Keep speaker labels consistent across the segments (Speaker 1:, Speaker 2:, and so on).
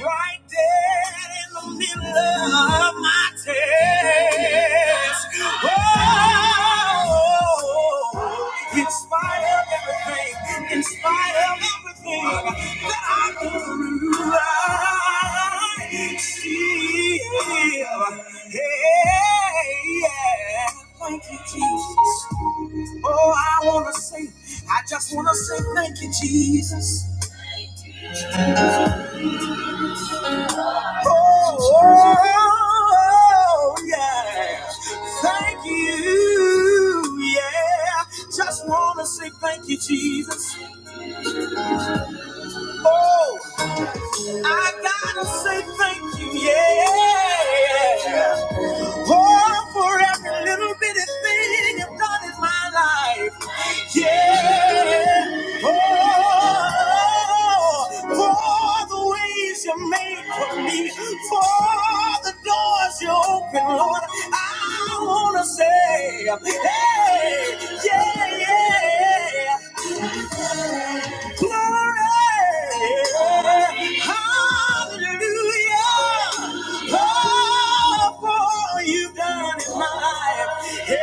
Speaker 1: Right there in the middle of my test. Oh, in spite of everything, in spite of everything that I go through, I still, hey, yeah. Thank you, Jesus. Oh, I want to say, I just want to say thank you, Jesus. Oh, yeah. Thank you. Yeah. Just want to say thank you, Jesus. Oh, I got to say thank you. Yeah. Oh, for every little bitty thing you've done in my life. Yeah. Oh, for the ways you made for me, for the doors you open, Lord. I wanna say, hey, yeah, yeah. yeah. Glory, hallelujah, oh, for all you've done in my life. Hey,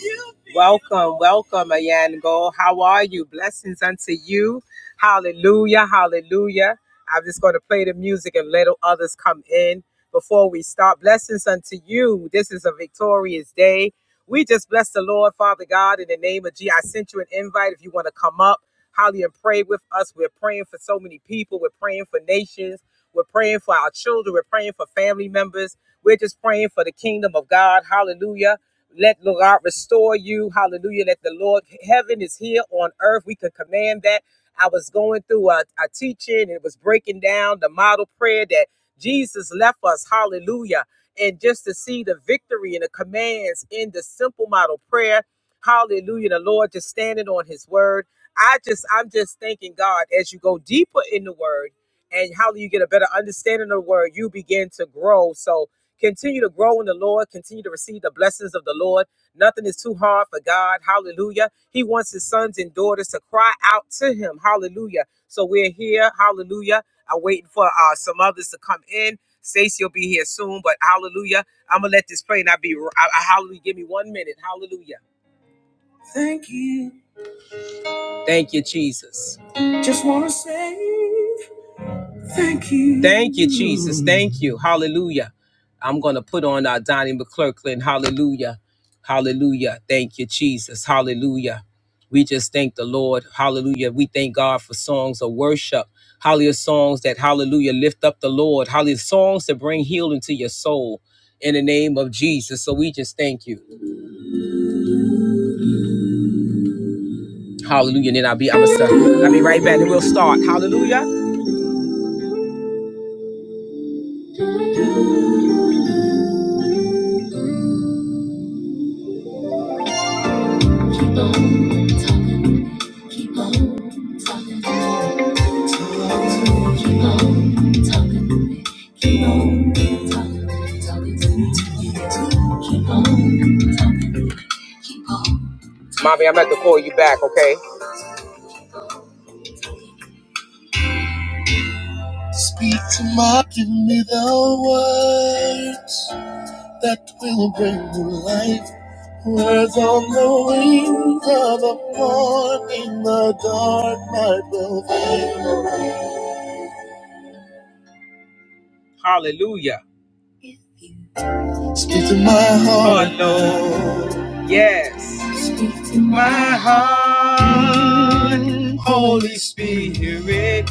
Speaker 1: you've been Welcome, welcome, Ayango. How are you? Blessings unto you. Hallelujah, hallelujah. I'm just going to play the music and let others come in before we start. Blessings unto you. This is a victorious day. We just bless the Lord, Father God, in the name of Jesus. I sent you an invite if you want to come up, hallelujah, and pray with us. We're praying for so many people. We're praying for nations. We're praying for our children. We're praying for family members. We're just praying for the kingdom of God. Hallelujah. Let Lord God restore you. Hallelujah. Let the Lord, heaven is here on earth. We can command that. I was going through a, a teaching and it was breaking down the model prayer that Jesus left us. Hallelujah and just to see the victory and the commands in the simple model prayer. Hallelujah. The Lord just standing on his word. I just, I'm just thanking God as you go deeper in the word and how you get a better understanding of the word, you begin to grow. So continue to grow in the Lord, continue to receive the blessings of the Lord. Nothing is too hard for God. Hallelujah. He wants his sons and daughters to cry out to him. Hallelujah. So we're here. Hallelujah. I'm waiting for uh, some others to come in. Stacy will be here soon, but hallelujah. I'm going to let this play and I'll be, I, I- hallelujah. Give me one minute. Hallelujah. Thank you. Thank you, Jesus. Just want to say. Thank you. Thank you, Jesus. Thank you. Hallelujah. I'm going to put on our Donnie McClurkin. Hallelujah. Hallelujah. Thank you, Jesus. Hallelujah. We just thank the Lord. Hallelujah. We thank God for songs of worship. Hallelujah. Songs that, hallelujah, lift up the Lord. Hallelujah. Songs that bring healing to your soul in the name of Jesus. So we just thank you. Hallelujah. And then I'll be, I'm going to, I'll be right back and we'll start. Hallelujah. Keep on talking. Keep on talking. Keep on talking. Keep on talking. Talking to me. Keep on talking. Keep on. Mommy, I'm about to call you back, okay? Speak to my, give me the words that will bring you life. Words on the wings of the morning, the dark night will fade. Hallelujah. Oh Lord. Yes. Speak to my heart. Holy Spirit,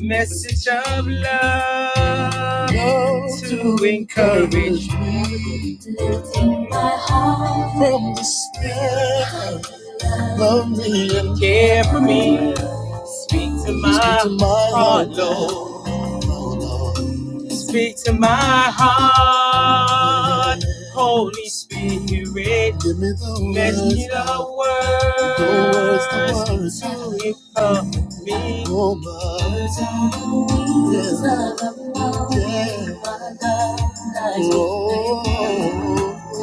Speaker 1: message of love go to to encourage encourage me Lifting my heart from the spirit love me and care for me. Speak to my heart, Lord. Speak to my heart, Holy Spirit. Let your words to it come me. Words of wisdom.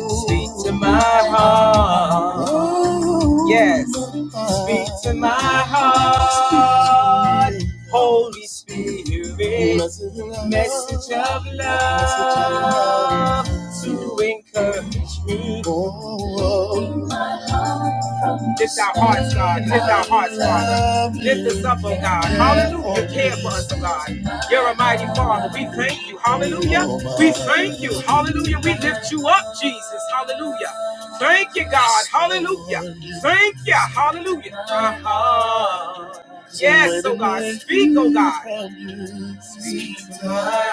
Speaker 1: Speak to my heart. Yes. Speak to my heart. Holy Spirit, message of love to encourage me. Lift our hearts, God. Lift our hearts, Father. Lift us up, oh God. Hallelujah. Care for us, oh God. You're a mighty Father. We thank you. Hallelujah. We thank you. Hallelujah. We lift you up, Jesus. Hallelujah. Thank you, God. Hallelujah. Thank you. Hallelujah. Uh-huh. Yes, oh God. Speak, oh God. Speak to my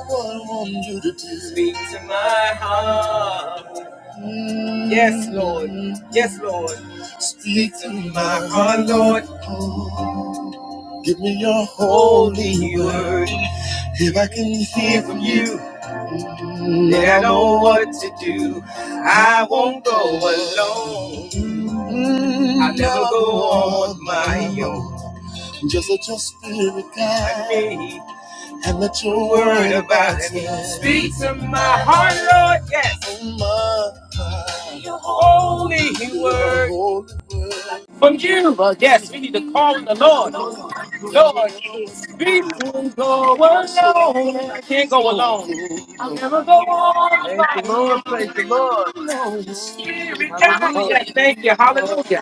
Speaker 1: heart. Speak to my heart. Yes, Lord. Yes, Lord. Give me your holy word. If I can hear from you, then I know what to do. I won't go alone. I'll never go on my own. I need and let your word about me speak to my heart, Lord. Yes, your holy word from you. Yes, we need to call on the
Speaker 2: Praise the
Speaker 1: Lord.
Speaker 2: Lord. I'm doing
Speaker 1: Lord,
Speaker 2: one thing.
Speaker 1: we can go alone. I can't go alone.
Speaker 2: Praise the Lord. Praise the Lord. Hallelujah.
Speaker 1: Yes, thank you. Hallelujah.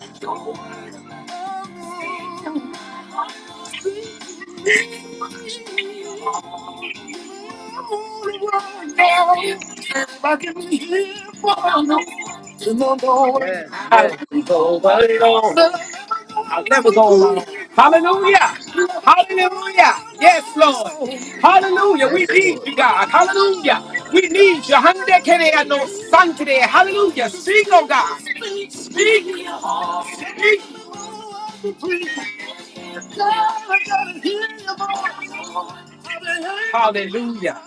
Speaker 2: Yes,
Speaker 1: I
Speaker 2: yes.
Speaker 1: wouldn't go alone. I'll never go alone. Hallelujah. Hallelujah. Yes, Lord. Hallelujah.
Speaker 2: Yes,
Speaker 1: We need
Speaker 2: Lord.
Speaker 1: you, God. Hallelujah. We need you. Hallelujah. Can I have no son today? Hallelujah. Speak, oh God. Speak, speak. Hallelujah.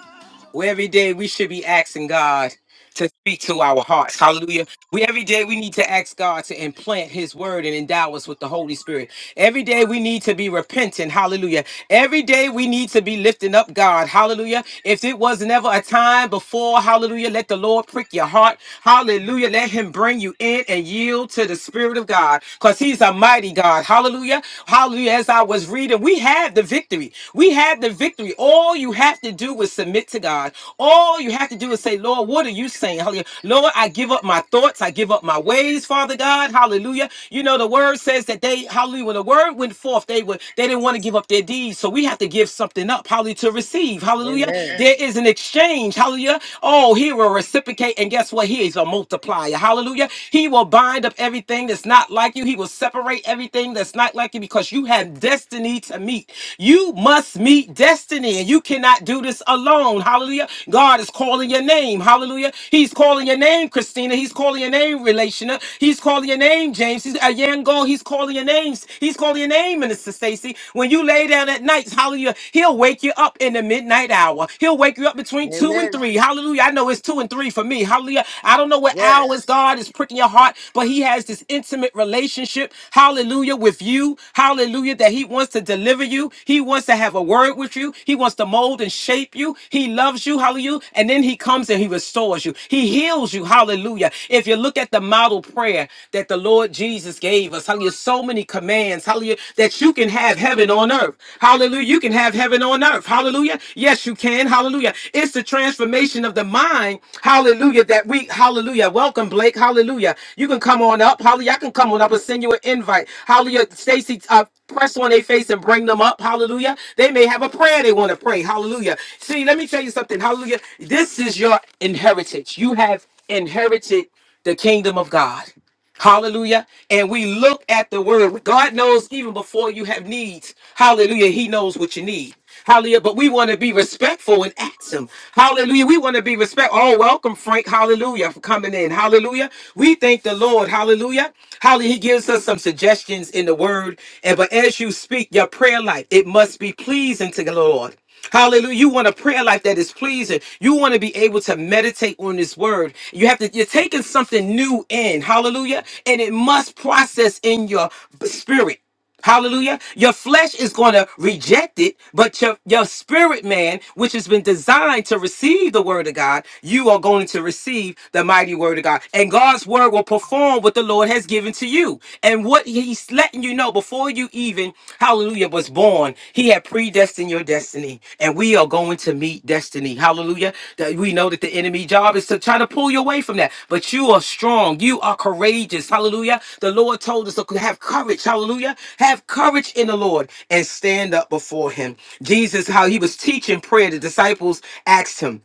Speaker 1: Well, every day we should be asking God to speak to our hearts. Hallelujah. We every day we need to ask God to implant his word and endow us with the Holy Spirit. Every day we need to be repentant. Hallelujah. Every day we need to be lifting up God. Hallelujah. If it was never a time before, hallelujah, let the Lord prick your heart. Hallelujah. Let him bring you in and yield to the Spirit of God because he's a mighty God. Hallelujah. Hallelujah. As I was reading, we have the victory. We have the victory. All you have have to do is submit to God. All you have to do is say, Lord, what are you saying? Hallelujah. Lord, I give up my thoughts. I give up my ways, Father God. Hallelujah. You know, the word says that they, hallelujah, when the word went forth, they were they didn't want to give up their deeds. So we have to give something up, hallelujah, to receive. Hallelujah. Amen.
Speaker 2: Amen.
Speaker 1: There is an exchange. Hallelujah. Oh, he will reciprocate. And guess what? He is a multiplier. Hallelujah. He will bind up everything that's not like you. He will separate celebrate everything that's not like you because you have destiny to meet. You must meet destiny and you cannot do this alone. Hallelujah. God is calling your name. Hallelujah. He's calling your name, Christina. He's calling your name, Relational. He's calling your name, James. He's a Yango. He's calling your names. He's calling your name, Minister Stacy. When you lay down at night, hallelujah, he'll wake you up in the midnight hour. He'll wake you up between two and
Speaker 2: Amen.
Speaker 1: three. Hallelujah. I know it's two and three three for me. Hallelujah. I don't know what
Speaker 2: Yes.
Speaker 1: hours God is pricking your heart, but He has this intimate relationship, hallelujah, with you. Hallelujah, that He wants to deliver you. He wants to have a word with you. He wants to mold and shape you. He loves you. Hallelujah. And then He comes and He restores you. He heals you. Hallelujah. If you look at the model prayer that the Lord Jesus gave us, hallelujah, so many commands, hallelujah, that you can have heaven on earth. Hallelujah. You can have heaven on earth. Hallelujah. Yes, you can. Hallelujah. It's the transformation of the mind. Hallelujah. That we, hallelujah. Welcome, Blake. Hallelujah. You can come on up. Hallelujah. I can come on up and send you an invite. Hallelujah. Stacy, uh, press on their face and bring them up. Hallelujah. They may have a prayer they want to pray. Hallelujah. See, let me tell you something. Hallelujah. This is your inheritance. You have inherited the kingdom of God. Hallelujah. And we look at the word. God knows even before you have needs. Hallelujah. He knows what you need. Hallelujah. But we want to be respectful and ask him. Hallelujah. We want to be respectful. Oh, welcome, Frank. Hallelujah. For coming in. Hallelujah. We thank the Lord. Hallelujah. Hallelujah. He gives us some suggestions in the word. And but as you speak, your prayer life, it must be pleasing to the Lord. Hallelujah. You want a prayer life that is pleasing. You want to be able to meditate on this word. You have to, you're taking something new in. Hallelujah. And it must process in your b- spirit. Hallelujah. Your flesh is going to reject it, but your, your spirit man, which has been designed to receive the word of God, you are going to receive the mighty word of God. And God's word will perform what the Lord has given to you you and what he's letting you know before you even, hallelujah, was born, he had predestined your destiny. And we are going to meet destiny. Hallelujah. That we know that the enemy job is to try to pull you away from that. But you are strong. You are courageous. Hallelujah. The Lord told us to have courage. Hallelujah. Have courage in the Lord and stand up before him. Jesus, how he was teaching prayer, the disciples asked him.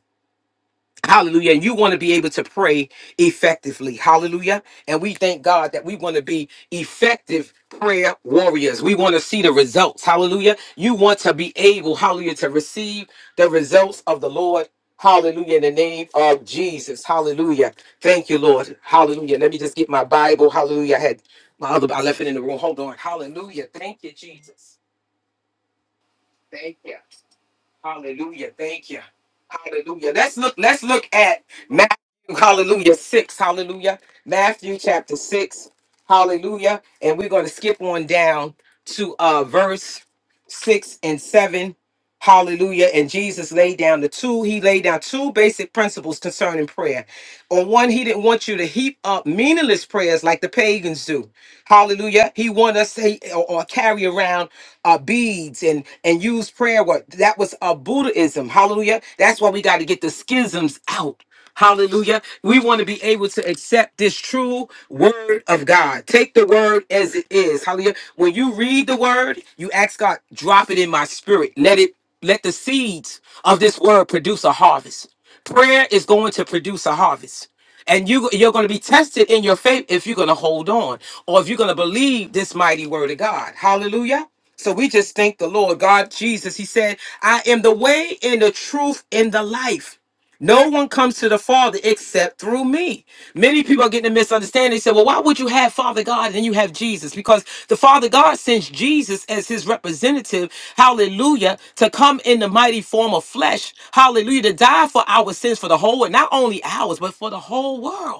Speaker 1: Hallelujah. And you want to be able to pray effectively. Hallelujah. And we thank God that we want to be effective prayer warriors. We want to see the results. Hallelujah. You want to be able, hallelujah, to receive the results of the Lord. Hallelujah. In the name of Jesus. Hallelujah. Thank you, Lord. Hallelujah. Let me just get my Bible. Hallelujah. I had my other, I left it in the room. Hold on. Hallelujah. Thank you, Jesus. Thank you. Hallelujah. Thank you. Hallelujah. Let's look, let's look at Matthew, hallelujah, six. Hallelujah. Matthew chapter six. Hallelujah. And we're going to skip on down to uh verse six and seven. Hallelujah. And Jesus laid down the two, he laid down two basic principles concerning prayer. On one, he didn't want you to heap up meaningless prayers like the pagans do. Hallelujah. He wanted us to or or carry around uh, beads and and use prayer work. That was uh, Buddhism. Hallelujah. That's why we got to get the schisms out. Hallelujah. We want to be able to accept this true word of God. Take the word as it is. Hallelujah. When you read the word, you ask God, drop it in my spirit. Let it let the seeds of this word produce a harvest. Prayer is going to produce a harvest. And you you're going to be tested in your faith if you're going to hold on or if you're going to believe this mighty word of God. Hallelujah. So we just thank the Lord God Jesus. He said, "I am the way and the truth and the life." No one comes to the Father except through me. Many people are getting a misunderstanding. They say, well, why would you have Father God and then you have Jesus? Because the Father God sends Jesus as his representative, hallelujah, to come in the mighty form of flesh, hallelujah, to die for our sins, for the whole, and not only ours, but for the whole world.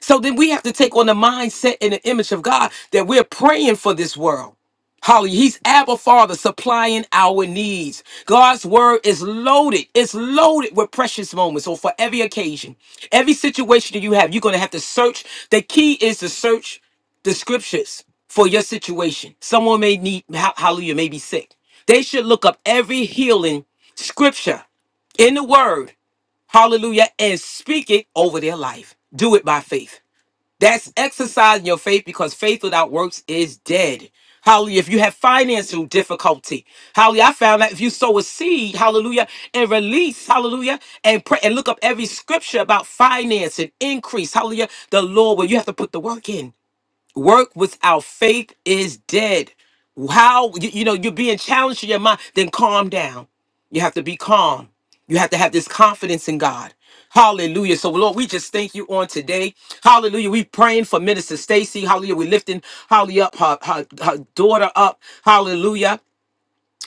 Speaker 1: So then we have to take on the mindset and the image of God that we're praying for this world. Holly, he's Abba Father supplying our needs. God's word is loaded. It's loaded with precious moments. So for every occasion, every situation that you have, you're going to have to search. The key is to search the scriptures for your situation. Someone may need, ho- hallelujah, may be sick. They should look up every healing scripture in the word, hallelujah, and speak it over their life. Do it by faith. That's exercising your faith because faith without works is dead. Hallelujah. If you have financial difficulty, hallelujah. I found that if you sow a seed, hallelujah, and release, hallelujah, and pray and look up every scripture about finance and increase, hallelujah, the Lord, where you have to put the work in. Work without faith is dead. How you, you know you're being challenged in your mind, then calm down. You have to be calm. You have to have this confidence in God. Hallelujah. So Lord, we just thank you on today. Hallelujah. We praying for Minister Stacy. Hallelujah. We lifting Holly up, her, her, her daughter up. Hallelujah.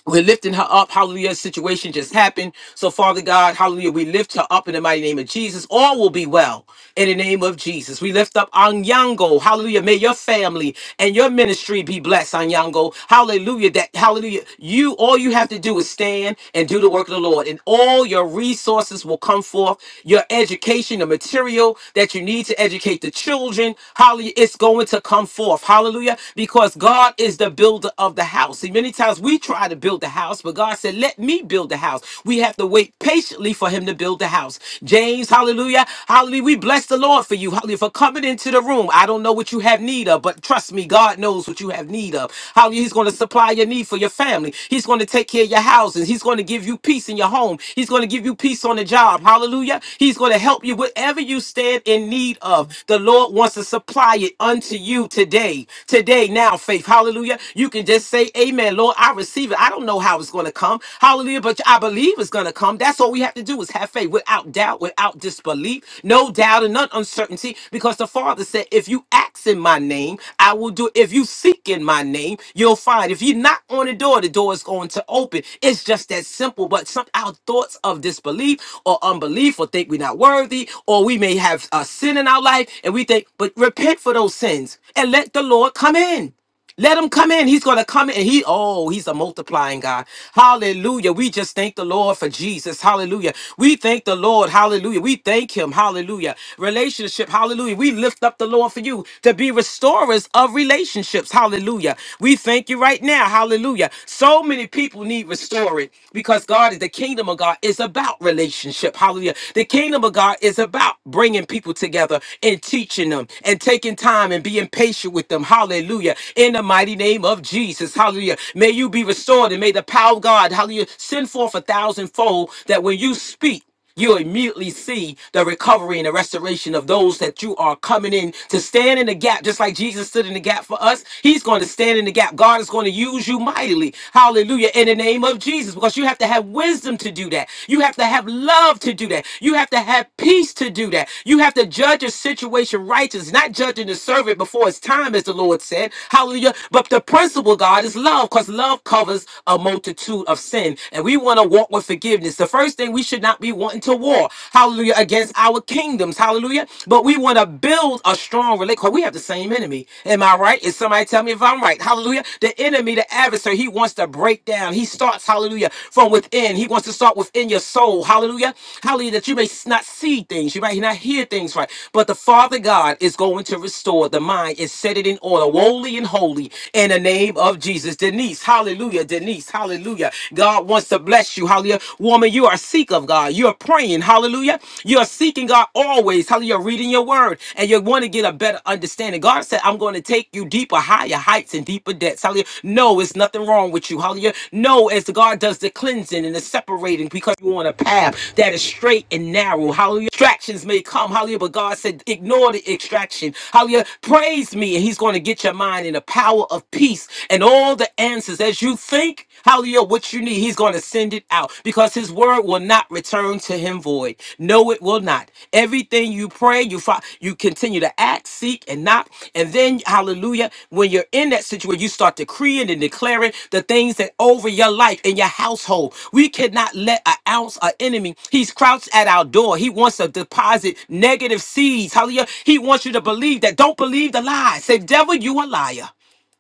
Speaker 1: We're lifting her up. Hallelujah. Situation just happened. So, Father God, hallelujah. We lift her up in the mighty name of Jesus. All will be well in the name of Jesus. We lift up Anyango. Hallelujah. May your family and your ministry be blessed, Anyango. Hallelujah. That hallelujah. You all you have to do is stand and do the work of the Lord. And all your resources will come forth. Your education, the material that you need to educate the children. Hallelujah. It's going to come forth. Hallelujah. Because God is the builder of the house. See, many times we try try to build the house, but God said, Let me build the house. We have to wait patiently for him to build the house. James, hallelujah. Hallelujah. We bless the Lord for you. Hallelujah. For coming into the room. I don't know what you have need of, but trust me, God knows what you have need of. Hallelujah. He's going to supply your need for your family. He's going to take care of your houses. He's going to give you peace in your home. He's going to give you peace on the job. Hallelujah. He's going to help you whatever you stand in need of. The Lord wants to supply it unto you today. Today, now, faith. Hallelujah. You can just say, Amen. Lord, I receive it. I don't know how it's going to come. Hallelujah. But I believe it's going to come. That's all we have to do is have faith without doubt, without disbelief, no doubt and not uncertainty. Because the Father said, if you ask in my name, I will do it. If you seek in my name, you'll find. If you knock on the door, the door is going to open. It's just that simple. But some our thoughts of disbelief or unbelief or think we're not worthy, or we may have a sin in our life and we think, but repent for those sins and let the Lord come in. Let him come in. He's going to come in. He, oh, he's a multiplying God. Hallelujah. We just thank the Lord for Jesus. Hallelujah. We thank the Lord. Hallelujah. We thank him. Hallelujah. Relationship. Hallelujah. We lift up the Lord for you to be restorers of relationships. Hallelujah. We thank you right now. Hallelujah. So many people need restoring because God is the kingdom of God is about relationship. Hallelujah. The kingdom of God is about bringing people together and teaching them and taking time and being patient with them. Hallelujah in the mighty name of Jesus. Hallelujah. May you be restored and may the power of God, hallelujah, send forth a thousandfold that when you speak, you immediately see the recovery and the restoration of those that you are coming in to stand in the gap, just like Jesus stood in the gap for us. He's going to stand in the gap. God is going to use you mightily. Hallelujah. In the name of Jesus, because you have to have wisdom to do that. You have to have love to do that. You have to have peace to do that. You have to judge a situation righteous, not judging the servant before his time, as the Lord said. Hallelujah Hallelujah. But the principle, God, is love because love covers a multitude of sin. And we want to walk with forgiveness. The first thing we should not be wanting to war, hallelujah, against our kingdoms. Hallelujah. But we want to build a strong relationship. because We have the same enemy. Am I right? Is somebody tell me if I'm right? Hallelujah. The enemy, the adversary, he wants to break down. He starts, hallelujah, from within. He wants to start within your soul. Hallelujah. Hallelujah. That you may not see things. You might not hear things right. But the Father God is going to restore the mind and set it in order, wholly and holy in the name of Jesus. Denise, hallelujah. Denise, hallelujah. God wants to bless you. Hallelujah. Woman, you are seek of God. You are praying. Hallelujah. You are seeking God always. Hallelujah. Reading your word and you want to get a better understanding. God said, I'm going to take you deeper, higher heights and deeper depths. Hallelujah. No, it's nothing wrong with you. Hallelujah. No, as God does the cleansing and the separating because you're on a path that is straight and narrow. Hallelujah. Distractions may come. Hallelujah. But God said, ignore the extraction. Hallelujah. Praise me and he's going to get your mind in a power of peace and all the answers. As you think, hallelujah, what you need, he's going to send it out because his word will not return to him void. No, it will not. Everything you pray, you fi- you continue to act, seek, and knock. And then, hallelujah, when you're in that situation, you start decreeing and declaring the things that over your life and your household. We cannot let an ounce of enemy. He's crouched at our door. He wants to deposit negative seeds. Hallelujah. He wants you to believe that. Don't believe the lies. Say, devil, you a liar.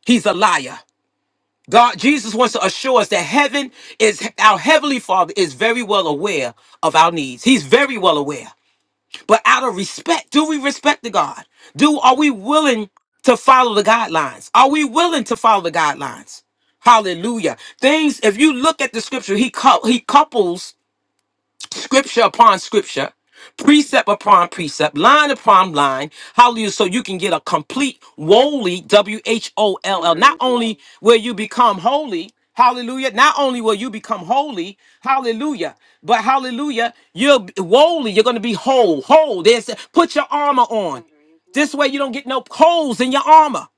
Speaker 1: He's a liar. God, Jesus wants to assure us that heaven is our heavenly Father is very well aware of our needs. He's very well aware. But out of respect, do we respect the God? Do are we willing to follow the guidelines? Are we willing to follow the guidelines? Hallelujah. Things, if you look at the scripture, he cou- he couples scripture upon scripture, precept upon precept, line upon line. Hallelujah. So you can get a complete woolly, W H O L L. Not only will you become holy, hallelujah. Not only will you become holy, hallelujah, but hallelujah, you're woolly. You're going to be whole, whole. There's put your armor on. This way you don't get no holes in your armor.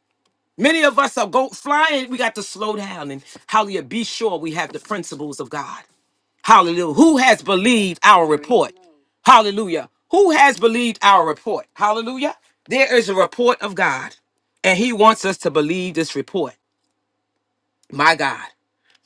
Speaker 1: Many of us are go flying. We got to slow down and hallelujah. Be sure we have the principles of God. Hallelujah. Who has believed our report? Hallelujah. Who has believed our report? Hallelujah. There is a report of God, and He wants us to believe this report. My God,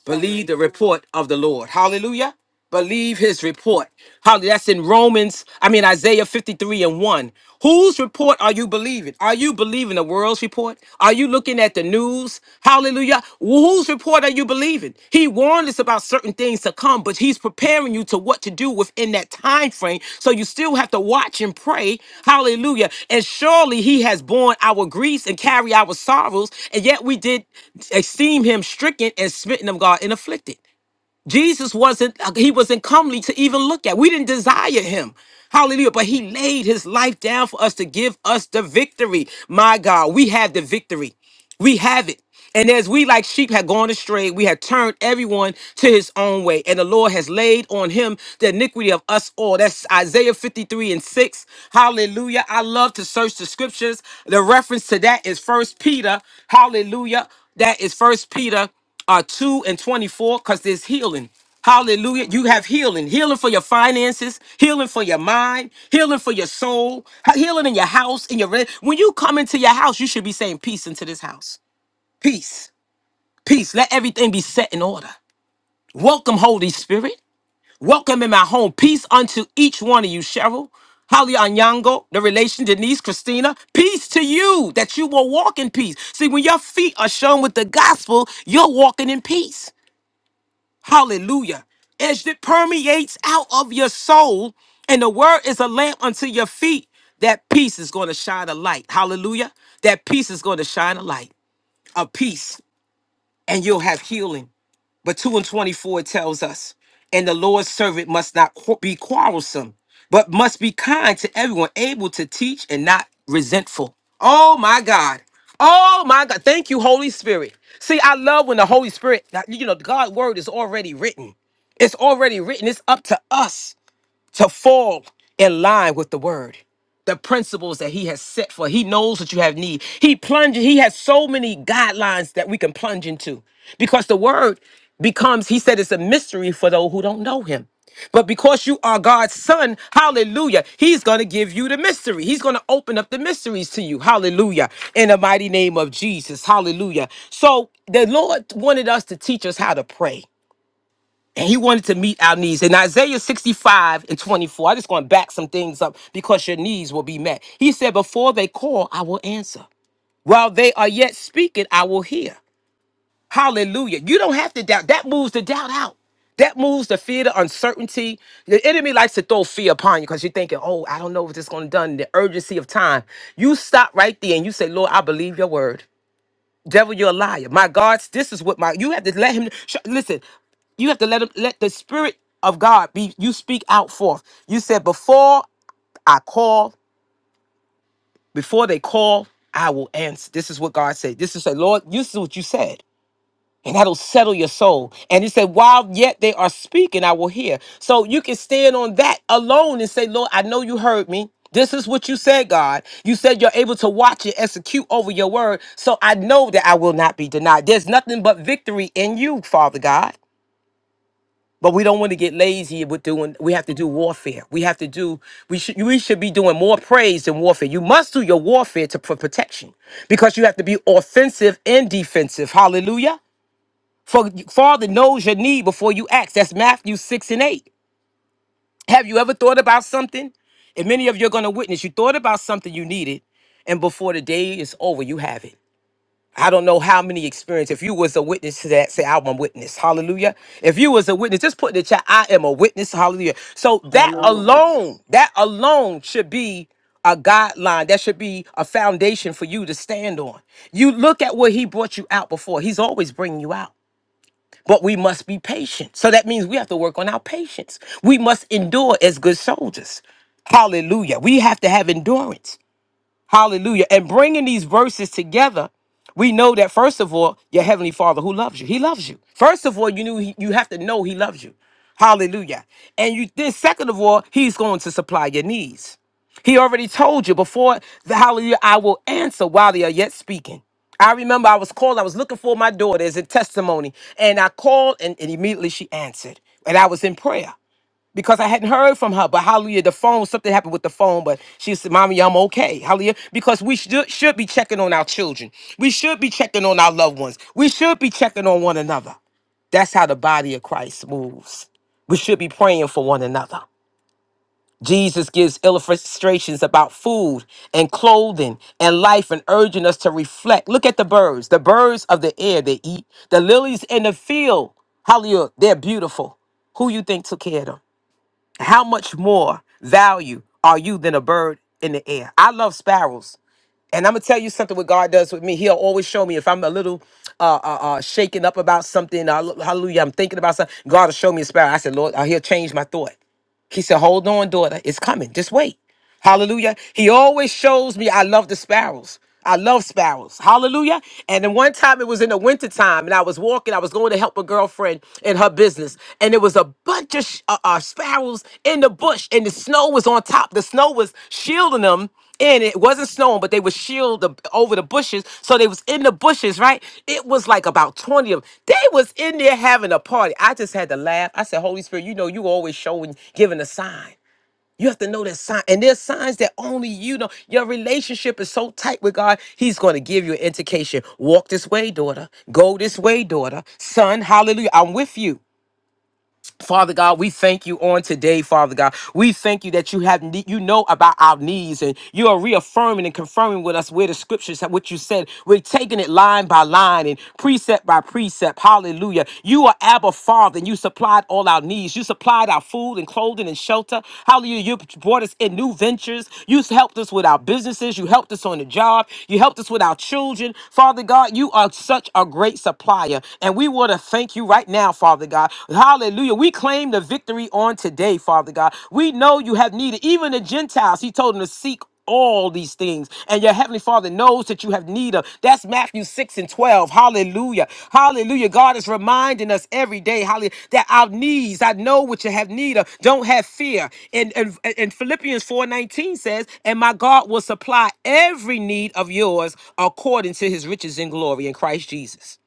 Speaker 1: believe the report of the Lord. Hallelujah. Believe His report. Hallelujah. That's in Romans, I mean, Isaiah 53 and 1. Whose report are you believing? Are you believing the world's report? Are you looking at the news? Hallelujah. Whose report are you believing? He warned us about certain things to come, but he's preparing you to what to do within that time frame. So you still have to watch and pray. Hallelujah. And surely he has borne our griefs and carried our sorrows, and yet we did esteem him stricken and smitten of God and afflicted. Jesus wasn't, uh, he wasn't comely to even look at. We didn't desire him. Hallelujah. But he laid his life down for us to give us the victory. My God, we have the victory. We have it. And as we, like sheep, had gone astray, we had turned everyone to his own way. And the Lord has laid on him the iniquity of us all. That's Isaiah 53 and 6. Hallelujah. I love to search the scriptures. The reference to that is First Peter. Hallelujah. That is First Peter uh, 2 and 24 because there's healing. Hallelujah. You have healing. Healing for your finances, healing for your mind, healing for your soul, he- healing in your house, in your re- when you come into your house, you should be saying peace into this house. Peace. Peace. Let everything be set in order. Welcome, Holy Spirit. Welcome in my home. Peace unto each one of you, Cheryl. Holly Anyango, the relation Denise, Christina, peace to you that you will walk in peace. See, when your feet are shown with the gospel, you're walking in peace. Hallelujah. As it permeates out of your soul, and the word is a lamp unto your feet, that peace is going to shine a light. Hallelujah. That peace is going to shine a light, a peace, and you'll have healing but 2 and 24 tells us, and the Lord's servant must not qu- be quarrelsome, but must be kind to everyone, able to teach and not resentful. Oh my God. Oh my God. Thank you, Holy Spirit. See, I love when the Holy Spirit, you know, God's word is already written. It's already written. It's up to us to fall in line with the word the principles that he has set for he knows what you have need he plunges he has so many guidelines that we can plunge into because the word becomes he said it's a mystery for those who don't know him but because you are God's son, hallelujah, he's going to give you the mystery. He's going to open up the mysteries to you, hallelujah, in the mighty name of Jesus, hallelujah. So the Lord wanted us to teach us how to pray. And he wanted to meet our needs. In Isaiah 65 and 24, I am just going to back some things up because your needs will be met. He said, Before they call, I will answer. While they are yet speaking, I will hear. Hallelujah. You don't have to doubt. That moves the doubt out. That moves the fear, the uncertainty. The enemy likes to throw fear upon you because you're thinking, oh, I don't know what this is going to done. The urgency of time. You stop right there and you say, Lord, I believe your word. Devil, you're a liar. My God, this is what my you have to let him sh- listen. You have to let him let the spirit of God be you speak out forth. You said before I call, before they call, I will answer. This is what God said. This is say, Lord, this is what you said and that'll settle your soul. And he said, While yet they are speaking, I will hear. So you can stand on that alone and say, Lord, I know you heard me. This is what you said, God. You said you're able to watch and execute over your word. So I know that I will not be denied. There's nothing but victory in you, Father God. But we don't want to get lazy with doing. We have to do warfare. We have to do. We should. We should be doing more praise than warfare. You must do your warfare to for protection, because you have to be offensive and defensive. Hallelujah. For Father knows your need before you ask. That's Matthew 6 and 8. Have you ever thought about something? And many of you are going to witness. You thought about something you needed, and before the day is over, you have it. I don't know how many experience. If you was a witness to that, say, I'm a witness. Hallelujah. If you was a witness, just put in the chat, I am a witness. Hallelujah. So that
Speaker 2: I'm a
Speaker 1: I'm a witness.
Speaker 2: witness.
Speaker 1: alone, that alone should be a guideline that should be a foundation for you to stand on. You look at where he brought you out before. He's always bringing you out but we must be patient. So that means we have to work on our patience. We must endure as good soldiers. Hallelujah. We have to have endurance. Hallelujah. And bringing these verses together, we know that first of all, your heavenly Father who loves you, He loves you. First of all, you knew he, you have to know He loves you. Hallelujah. And you then, second of all, He's going to supply your needs. He already told you before the hallelujah, I will answer while they are yet speaking. I remember I was called, I was looking for my daughter as a testimony, and I called, and, and immediately she answered. And I was in prayer because I hadn't heard from her. But hallelujah, the phone, something happened with the phone, but she said, Mommy, I'm okay. Hallelujah. Because we should, should be checking on our children. We should be checking on our loved ones. We should be checking on one another. That's how the body of Christ moves. We should be praying for one another. Jesus gives illustrations about food and clothing and life and urging us to reflect. Look at the birds, the birds of the air they eat, the lilies in the field. Hallelujah, they're beautiful. Who you think took care of them? how much more value are you than a bird in the air? I love sparrows. And I'm gonna tell you something. What God does with me, He'll always show me if I'm a little uh, uh, uh, shaken up about something. Uh, hallelujah! I'm thinking about something. God will show me a sparrow. I said, Lord, uh, He'll change my thought. He said, Hold on, daughter, it's coming. Just wait. Hallelujah. He always shows me I love the sparrows. I love sparrows. Hallelujah. And then one time it was in the wintertime and I was walking, I was going to help a girlfriend in her business. And there was a bunch of sh- uh, uh, sparrows in the bush and the snow was on top. The snow was shielding them and it wasn't snowing, but they would shield the, over the bushes. So they was in the bushes, right? It was like about 20 of them. They was in there having a party. I just had to laugh. I said, Holy Spirit, you know, you always showing, giving a sign. You have to know that sign, and there's signs that only you know. Your relationship is so tight with God, He's going to give you an indication. Walk this way, daughter. Go this way, daughter. Son, hallelujah. I'm with you. Father God, we thank you on today, Father God. We thank you that you have ne- you know about our needs and you are reaffirming and confirming with us where the scriptures have what you said. We're taking it line by line and precept by precept. Hallelujah. You are Abba Father and you supplied all our needs. You supplied our food and clothing and shelter. Hallelujah. You brought us in new ventures. You helped us with our businesses. You helped us on the job. You helped us with our children. Father God, you are such a great supplier. And we want to thank you right right now, Father God. Hallelujah. We claim the victory on today, Father God. We know you have needed, even the Gentiles, He told them to seek all these things and your heavenly father knows that you have need of that's matthew 6 and 12 hallelujah hallelujah god is reminding us every day hallelujah that our needs i know what you have need of don't have fear and and, and philippians 4 19 says and my god will supply every need of yours according to his riches in glory in christ jesus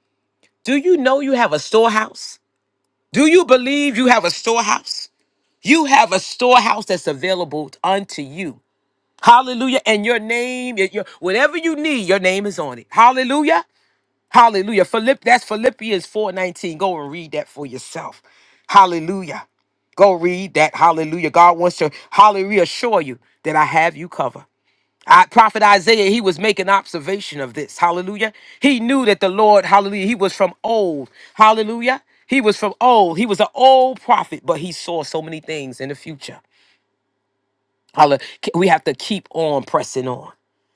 Speaker 1: do you know you have a storehouse do you believe you have a storehouse? You have a storehouse that's available unto you. Hallelujah. And your name, your, whatever you need, your name is on it. Hallelujah. Hallelujah. Philipp, that's Philippians 4:19. Go and read that for yourself. Hallelujah. Go read that. Hallelujah. God wants to hallelujah assure you that I have you covered. I, Prophet Isaiah, he was making observation of this. Hallelujah. He knew that the Lord, hallelujah, he was from old. Hallelujah. He was from old. He was an old prophet, but he saw so many things in the future. Holla- We have to keep on pressing on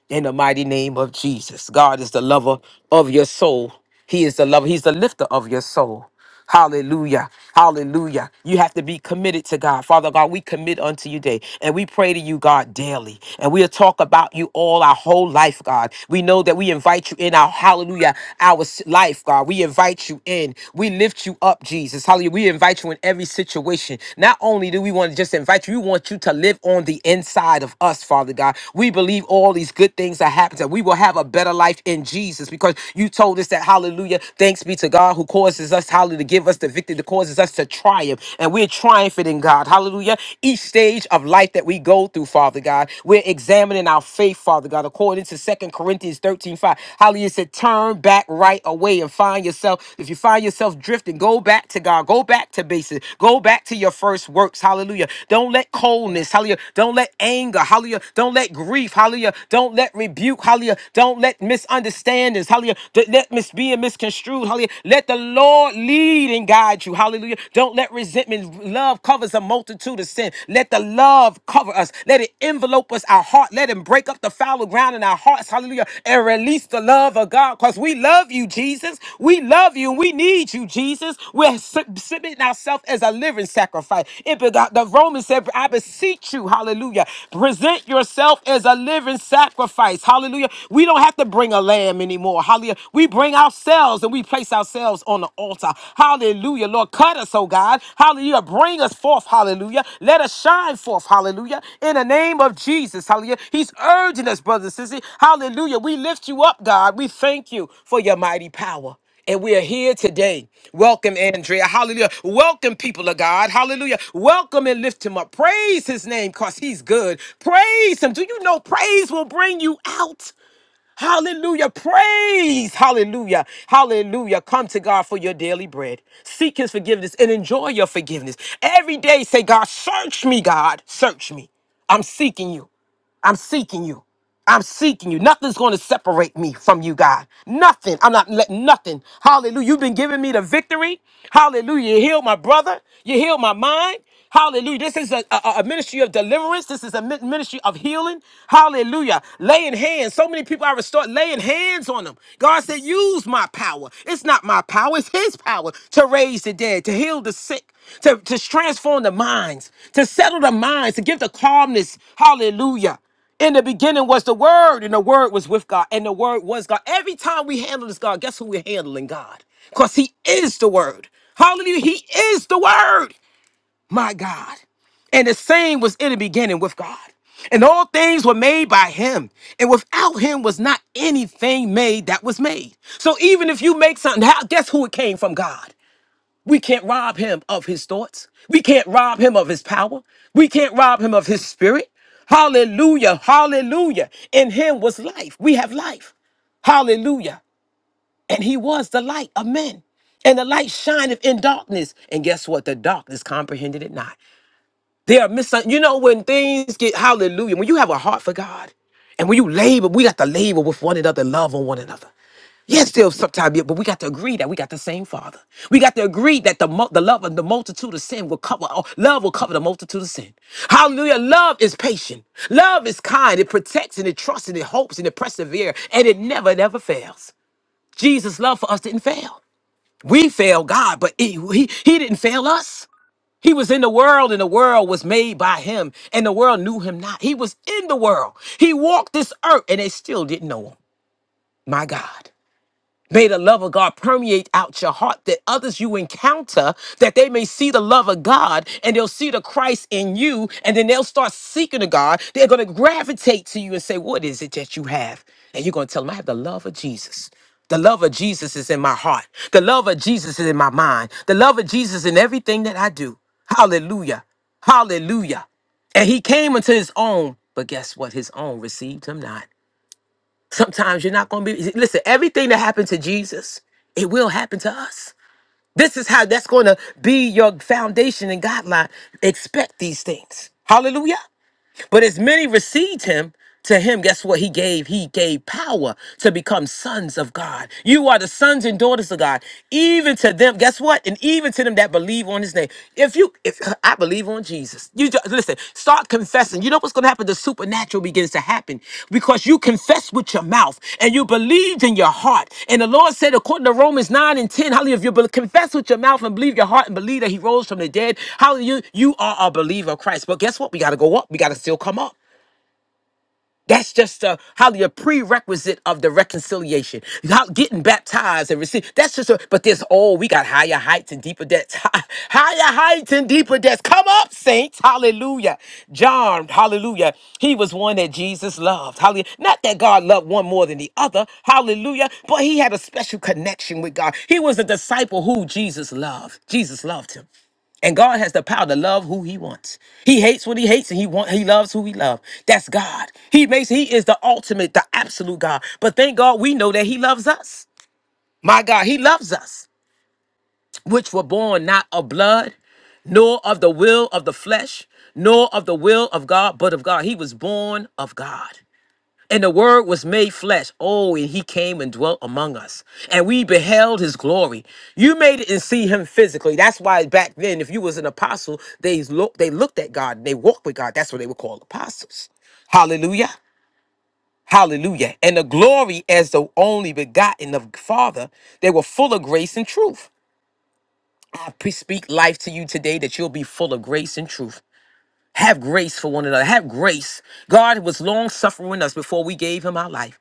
Speaker 1: in the mighty name of Jesus. God is the lover of your soul. He is the lover. He's the lifter of your soul. Hallelujah. Hallelujah. You have to be committed to God. Father God, we commit unto you day and we pray to you, God, daily. And we'll talk about you all our whole life, God. We know that we invite you in our hallelujah, our s- life, God. We invite you in. We lift you up, Jesus. Hallelujah. We invite you in every situation. Not only do we want to just invite you, we want you to live on the inside of us, Father God. We believe all these good things are happening, that we will have a better life in Jesus because you told us that, hallelujah, thanks be to God who causes us, hallelujah, to give us the victory, that causes us to triumph. And we're triumphant in God, hallelujah. Each stage of life that we go through, Father God, we're examining our faith, Father God, according to Second Corinthians 13 5. Hallelujah, it said, turn back back right away and find yourself. If you find yourself drifting, go back to God. Go back to basics. Go back to your first works. Hallelujah. Don't let coldness. Hallelujah. Don't let anger. Hallelujah. Don't let grief. Hallelujah. Don't let rebuke. Hallelujah. Don't let misunderstandings. Hallelujah. Don't let mis being misconstrued. Hallelujah. Let the Lord lead and guide you. Hallelujah. Don't let resentment. Love covers a multitude of sin. Let the love cover us. Let it let it envelope us, our heart. Let him break up the fallow ground in our hearts. Hallelujah. And release the love of God because we love you, Jesus. We love you. We need you, Jesus. We're sub- submitting ourselves as a living sacrifice. It begot, the Romans said, I beseech you, hallelujah. Present yourself as a living sacrifice. Hallelujah. We don't have to bring a lamb anymore. Hallelujah. We bring ourselves and we place ourselves on the altar. Hallelujah. Hallelujah. Lord, cut us, oh God. Hallelujah. Bring us forth. Hallelujah. Let us shine forth. Hallelujah. In the name of Jesus. Hallelujah. He's urging us, brothers and sisters! Hallelujah. We lift you up, God. We thank you for your mighty power. And we are here today. Welcome, Andrea. Hallelujah. Welcome, people of God. Hallelujah. Welcome and lift him up. Praise his name because he's good. Praise him. Do you know praise will bring you out? Hallelujah. Praise. Hallelujah. Hallelujah. Come to God for your daily bread. Seek his forgiveness and enjoy your forgiveness. Every day say, God, search me, God. Search me. I'm seeking you. I'm seeking you. I'm seeking you. Nothing's going to separate me from you, God. Nothing. I'm not letting nothing. Hallelujah. You've been giving me the victory. Hallelujah. You healed my brother. You healed my mind. Hallelujah. This is a, a, a ministry of deliverance. This is a mi- ministry of healing. Hallelujah. Laying hands. So many people I restored laying hands on them. God said, use my power. It's not my power. It's his power to raise the dead, to heal the sick, to, to transform the minds, to settle the minds, to give the calmness. Hallelujah. In the beginning was the Word, and the Word was with God, and the Word was God. Every time we handle this God, guess who we're handling? God. Because He is the Word. Hallelujah. He is the Word, my God. And the same was in the beginning with God. And all things were made by him. And without him was not anything made that was made. So even if you make something, how, guess who it came from? God. We can't rob him of his thoughts. We can't rob him of his power. We can't rob him of his spirit. Hallelujah. Hallelujah. In him was life. We have life. Hallelujah. And he was the light of men. And the light shineth in darkness. And guess what? The darkness comprehended it not. They are mis you know when things get hallelujah, when you have a heart for God and when you labor, we got to labor with one another, love on one another. Yes, there's sometimes, yeah, but we got to agree that we got the same Father. We got to agree that the mul- the love of the multitude of sin will cover. all love will cover the multitude of sin. Hallelujah! Love is patient. Love is kind. It protects and it trusts and it hopes and it perseveres and it never never fails. Jesus' love for us didn't fail. We failed God, but it, he he didn't fail us. He was in the world, and the world was made by him, and the world knew him not. He was in the world. He walked this earth, and they still didn't know him. My God. May the love of God permeate out your heart that others you encounter, that they may see the love of God and they'll see the Christ in you, and then they'll start seeking the God. They're going to gravitate to you and say, What is it that you have? And you're going to tell them, I have the love of Jesus. The love of Jesus is in my heart. The love of Jesus is in my mind. The love of Jesus in everything that I do. Hallelujah. Hallelujah. And he came unto his own, but guess what? His own received him not. Sometimes you're not going to be. Listen, everything that happened to Jesus, it will happen to us. This is how that's going to be your foundation and guideline. Expect these things. Hallelujah. But as many received him, to him, guess what he gave? He gave power to become sons of God. You are the sons and daughters of God. Even to them, guess what? And even to them that believe on his name. If you, if I believe on Jesus, you just, listen, start confessing. You know what's going to going to happen? The supernatural begins to happen because you confess with your mouth and you believed in your heart. And the Lord said, according to Romans 9 and 10, hallelujah, if you be- confess with your mouth and believe your heart and believe that he rose from the dead, hallelujah, you are a believer of Christ. But guess what? We got to go up. We got to still come up. That's just a how the prerequisite of the reconciliation. How getting baptized and received. That's just a but there's oh, we got higher heights and deeper depths. higher heights and deeper depths. Come up, saints. Hallelujah. John, hallelujah. He was one that Jesus loved. Hallelujah. Not that God loved one more than the other. Hallelujah. But he had a special connection with God. He was a disciple who Jesus loved. Jesus loved him. And God has the power to love who he wants. He hates what he hates and he want, he loves who he loves. That's God. He makes he is the ultimate, the absolute God. But thank God we know that he loves us. My God, he loves us, which were born not of blood, nor of the will of the flesh, nor of the will of God, but of God. He was born of God. And the word was made flesh. Oh, and he came and dwelt among us. And we beheld his glory. You made it and see him physically. That's why back then, if you was an apostle, they look they looked at God and they walked with God. That's what they were called apostles. Hallelujah. Hallelujah. And the glory as the only begotten of Father, they were full of grace and truth. I pre- speak life to you today that you'll be full of grace and truth. Have grace for one another. Have grace. God was long suffering with us before we gave him our life.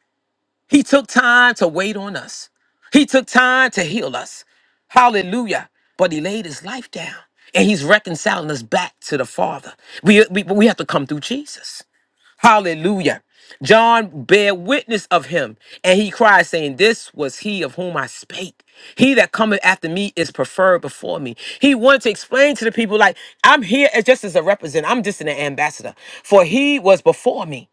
Speaker 1: He took time to wait on us. He took time to heal us. Hallelujah. But he laid his life down and he's reconciling us back to the Father. We, we, we have to come through Jesus. Hallelujah. John bare witness of him and he cried, saying, This was he of whom I spake. He that cometh after me is preferred before me. He wanted to explain to the people, like, I'm here as just as a representative, I'm just an ambassador. For he was before me.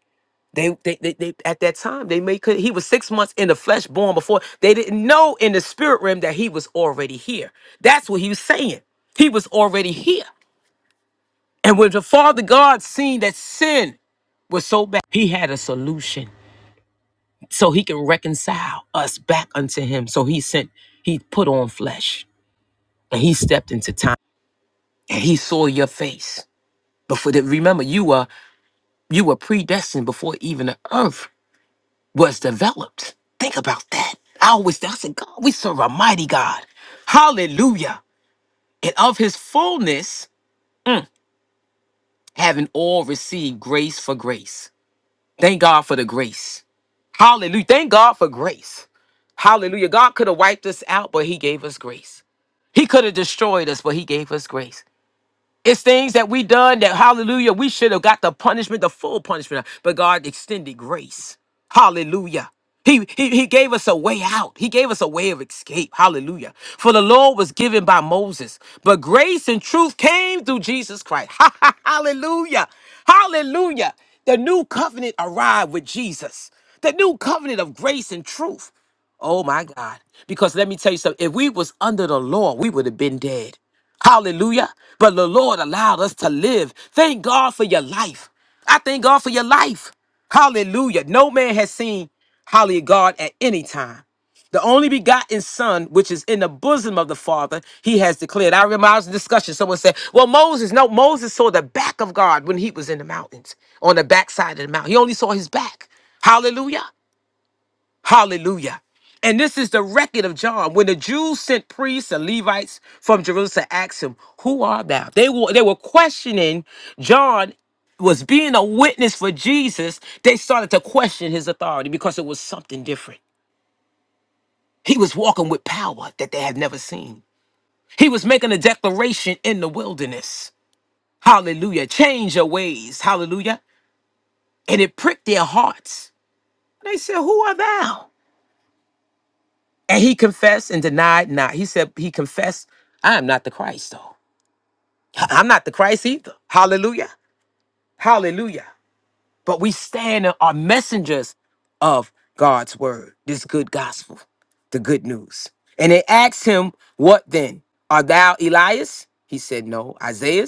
Speaker 1: They, they, they, they, at that time, they may could. He was six months in the flesh, born before. They didn't know in the spirit realm that he was already here. That's what he was saying. He was already here. And when the Father God seen that sin was so bad, he had a solution so he can reconcile us back unto him. So he sent, he put on flesh and he stepped into time and he saw your face. But for the, remember, you were you were predestined before even the earth. was developed. Think about that. I always I said, God, we serve a mighty God. Hallelujah. And of his fullness, having all received grace for grace. Thank God for the grace. Hallelujah. Thank God for grace. Hallelujah. God could have wiped us out, but he gave us grace. He could have destroyed us, but he gave us grace. It's things that we done that hallelujah, we should have got the punishment, the full punishment, but God extended grace. Hallelujah. He, he, he gave us a way out. He gave us a way of escape. Hallelujah. For the law was given by Moses, but grace and truth came through Jesus Christ. Hallelujah. Hallelujah. The new covenant arrived with Jesus. The new covenant of grace and truth. Oh my God. Because let me tell you something. If we was under the law, we would have been dead. Hallelujah. But the Lord allowed us to live. Thank God for your life. I thank God for your life. Hallelujah. No man has seen Hallelujah God at any time. The only begotten Son, which is in the bosom of the Father, he has declared. I remember I was in discussion. Someone said, Well, Moses, no, Moses saw the back of God when he was in the mountains, on the backside of the mountain. He only saw his back. Hallelujah. Hallelujah. And this is the record of John. When the Jews sent priests and Levites from Jerusalem to ask him, Who art thou? They were, they were questioning John was being a witness for Jesus. They started to question his authority because it was something different. He was walking with power that they had never seen. He was making a declaration in the wilderness. Hallelujah. Change your ways. Hallelujah. And it pricked their hearts. They said, Who art thou? And he confessed and denied not. He said, he confessed, I am not the Christ, though. I- I'm not the Christ either. Hallelujah. Hallelujah. But we stand and are messengers of God's word, this good gospel, the good news. And they asked him, What then? Art thou Elias? He said, No. Isaiah,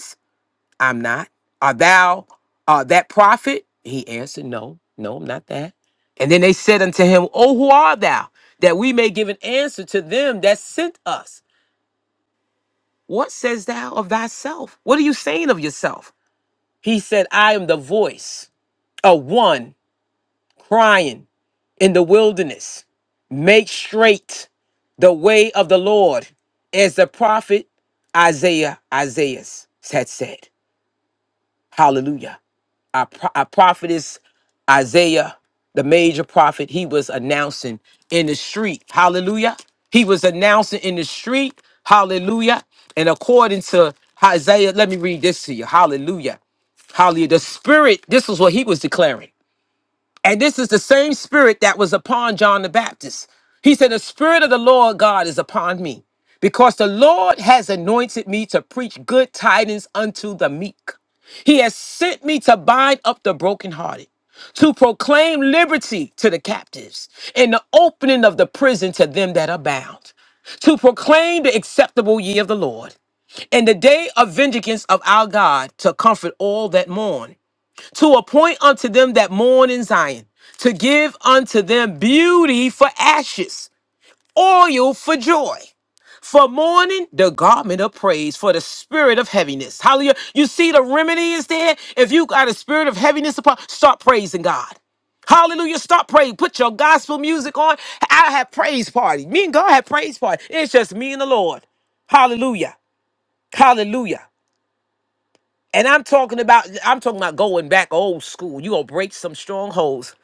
Speaker 1: I'm not. Art thou uh, that prophet? He answered, No, no, I'm not that. And then they said unto him, Oh, who art thou? That we may give an answer to them that sent us. What says thou of thyself? What are you saying of yourself? He said, I am the voice of one crying in the wilderness. Make straight the way of the Lord, as the prophet Isaiah Isaiah had said. Hallelujah our, pro- our prophetess Isaiah, the major prophet, he was announcing in the street. Hallelujah. He was announcing in the street. Hallelujah. And according to Isaiah, let me read this to you. Hallelujah. Hallelujah. The spirit, this is what he was declaring. And this is the same spirit that was upon John the Baptist. He said, The spirit of the Lord God is upon me, because the Lord has anointed me to preach good tidings unto the meek. He has sent me to bind up the brokenhearted, to proclaim liberty to the captives, and the opening of the prison to them that are bound, to proclaim the acceptable year of the Lord, and the day of vengeance of our God, to comfort all that mourn to appoint unto them that mourn in Zion, to give unto them beauty for ashes, oil for joy. For mourning, the garment of praise for the spirit of heaviness. Hallelujah. You see the remedy is there. If you got a spirit of heaviness upon, start praising God. Hallelujah. Start praying. Put your gospel music on. I have praise party. Me and God have praise party. It's just me and the Lord. Hallelujah. Hallelujah. And I'm talking about I'm talking about going back old school. You gonna break some strongholds.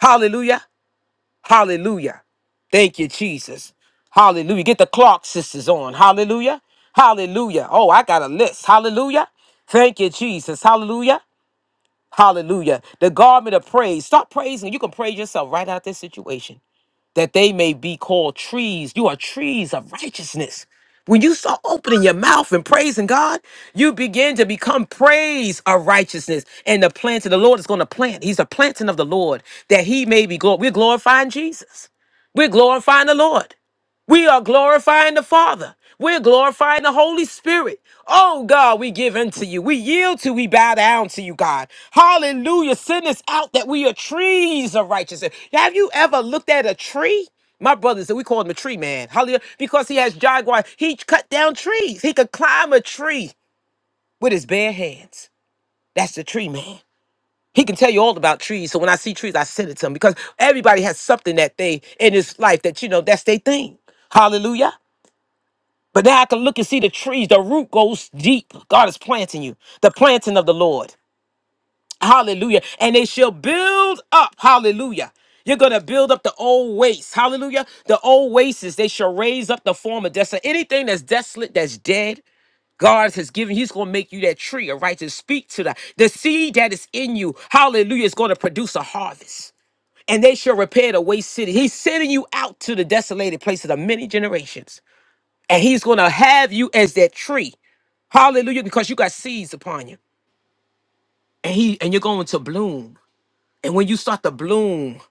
Speaker 1: Hallelujah. Hallelujah. Thank you, Jesus. Hallelujah. Get the Clark sisters on. Hallelujah. Hallelujah. Oh, I got a list. Hallelujah. Thank you, Jesus. Hallelujah. Hallelujah. The garment of praise. Start praising. You can praise yourself right out of this situation that they may be called trees. You are trees of righteousness. When you start opening your mouth and praising God, you begin to become praise of righteousness. And the plant of the Lord is going to plant. He's a planting of the Lord that he may be glorified. We're glorifying Jesus. We're glorifying the Lord. We are glorifying the Father. We're glorifying the Holy Spirit. Oh God, we give unto you. We yield to, we bow down to you, God. Hallelujah. Send us out that we are trees of righteousness. Have you ever looked at a tree? My brother said we call him a tree man. Hallelujah. Because he has jaguar. He cut down trees. He could climb a tree with his bare hands. That's the tree man. He can tell you all about trees. So when I see trees, I send it to him because everybody has something that they in his life that you know that's their thing. Hallelujah. But now I can look and see the trees. The root goes deep. God is planting you. The planting of the Lord. Hallelujah. And they shall build up. Hallelujah. You're going to build up the old waste. Hallelujah. The old wastes, they shall raise up the former desolate. Anything that's desolate, that's dead, God has given, He's going to make you that tree of righteousness. Speak to that. The seed that is in you, hallelujah, is going to produce a harvest. And they shall repair the waste city. He's sending you out to the desolated places of many generations. And He's going to have you as that tree. Hallelujah, because you got seeds upon you. And he and you're going to bloom. And when you start to bloom,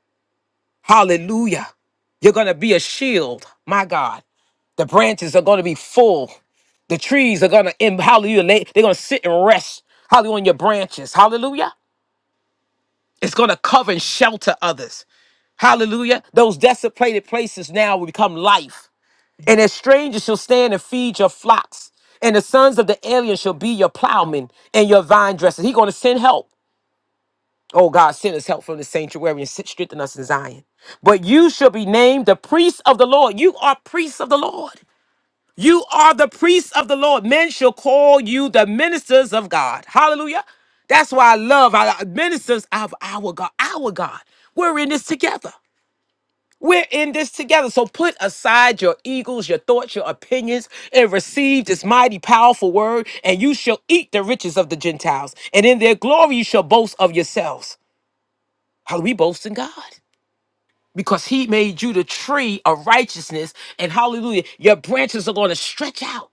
Speaker 1: hallelujah, you're gonna be a shield, my God. The branches are gonna be full. The trees are gonna in hallelujah, lay- they're gonna sit and rest. Hallelujah on your branches. Hallelujah. It's gonna cover and shelter others. Hallelujah. Those desecrated places now will become life. And as strangers shall stand and feed your flocks. And the sons of the alien shall be your plowmen and your vine dressers. He's gonna send help. Oh God, send us help from the sanctuary and sit- strengthen us in Zion. But you shall be named the priest of the Lord. You are priests of the Lord. You are the priests of the Lord. Men shall call you the ministers of God. Hallelujah. That's why I love our ministers of our God. Our God. We're in this together. We're in this together. So put aside your eagles, your thoughts, your opinions, and receive this mighty, powerful word, and you shall eat the riches of the Gentiles. And in their glory you shall boast of yourselves. Hallelujah. We boast in God because He made you the tree of righteousness. And hallelujah, your branches are going to stretch out.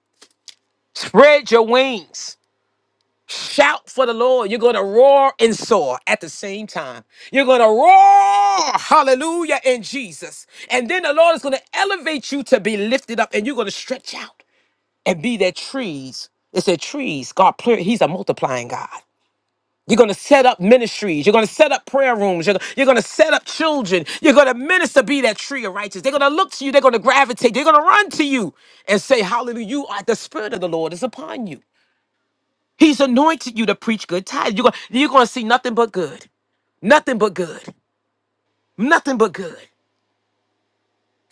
Speaker 1: Spread your wings. Shout for the Lord. You're going to roar and soar at the same time. You're going to roar, hallelujah, in Jesus. And then the Lord is going to elevate you to be lifted up and you're going to stretch out and be their trees. It's their trees. God, plur- He's a multiplying God. You're going to set up ministries. You're going to set up prayer rooms. You're, you're going to set up children. You're going to minister, be that tree of righteousness. They're going to look to you. They're going to gravitate. They're going to run to you and say, Hallelujah. You are the Spirit of the Lord is upon you. He's anointed you to preach good tidings. You're going, you're going to see nothing but good. Nothing but good. Nothing but good.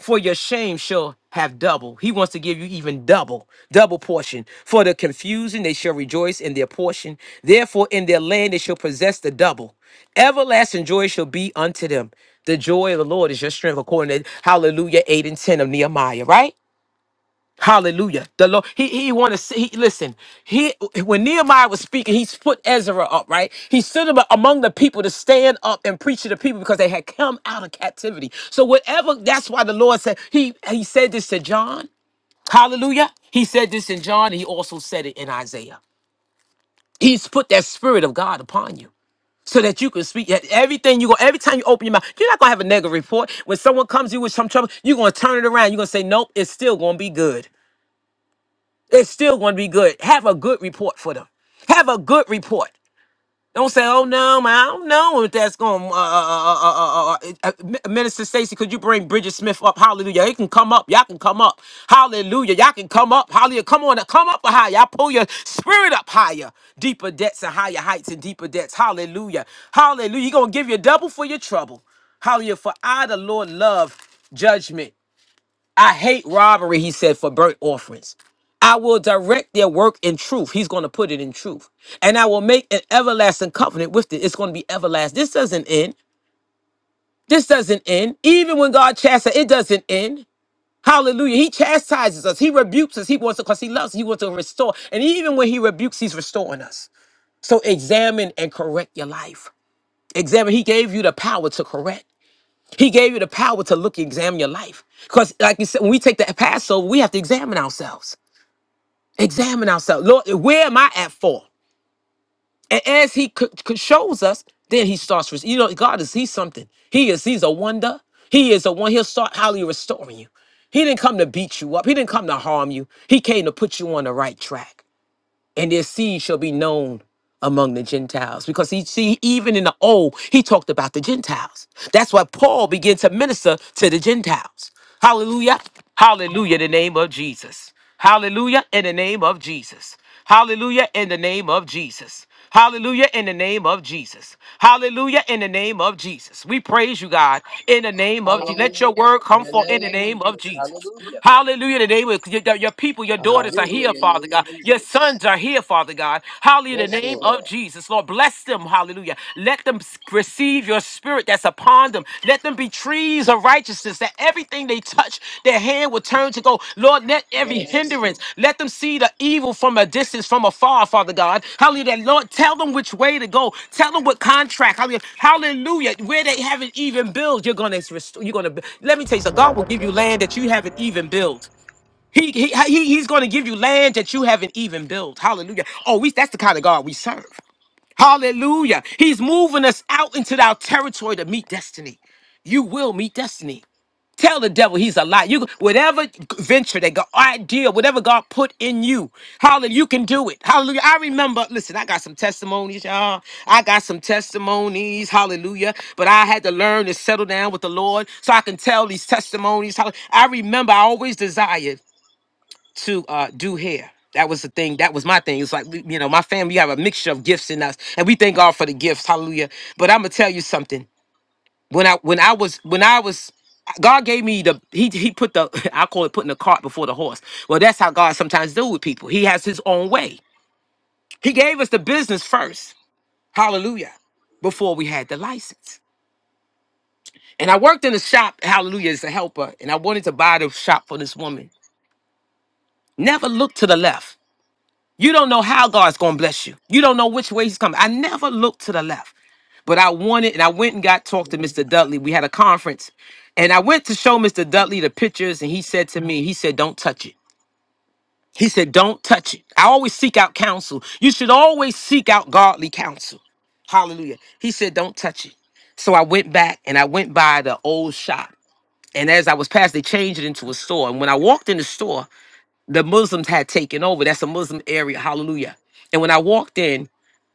Speaker 1: for your shame shall have double. He wants to give you even double, double portion. For the confusion they shall rejoice in their portion. Therefore, in their land they shall possess the double. Everlasting joy shall be unto them. The joy of the Lord is your strength, according to Hallelujah 8 and 10 of Nehemiah, right? Hallelujah. The Lord, he, he wanted to see, he, listen, he, when Nehemiah was speaking, he's put Ezra up, right? He stood ab- among the people to stand up and preach to the people because they had come out of captivity. So whatever, that's why the Lord said, he, he said this to John. Hallelujah. He said this in John. And he also said it in Isaiah. He's put that spirit of God upon you so that you can speak that everything you go every time you open your mouth you're not going to have a negative report when someone comes to you with some trouble you're going to turn it around you're going to say nope it's still going to be good it's still going to be good. Have a good report for them. Have a good report. Don't say, "Oh no, man, I don't know if that's going." to Uh, uh, uh, uh, uh, uh, uh, Minister Stacy, could you bring Bridget Smith up? Hallelujah! It can come up. Y'all can come up. Hallelujah! Y'all can come up. Hallelujah! Come on, come up higher. Y'all pull your spirit up higher, deeper depths and higher heights and deeper depths. Hallelujah! Hallelujah! He gonna give you double for your trouble. Hallelujah! For I, the Lord, love judgment I hate robbery, he said, for burnt offerings. I will direct their work in truth. He's going to put it in truth. And I will make an everlasting covenant with it. It's going to be everlasting. This doesn't end. This doesn't end. Even when God chastises, it doesn't end. Hallelujah. He chastises us. He rebukes us. He wants to, because he loves, us. he wants to restore. And even when he rebukes, he's restoring us. So examine and correct your life. Examine. He gave you the power to correct. He gave you the power to look, examine your life. Because, like you said, when we take the Passover, we have to examine ourselves. Examine ourselves. Lord, where am I at fault? And as He c- c- shows us, then He starts. res- You know, God is He's something. He is. He's a wonder. He is a one. He'll start how He restoring you. He didn't come to beat you up. He didn't come to harm you. He came to put you on the right track and their seed shall be known among the Gentiles. Because he see, even in the old, he talked about the Gentiles. That's why Paul began to minister to the Gentiles. Hallelujah. Hallelujah in the name of Jesus. Hallelujah in the name of Jesus. Hallelujah in the name of Jesus. Hallelujah in the name of Jesus. Hallelujah in the name of Jesus. We praise you, God, in the name of Jesus. Let your
Speaker 2: Hallelujah.
Speaker 1: word
Speaker 2: In
Speaker 1: come
Speaker 2: the
Speaker 1: forth in
Speaker 2: name
Speaker 1: the
Speaker 2: of
Speaker 1: name of
Speaker 2: Jesus.
Speaker 1: Jesus.
Speaker 2: Hallelujah.
Speaker 1: Hallelujah. Today, with your, your people, your daughters are
Speaker 2: Hallelujah.
Speaker 1: here,
Speaker 2: In
Speaker 1: Hallelujah.
Speaker 2: the
Speaker 1: Father
Speaker 2: name of
Speaker 1: God. Your
Speaker 2: Jesus.
Speaker 1: sons are here, Father God. Hallelujah. In the
Speaker 2: Yes,
Speaker 1: Yes, name
Speaker 2: Lord.
Speaker 1: of Lord. Jesus, Lord, bless them. Hallelujah. Let them s- receive your spirit that's upon them. Let them be trees of righteousness, that everything they touch, their hand will turn to go. Lord, let every
Speaker 2: Yes, Lord.
Speaker 1: hindrance, let them see the evil from a distance, from afar, Father God. Hallelujah. Lord, tell them which way to go. Tell them what contract. Hallelujah. Hallelujah. Where they haven't even built, you're gonna restore. You're gonna. Let me tell you, something.
Speaker 2: Yes,
Speaker 1: God will give you
Speaker 2: yes,
Speaker 1: land that you haven't
Speaker 2: Lord. Yes.
Speaker 1: even built. He, he, he, he's going to give you land that you haven't even built. Hallelujah. Oh, we, that's the kind of God we serve. Hallelujah. He's moving us out into our territory to meet destiny. You will meet destiny. Tell the devil he's a lie. You whatever venture that God idea, whatever God put in you, hallelujah, you can do it. Hallelujah. I remember, listen, I got some testimonies, y'all. I got some testimonies, hallelujah. But I had to learn to settle down with the Lord so I can tell these testimonies. Hall- I remember I always desired to uh, do hair. That was the thing. That was my thing. It's like, we- you know, my family, we have a mixture of gifts in us, and we thank God for the gifts. Hallelujah. But I'm going to tell you something when I when I was when I was God gave me the he he put the I call it putting the cart before the horse. Well, that's how God sometimes deal with people. He has his own way. He gave us the business first. Hallelujah. Before we had the license. And I worked in a shop, hallelujah, as a helper, and I wanted to buy the shop for this woman. Never looked to the left. You don't know how God's going to bless you. You don't know which way He's coming. I never looked to the left, but I wanted, and I went and got talked to Mr. Dudley. We had a conference, and I went to show Mr. Dudley the pictures, and he said to me, he said, "Don't touch it." He said, "Don't touch it." I always seek out counsel. You should always seek out godly counsel. Hallelujah. He said, "Don't touch it." So I went back and I went by the old shop. And as I was past, they changed it into a store. And when I walked in the store, the Muslims had taken over. That's a Muslim area. Hallelujah. And when I walked in,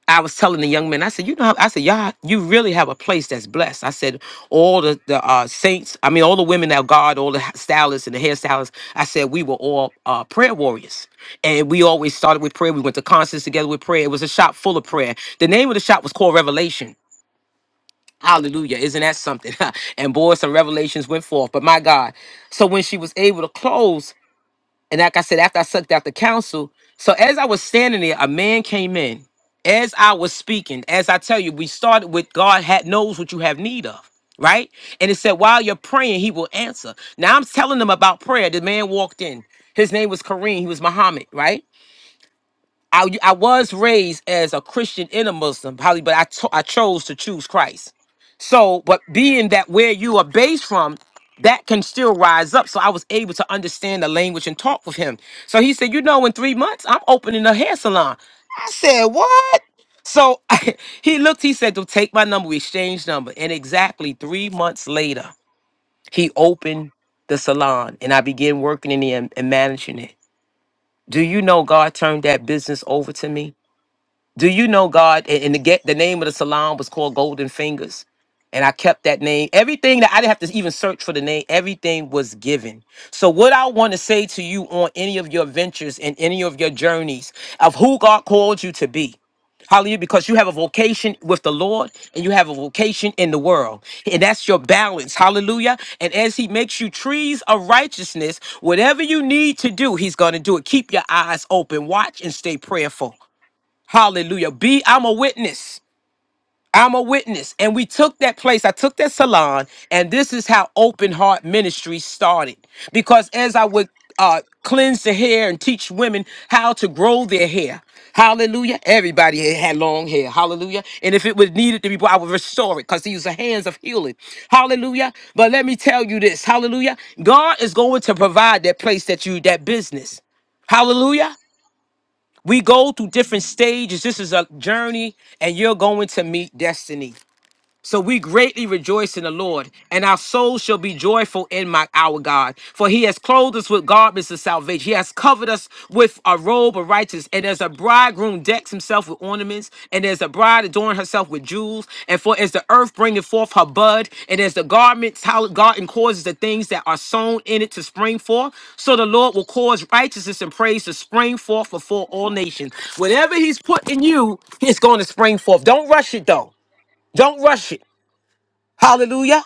Speaker 1: I was telling the young man, I said, you know, how, I said, y'all, you really have a place that's blessed. I said, all the, the uh, saints, I mean, all the women that guard, all the ha- stylists and the hairstylists, I said, we were all uh, prayer warriors. And we always started with prayer. We went to concerts together with prayer. It was a shop full of prayer. The name of the shop was called Revelation. Hallelujah. Isn't that something? and boy, some revelations went forth. But my God. So when she was able to close, and like I said, after I sucked out the council, so as I was standing there, a man came in. As I was speaking, as I tell you, we started with God had knows what you have need of, right? And it said, while you're praying, he will answer. Now I'm telling them about prayer. The man walked in. His name was Kareem. He was Muhammad, right? I, I was raised as a Christian in a Muslim, probably, but I to- I chose to choose Christ. So, but being that where you are based from, that can still rise up. So I was able to understand the language and talk with him. So he said, you know, in three months, I'm opening a hair salon. I said, what? So he looked, he said, "Well, take my number, we exchanged number. And exactly three months later, he opened the salon and I began working in it and, and managing it. Do you know God turned that business over to me? Do you know God? And, and the get the name of the salon was called Golden Fingers. And I kept that name. Everything that I didn't have to even search for the name, everything was given. So, what I want to say to you on any of your ventures and any of your journeys of who God called you to be, Hallelujah. Because you have a vocation with the Lord and you have a vocation in the world. And that's your balance. Hallelujah. And as He makes you trees of righteousness, whatever you need to do, He's going to do it. Keep your eyes open. Watch and stay prayerful. Hallelujah. Be I'm a witness. I'm a witness. And we took that place. I took that salon, and this is how open heart ministry started. Because as I would uh cleanse the hair and teach women how to grow their hair. Hallelujah. Everybody had had long hair. Hallelujah. And if it was needed to be, I would restore it because these are hands of healing. Hallelujah. But let me tell you this. Hallelujah. God is going to provide that place that you, that business. Hallelujah. We go through different stages. This is a journey, and you're going to meet destiny. So we greatly rejoice in the Lord, and our souls shall be joyful in my our God. For he has clothed us with garments of salvation. He has covered us with a robe of righteousness. And as a bridegroom decks himself with ornaments, and as a bride adorn herself with jewels, and for as the earth bringeth forth her bud, and as the garments, how garden causes the things that are sown in it to spring forth, so the Lord will cause righteousness and praise to spring forth before all nations. Whatever he's put in you, it's going to spring forth. Don't rush it though. Don't rush it. Hallelujah.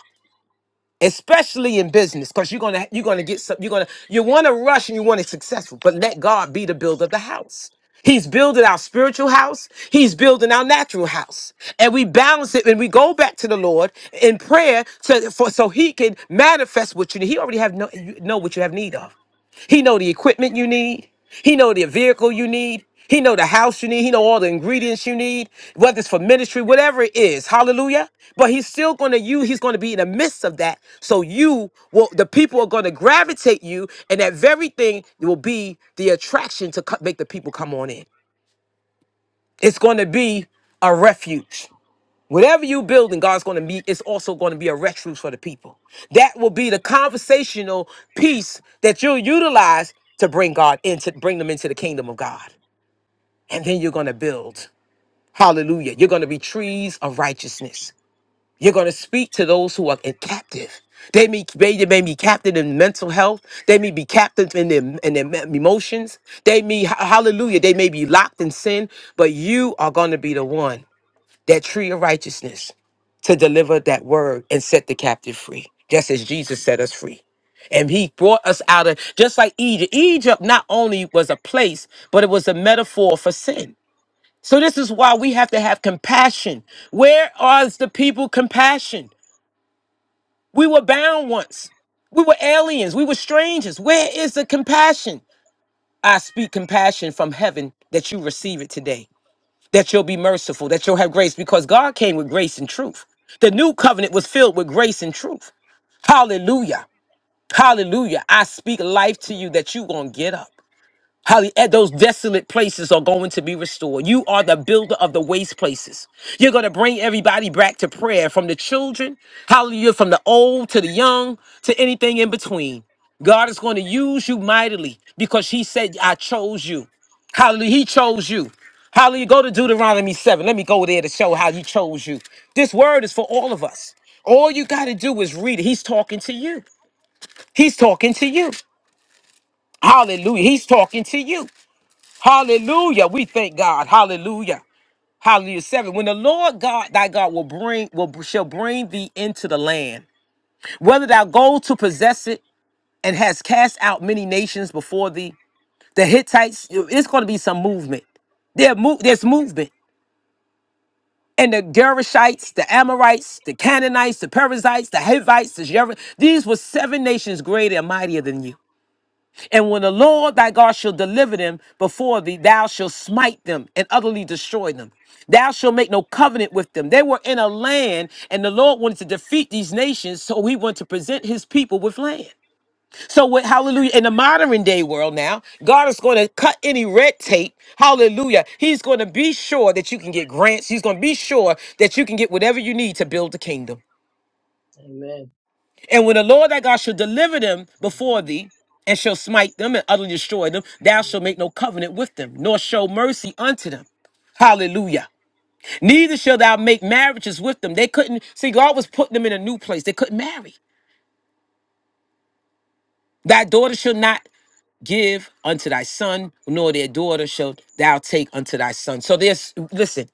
Speaker 1: Especially in business, because you're gonna you're gonna get some, you're gonna you wanna rush and you want it successful, but let God be the builder of the house. He's building our spiritual house, he's building our natural house. And we balance it and we go back to the Lord in prayer to for so he can manifest what you need. He already have no you know what you have need of. He know the equipment you need. He know the vehicle you need. He know the house you need. He know all the ingredients you need, whether it's for ministry, whatever it is. Hallelujah. But he's still going to you. He's going to be in the midst of that. So you will, the people are going to gravitate you and that very thing will be the attraction to co- make the people come on in. It's going to be a refuge. Whatever you build and God's going to meet, it's also going to be a refuge for the people. That will be the conversational piece that you'll utilize to bring God into bring them into the kingdom of God. And then you're going to build. Hallelujah. You're going to be trees of righteousness. You're going to speak to those who are captive. They may, they may be captive in mental health. They may be captive in their, in their me- emotions. They may, hallelujah, they may be locked in sin, but you are going to be the one, that tree of righteousness to deliver that word and set the captive free, just as Jesus set us free. And he brought us out of just like Egypt. Egypt not only was a place, but it was a metaphor for sin. So this is why we have to have compassion. Where are the people compassion? We were bound once. We were aliens. We were strangers. Where is the compassion? I speak compassion from heaven that you receive it today, that you'll be merciful, that you'll have grace, because God came with grace and truth. The new covenant was filled with grace and truth. Hallelujah. Hallelujah. I speak life to you that you're going to get up. Hallelujah. Those desolate places are going to be restored. You are the builder of the waste places. You're going to bring everybody back to prayer from the children, hallelujah, from the old to the young to anything in between. God is going to use you mightily because He said, I chose you. Hallelujah. He chose you. Hallelujah. Go to Deuteronomy 7. Let me go there to show how He chose you. This word is for all of us. All you got to do is read it. He's talking to you. He's talking to you. Hallelujah. He's talking to you. Hallelujah. We thank God. Hallelujah. Hallelujah. Seven. When the Lord God thy God will bring will shall bring thee into the land, whether thou go to possess it and has cast out many nations before thee, the Hittites, it's going to be some movement. There mo- there's movement. And the Gerishites, the Amorites, the Canaanites, the Perizzites, the Hivites, the Jer- these were seven nations greater and mightier than you. And when the Lord thy God shall deliver them before thee, thou shalt smite them and utterly destroy them. Thou shalt make no covenant with them. They were in a land, and the Lord wanted to defeat these nations, so he wanted to present his people with land. So, with hallelujah, in the modern day world now, God is going to cut any red tape. Hallelujah. He's going to be sure that you can get grants. He's going to be sure that you can get whatever you need to build the kingdom.
Speaker 2: Amen.
Speaker 1: And when the Lord thy God shall deliver them before thee, and shall smite them and utterly destroy them, thou shalt make no covenant with them, nor show mercy unto them. Hallelujah. Neither shall thou make marriages with them. They couldn't see God was putting them in a new place. They couldn't marry. Thy daughter shall not give unto thy son, nor their daughter shall thou take unto thy son. So there's, listen,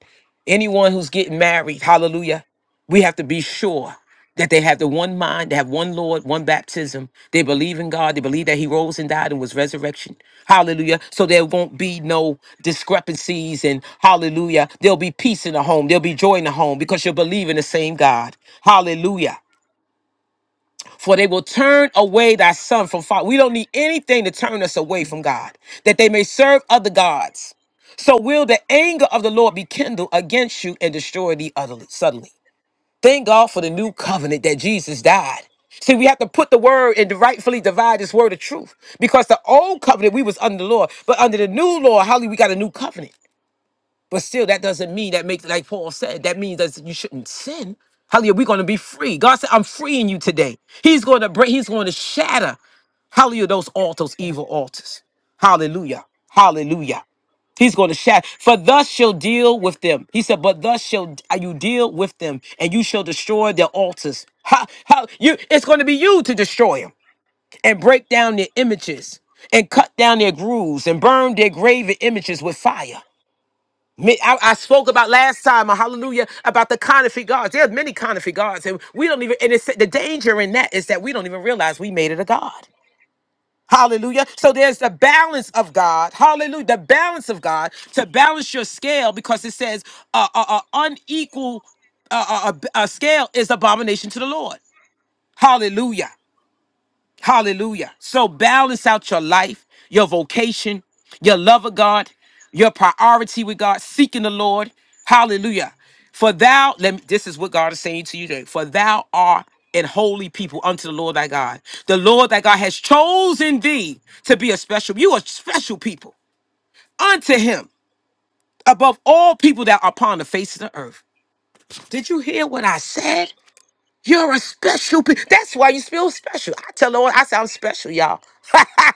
Speaker 1: anyone who's getting married, hallelujah, we have to be sure that they have the one mind, they have one Lord, one baptism. They believe in God. They believe that He rose and died and was resurrection. Hallelujah. So there won't be no discrepancies and hallelujah. There'll be peace in the home. There'll be joy in the home because you'll believe in the same God. Hallelujah for they will turn away thy son from fire. We don't need anything to turn us away from God, that they may serve other gods. So will the anger of the Lord be kindled against you and destroy thee utterly, suddenly. Thank God for the new covenant that Jesus died. See, we have to put the word and rightfully divide this word of truth because the old covenant we was under the law, but under the new law, hallelujah, we got a new covenant. But still, that doesn't mean that makes like Paul said. That means that you shouldn't sin. Hallelujah, we're going to be free. God said, "I'm freeing you today." He's going to break. He's going to shatter. Hallelujah, those altars, evil altars. Hallelujah, Hallelujah. He's going to shatter. For thus shall deal with them. He said, "But thus shall you deal with them, and you shall destroy their altars." How? How? You? It's going to be you to destroy them and break down their images and cut down their grooves and burn their graven images with fire. Me- I, I spoke about last time, uh, hallelujah, about the counterfeit gods. There's many counterfeit gods, and we don't even. And it's, the danger in that is that we don't even realize we made it a god. Hallelujah. So there's the balance of God. Hallelujah. The balance of God to balance your scale because it says uh, uh, uh, unequal uh, uh, uh, b- uh, scale is abomination to the Lord. Hallelujah. Hallelujah. So balance out your life, your vocation, your love of God, your priority with God, seeking the Lord. Hallelujah. For thou, let me, this is what God is saying to you today. For thou art an holy people unto the Lord thy God. The Lord thy God has chosen thee to be a special, you are special people unto him above all people that are upon the face of the earth. Did you hear what I said? You're a special. Pe- That's why you feel special. I tell Lord, I say I'm special, y'all.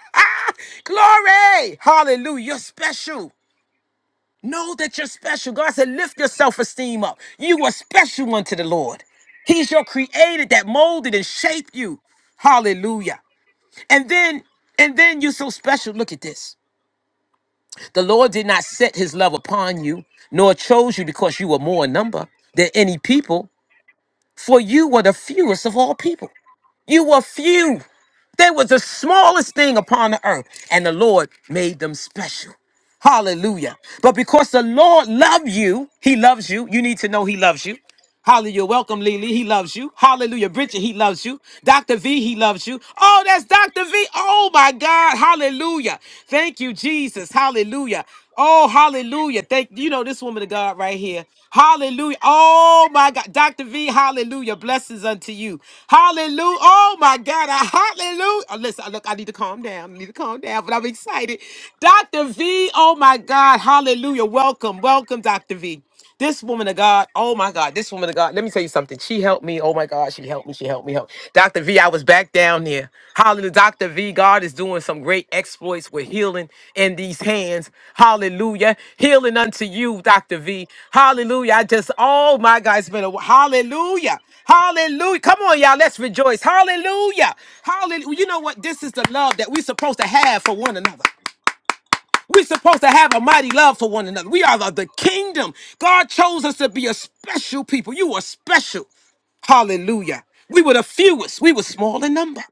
Speaker 1: Glory, Hallelujah. You're special. Know that you're special. God said, lift your self-esteem up. You are special unto the Lord. He's your creator that molded and shaped you. Hallelujah. And then, and then you're so special. Look at this. The Lord did not set his love upon you, nor chose you because you were more in number than any people, For you were the fewest of all people. You were few. They was the smallest thing upon the earth, and the Lord made them special. Hallelujah. But because the Lord loved you, He loves you. You need to know He loves you. Hallelujah. Welcome, Lily. He loves you. Hallelujah. Bridget, he loves you. Dr. V, he loves you. Oh, that's Dr. V. Oh, my God. Hallelujah. Thank you, Jesus. Hallelujah. Oh, hallelujah. Thank you know this woman of God right here. Hallelujah. Oh my God. Dr. V, hallelujah. Blessings unto you. Hallelujah. Oh my God. I, hallelujah. Oh, listen, look, I need to calm down. I need to calm down, but I'm excited. Dr. V, oh my God. Hallelujah. Welcome. Welcome, Dr. V. This woman of God, oh my God, this woman of God, let me tell you something. She helped me. Oh my God, she helped me. She helped me help. Dr. V, I was back down there. Hallelujah. Dr. V, God is doing some great exploits with healing in these hands. Hallelujah. Healing unto you, Dr. V. Hallelujah. I just, oh my God, it's been a hallelujah. Hallelujah. Come on, y'all. Let's rejoice. Hallelujah. Hallelujah. You know what? This is the love that we're supposed to have for one another. We're supposed to have a mighty love for one another. We are the, the kingdom. God chose us to be a special people. You are special. Hallelujah. We were the fewest. We were small in number.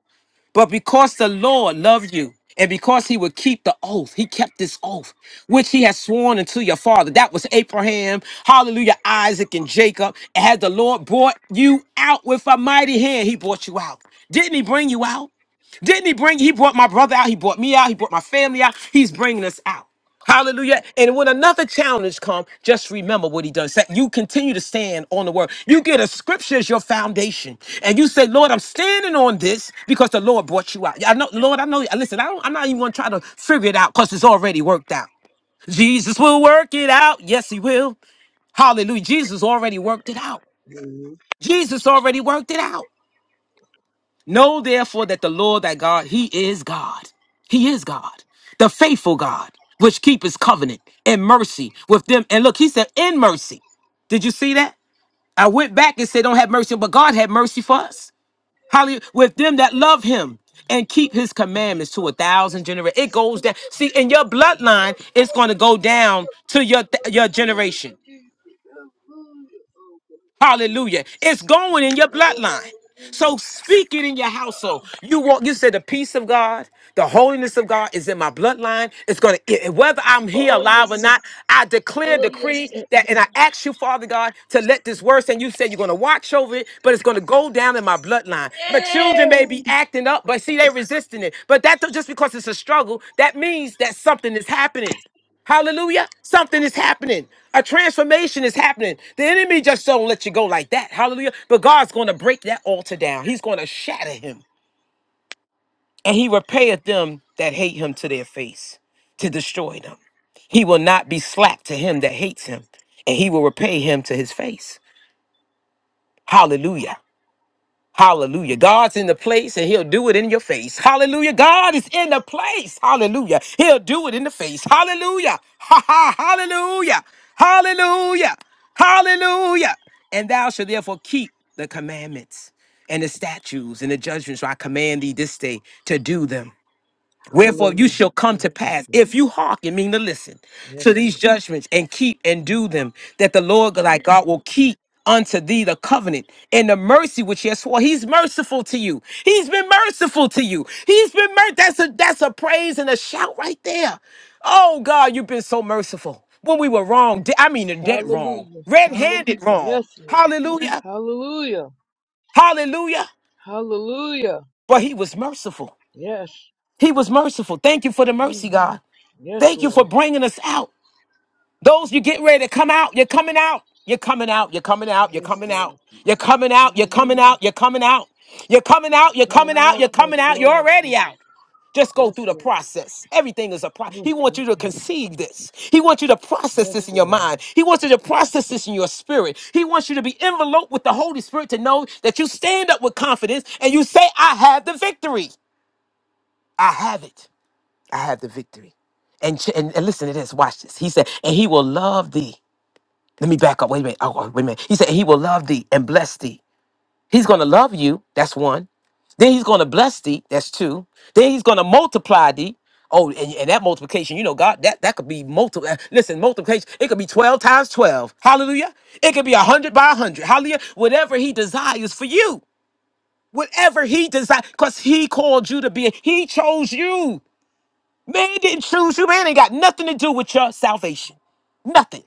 Speaker 1: But because the Lord loved you, and because he would keep the oath, he kept this oath, which he has sworn unto your father. That was Abraham, hallelujah, Isaac, and Jacob. And had the Lord brought you out with a mighty hand, he brought you out. Didn't he bring you out? Didn't he bring? He brought my brother out. He brought me out. He brought my family out. He's bringing us out. Hallelujah. And when another challenge comes, just remember what he does. That you continue to stand on the word. You get a scripture as your foundation. And you say, Lord, I'm standing on this because the Lord brought you out. Yeah, I know, Lord, I know. Listen, I don't, I'm not even going to try to figure it out because it's already worked out. Jesus will work it out. Yes, he will. Hallelujah. Jesus already worked it out.
Speaker 2: Amen.
Speaker 1: Jesus already worked it out. Know therefore that the Lord thy God, he is God. He is God, the faithful God, which keepeth covenant and mercy with them. And look, he said, in mercy. Did you see that? I went back and said, don't have mercy, but God had mercy for us. Hallelujah. With them that love him and keep his commandments to a thousand generations. It goes down. See, in your bloodline, it's going to go down to your, your generation. Hallelujah. It's going in your bloodline. So speak it in your household. You want you said the peace of God, the holiness of God is in my bloodline. It's gonna it- whether I'm here
Speaker 2: Oh yes,
Speaker 1: alive or
Speaker 2: sir.
Speaker 1: not, I declare,
Speaker 2: oh yes.
Speaker 1: decree
Speaker 2: sir.
Speaker 1: that, and I ask you, Father God, to let this word and you said you're gonna watch over it, but it's gonna go down in my bloodline. My
Speaker 2: Yeah.
Speaker 1: children may be acting up, but see, they're resisting it. But that don't- just because it's a struggle, that means that something is happening. Hallelujah. Something is happening. A transformation is happening. The enemy just don't let you go like that. Hallelujah. But God's going to break that altar down. He's going to shatter him. And he repayeth them that hate him to their face, to destroy them. He will not be slack to him that hates him, and he will repay him to his face. Hallelujah. Hallelujah. God's in the place and he'll do it in your face. Hallelujah. God is in the place. Hallelujah. He'll do it in the face. Hallelujah. Ha ha. Hallelujah. Hallelujah. Hallelujah. And thou shalt therefore keep the commandments and the statutes and the judgments. So I command thee this day to do them. Wherefore you
Speaker 2: Hallelujah.
Speaker 1: shall come
Speaker 2: Mm,
Speaker 1: to
Speaker 2: mm,
Speaker 1: pass
Speaker 2: mm.
Speaker 1: if you hearken, mean to listen to
Speaker 2: Yes,
Speaker 1: these
Speaker 2: Lord.
Speaker 1: judgments and keep and do them, that the Lord thy God will keep unto thee the covenant and the mercy which he has swore. He's merciful to you. He's been merciful to you. He's been mer- that's a that's a praise and a shout right there. Oh God, you've been so merciful. When we were wrong, de- I mean dead wrong,
Speaker 2: Hallelujah.
Speaker 1: red-handed wrong.
Speaker 2: Yes, Lord.
Speaker 1: Hallelujah.
Speaker 2: Hallelujah.
Speaker 1: Hallelujah.
Speaker 2: Hallelujah.
Speaker 1: But he was merciful.
Speaker 2: Yes.
Speaker 1: He was merciful. Thank you for the mercy,
Speaker 2: Mm.
Speaker 1: God.
Speaker 2: Yes,
Speaker 1: Thank you
Speaker 2: Lord.
Speaker 1: for bringing us out. Those you get ready to come out, you're coming out. You're coming out. You're coming out. You're
Speaker 2: Yes,
Speaker 1: coming out.
Speaker 2: Lord.
Speaker 1: You're coming out. You're coming
Speaker 2: Hallelujah.
Speaker 1: out. You're coming out. You're coming out. You're
Speaker 2: Coming
Speaker 1: coming out.
Speaker 2: out.
Speaker 1: You're coming
Speaker 2: Yes,
Speaker 1: out. You're
Speaker 2: Lord.
Speaker 1: already
Speaker 2: Jesus.
Speaker 1: out. Just go
Speaker 2: Yes,
Speaker 1: through the
Speaker 2: Lord.
Speaker 1: process. Everything is a process.
Speaker 2: Mm,
Speaker 1: He wants
Speaker 2: mm,
Speaker 1: you to
Speaker 2: mm.
Speaker 1: conceive this. He wants you to process
Speaker 2: Yes,
Speaker 1: this in your
Speaker 2: Lord.
Speaker 1: mind. He wants you to process this in your spirit. He wants you to be enveloped with the Holy Spirit to know that you stand up with confidence and you say, I have the victory. I have it. I have the victory. And, ch- and, and listen to this. Watch this. He said, and he will love thee. Let me back up. Wait a minute. Oh, wait a minute. He said, he will love thee and bless thee. He's going to love you. That's one. Then he's going to bless thee. That's two. Then he's going to multiply thee. Oh, and, and that multiplication, you know, God, that, that could be multiple. Listen, multiplication, it could be 12 times 12. Hallelujah. It could be 100 by 100. Hallelujah. Whatever he desires for you. Whatever he desires, because he called you to be, he chose you. Man didn't choose you. Man ain't got nothing to do with your salvation. Nothing.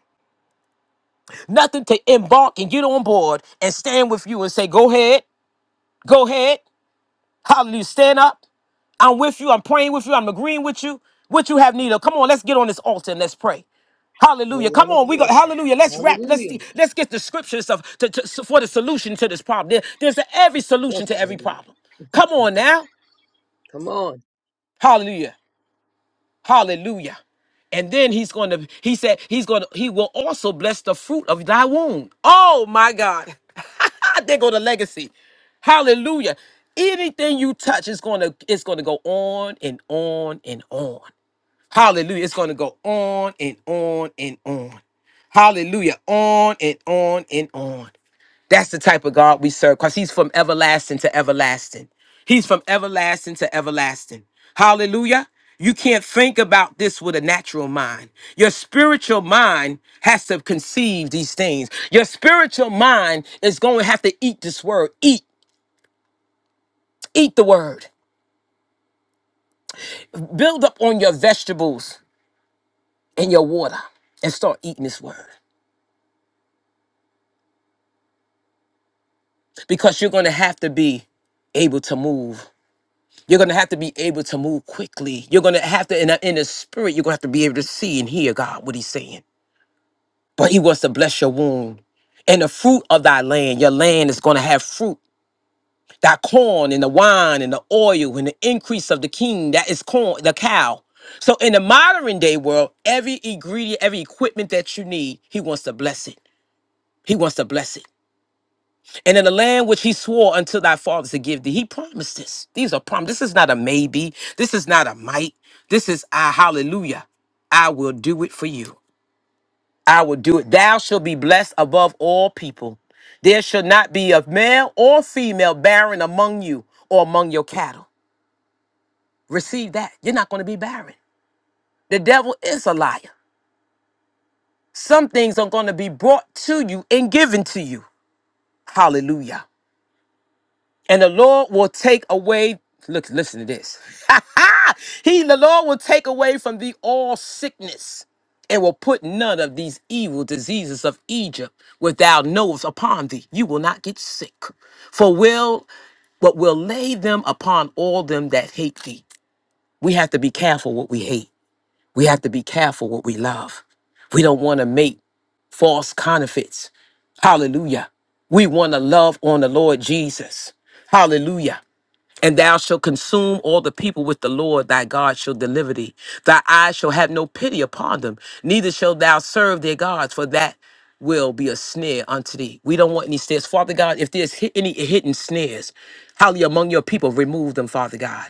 Speaker 1: Nothing to embark and get on board and stand with you and say, go ahead, go ahead. Hallelujah. Stand up. I'm with you. I'm praying with you. I'm agreeing with you. What you have need of. Come on, let's get on this altar and let's pray. Hallelujah.
Speaker 2: Don't
Speaker 1: Come
Speaker 2: want
Speaker 1: on,
Speaker 2: to
Speaker 1: we go.
Speaker 2: Lord.
Speaker 1: Hallelujah. Let's wrap. Let's
Speaker 2: Hallelujah.
Speaker 1: see. Let's get the scriptures of to, to- so, for the solution to this problem. There- there's a- every
Speaker 2: Yes,
Speaker 1: solution to
Speaker 2: Lord.
Speaker 1: every problem. Come on now.
Speaker 2: Come on.
Speaker 1: Hallelujah. Hallelujah. And then he's going to, he said, he's going to, he will also bless the fruit of thy womb. Oh my God. there go the legacy. Hallelujah. Anything you touch is going to, it's going to go on and on and on. Hallelujah. It's going to go on and on and on. Hallelujah. On and on and on. That's the type of God we serve because he's from everlasting to everlasting. He's from everlasting to everlasting. Hallelujah. You can't think about this with a natural mind. Your spiritual mind has to conceive these things. Your spiritual mind is going to have to eat this word. Eat, eat the word. Build up on your vegetables and your water and start eating this word. because you're going to have to be able to move. You're going to have to be able to move quickly. You're going to have to, in the, in the spirit, you're going to have to be able to see and hear God what He's saying. But He wants to bless your womb and the fruit of thy land. Your land is going to have fruit. Thy corn and the wine and the oil and the increase of the king, that is corn, the cow. So in the modern day world, every ingredient, every equipment that you need, He wants to bless it. He wants to bless it. And in the land which he swore unto thy fathers to give thee, he promised this. These are promises. This is not a maybe. This is not a might. This is a hallelujah. I will do it for you. I will do it. Thou shalt be blessed above all people. There shall not be a male or female barren among you or among your cattle. Receive that. You're not going to be barren. The devil is a liar. Some things are going to be brought to you and given to you. Hallelujah. and the Lord will take away. Look, listen to this. he, the Lord, will take away from thee all sickness, and will put none of these evil diseases of Egypt, which thou knowest, upon thee. You will not get sick, for will but will lay them upon all them that hate thee. We have to be careful what we hate. We have to be careful what we love. We don't want to make false counterfeits. Hallelujah. We want to love on the Lord Jesus. Hallelujah and thou shalt consume all the people with the Lord thy God shall deliver thee. Thy eyes shall have no pity upon them, neither shalt thou serve their gods, for that will be a snare unto thee. We don't want any snares. Father God, if there's hi- any hidden snares, hallelujah, among your people, remove them, Father God.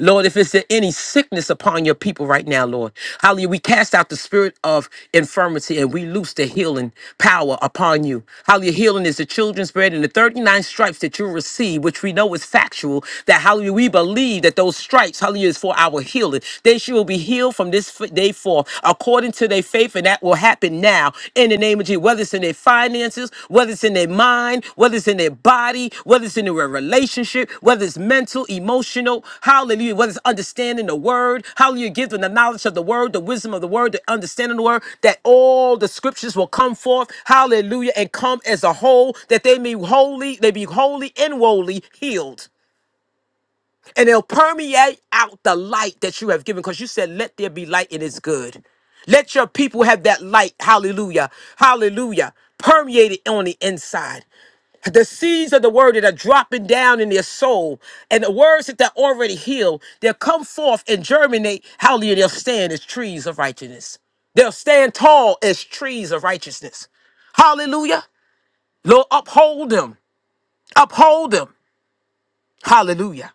Speaker 1: Lord, if it's any sickness upon your people right now, Lord, hallelujah, we cast out the spirit of infirmity and we loose the healing power upon you. Hallelujah, healing is the children's bread and the 39 stripes that you receive, which we know is factual, that hallelujah, we believe that those stripes, hallelujah, is for our healing. They shall be healed from this f- day forth according to their faith, and that will happen now in the name of Jesus, whether it's in their finances, whether it's in their mind, whether it's in their body, whether it's in their relationship, whether it's mental, emotional, hallelujah, whether it's understanding the word, hallelujah, give them the knowledge of the word, the wisdom of the word, the understanding of the word, that all the scriptures will come forth, hallelujah, and come as a whole, that they may holy, they be holy and wholly healed and it'll permeate out the light that you have given because you said let there be light and it's good let your people have that light hallelujah hallelujah permeated on the inside the seeds of the word that are dropping down in their soul and the words that they're already healed they'll come forth and germinate hallelujah they'll stand as trees of righteousness they'll stand tall as trees of righteousness hallelujah lord uphold them uphold them hallelujah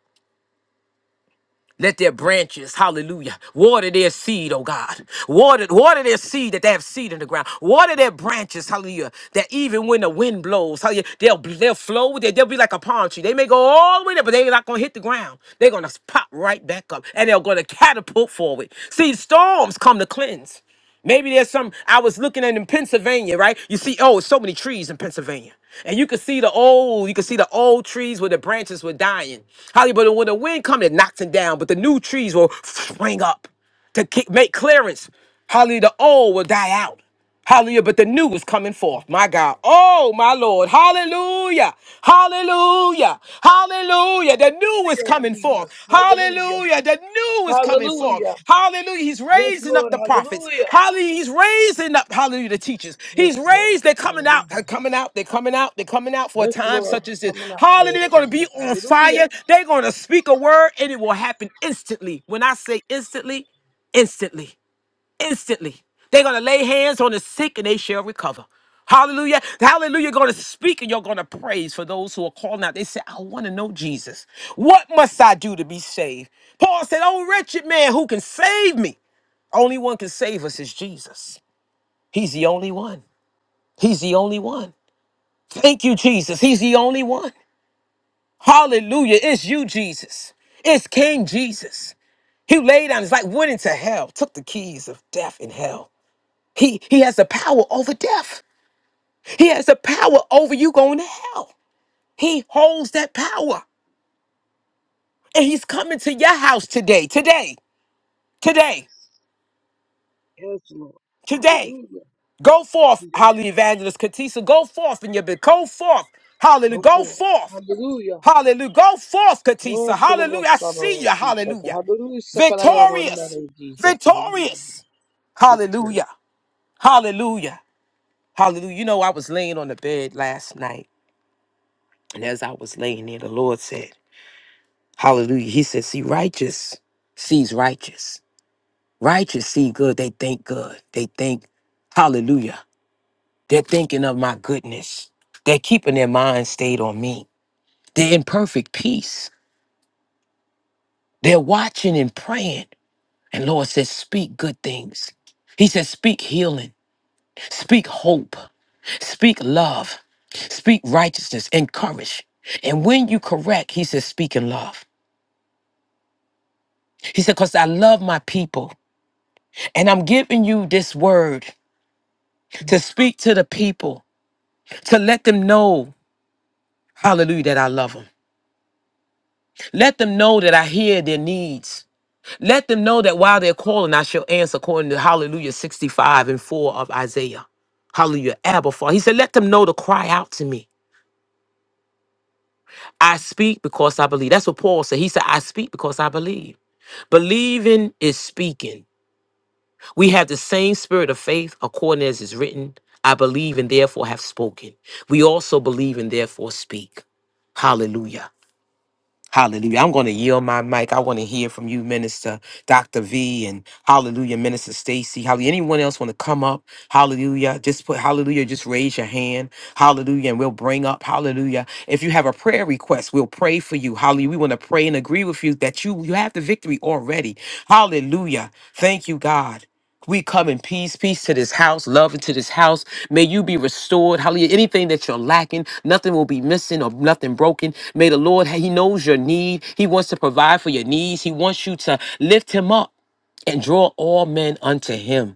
Speaker 1: Let their branches, hallelujah, water their seed, oh God. Water, water their seed that they have seed in the ground. Water their branches, hallelujah, that even when the wind blows, hallelujah, they'll, they'll flow, they, they'll be like a palm tree. They may go all the way there, but they're not going to hit the ground. They're going to pop right back up and they're going to catapult forward. See, storms come to cleanse. Maybe there's some, I was looking at in Pennsylvania, right? You see, oh, so many trees in Pennsylvania. And you could see the old, you could see the old trees where the branches were dying. Hollywood, when the wind comes, it knocks them down, but the new trees will spring up to kick, make clearance. Holly, the old will die out. Hallelujah. But the new was coming forth. My God. Oh, my Lord. Hallelujah. Hallelujah. Hallelujah. The new was
Speaker 2: Hallelujah,
Speaker 1: coming forth.
Speaker 2: Jesus. Hallelujah.
Speaker 1: Hallelujah. The new was coming forth.
Speaker 2: Hallelujah.
Speaker 1: Hallelujah. He's
Speaker 2: Yes,
Speaker 1: raising up
Speaker 2: Lord.
Speaker 1: the prophets.
Speaker 2: Hallelujah.
Speaker 1: Hallelujah. He's raising up, hallelujah, the teachers.
Speaker 2: Yes,
Speaker 1: He's
Speaker 2: Lord.
Speaker 1: raised. They're coming out. They're
Speaker 2: Hallelujah.
Speaker 1: coming out. They're coming out. They're coming out for a
Speaker 2: Yes,
Speaker 1: time
Speaker 2: Lord.
Speaker 1: such as
Speaker 2: It's
Speaker 1: this.
Speaker 2: coming out,
Speaker 1: Hallelujah.
Speaker 2: Lord
Speaker 1: They're going to be
Speaker 2: Jesus.
Speaker 1: on
Speaker 2: Hallelujah.
Speaker 1: fire. They're going to speak a word and it will happen instantly. When I say instantly, instantly instantly. They're going to lay hands on the sick and they shall recover. Hallelujah. Hallelujah. You're going to speak and you're going to praise for those who are calling out. They say, I want to know Jesus. What must I do to be saved? Paul said, Oh, wretched man, who can save me? Only one can save us is Jesus. He's the only one. He's the only one. Thank you, Jesus. He's the only one. Hallelujah. It's you, Jesus. It's King Jesus. He laid down his life, went into hell, took the keys of death and hell. He he has the power over death. He has the power over you going to hell. He holds that power. And he's coming to your house today. Today. Today.
Speaker 2: Yes, Lord.
Speaker 1: Today.
Speaker 2: Hallelujah.
Speaker 1: Go forth,
Speaker 2: Jesus.
Speaker 1: hallelujah, evangelist Katisa. Go forth in your bed. Go forth. Hallelujah.
Speaker 2: Go
Speaker 1: Go
Speaker 2: forth.
Speaker 1: forth.
Speaker 2: Hallelujah.
Speaker 1: Hallelujah. Go forth,
Speaker 2: Oh,
Speaker 1: Katisa.
Speaker 2: Solomon,
Speaker 1: Hallelujah. I
Speaker 2: Son
Speaker 1: see
Speaker 2: of
Speaker 1: you.
Speaker 2: Jesus.
Speaker 1: Hallelujah.
Speaker 2: Hallelujah. Shekinah, Yahweh,
Speaker 1: Victorious.
Speaker 2: Jesus. Hallelujah.
Speaker 1: Victorious.
Speaker 2: Victory.
Speaker 1: Hallelujah. Hallelujah. Hallelujah. You know, I was laying on the bed last night. And as I was laying there, the Lord said, Hallelujah. He said, see, righteous sees righteous. Righteous see good. They think good. They think, hallelujah. They're thinking of my goodness. They're keeping their mind stayed on me. They're in perfect peace. They're watching and praying. And Lord says, speak good things. He says, speak healing, speak hope, speak love, speak righteousness, encourage. And when you correct, he says, speak in love. He said, because I love my people. And I'm giving you this word to speak to the people, to let them know, hallelujah, that I love them. Let them know that I hear their needs. Let them know that while they're calling, I shall answer according to hallelujah 65 and 4 of Isaiah. Hallelujah, Abba Father. He said, let them know to cry out to me. I speak because I believe. That's what Paul said. He said, I speak because I believe. Believing is speaking. We have the same spirit of faith, according as is written, I believe and therefore have spoken. We also believe and therefore speak. Hallelujah. Hallelujah. I'm going to yield my mic. I want to hear from you, Minister Dr. V, and hallelujah, Minister Stacy. Hallelujah. Anyone else want to come up? Hallelujah. Just put hallelujah. Just raise your hand. Hallelujah. And we'll bring up hallelujah. If you have a prayer request, we'll pray for you. Hallelujah. We want to pray and agree with you that you, you have the victory already. Hallelujah. Thank you, God. We come in peace, peace to this house, love into this house. May you be restored. Hallelujah. Anything that you're lacking, nothing will be missing or nothing broken. May the Lord, He knows your need. He wants to provide for your needs. He wants you to lift Him up and draw all men unto Him.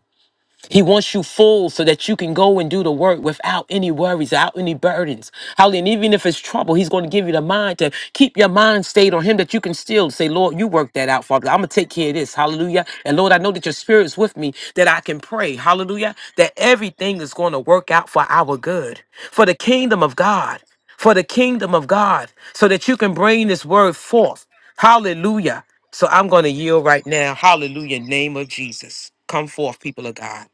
Speaker 1: He wants you full so that you can go and do the work without any worries, without any burdens. Hallelujah. And even if it's trouble, he's going to give you the mind to keep your mind stayed on him that you can still say, Lord, you work that out, Father. I'm going to take care of this. Hallelujah. And Lord, I know that your spirit is with me that I can pray. Hallelujah. That everything is going to work out for our good, for the kingdom of God, for the kingdom of God, so that you can bring this word forth. Hallelujah. So I'm going to yield right now. Hallelujah. Name of Jesus. Come forth, people of God.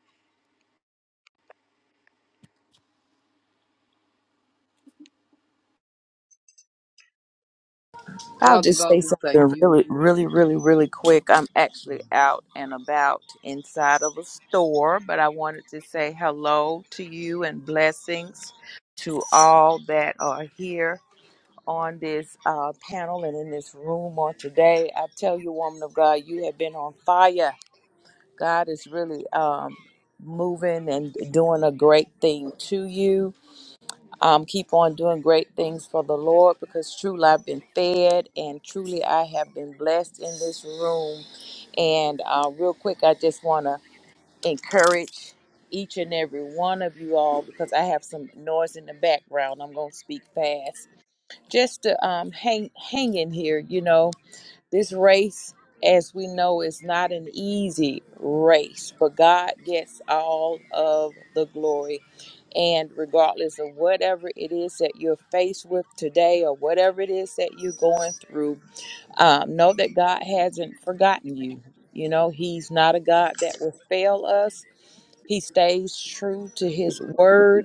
Speaker 3: I'll
Speaker 2: Father
Speaker 3: just say
Speaker 2: God, we thank
Speaker 3: something
Speaker 2: you.
Speaker 3: really, really, really, really quick. I'm actually out and about inside of a store, but I wanted to say hello to you and blessings to all that are here on this uh, panel and in this room on today. I tell you, woman of God, you have been on fire. God is really um, moving and doing a great thing to you um, keep on doing great things for the Lord because truly I've been fed and truly I have been blessed in this room. And uh, real quick, I just want to encourage each and every one of you all because I have some noise in the background. I'm going to speak fast just to um, hang, hang in here, you know. This race, as we know, is not an easy race, but God gets all of the glory. And regardless of whatever it is that you're faced with today or whatever it is that you're going through, um, know that God hasn't forgotten you. You know, He's not a God that will fail us, He stays true to His word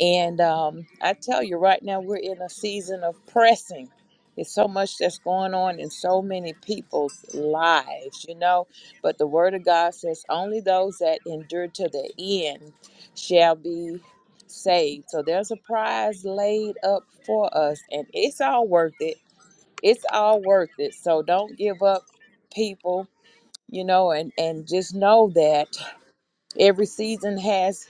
Speaker 3: and um, I tell you, right now we're in a season of pressing. It's so much that's going on in so many people's lives, you know. But the Word of God says only those that endure to the end shall be saved. So there's a prize laid up for us, and it's all worth it. It's all worth it. So don't give up, people. You know, and and just know that every season has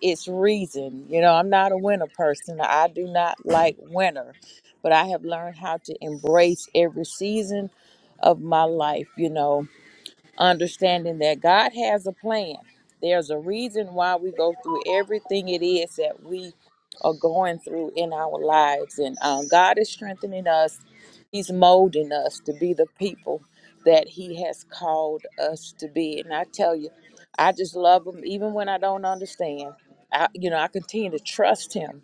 Speaker 3: it's reason. You know, I'm not a winter person. I do not like winter, but I have learned how to embrace every season of my life, you know understanding that God has a plan. There's a reason why we go through everything it is that we are going through in our lives. And um, God is strengthening us, He's molding us to be the people that He has called us to be. And I tell you, I just love Him even when I don't understand. I, you know, I continue to trust Him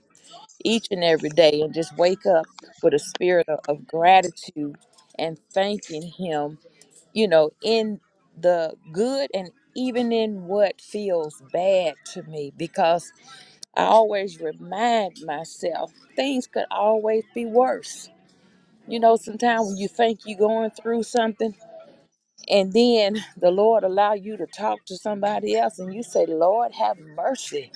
Speaker 3: each and every day and just wake up with a spirit of, of gratitude and thanking Him you know, in the good and even in what feels bad to me, because I always remind myself things could always be worse. You know, sometimes when you think you're going through something, and then the Lord allow you to talk to somebody else, and you say, "Lord, have mercy."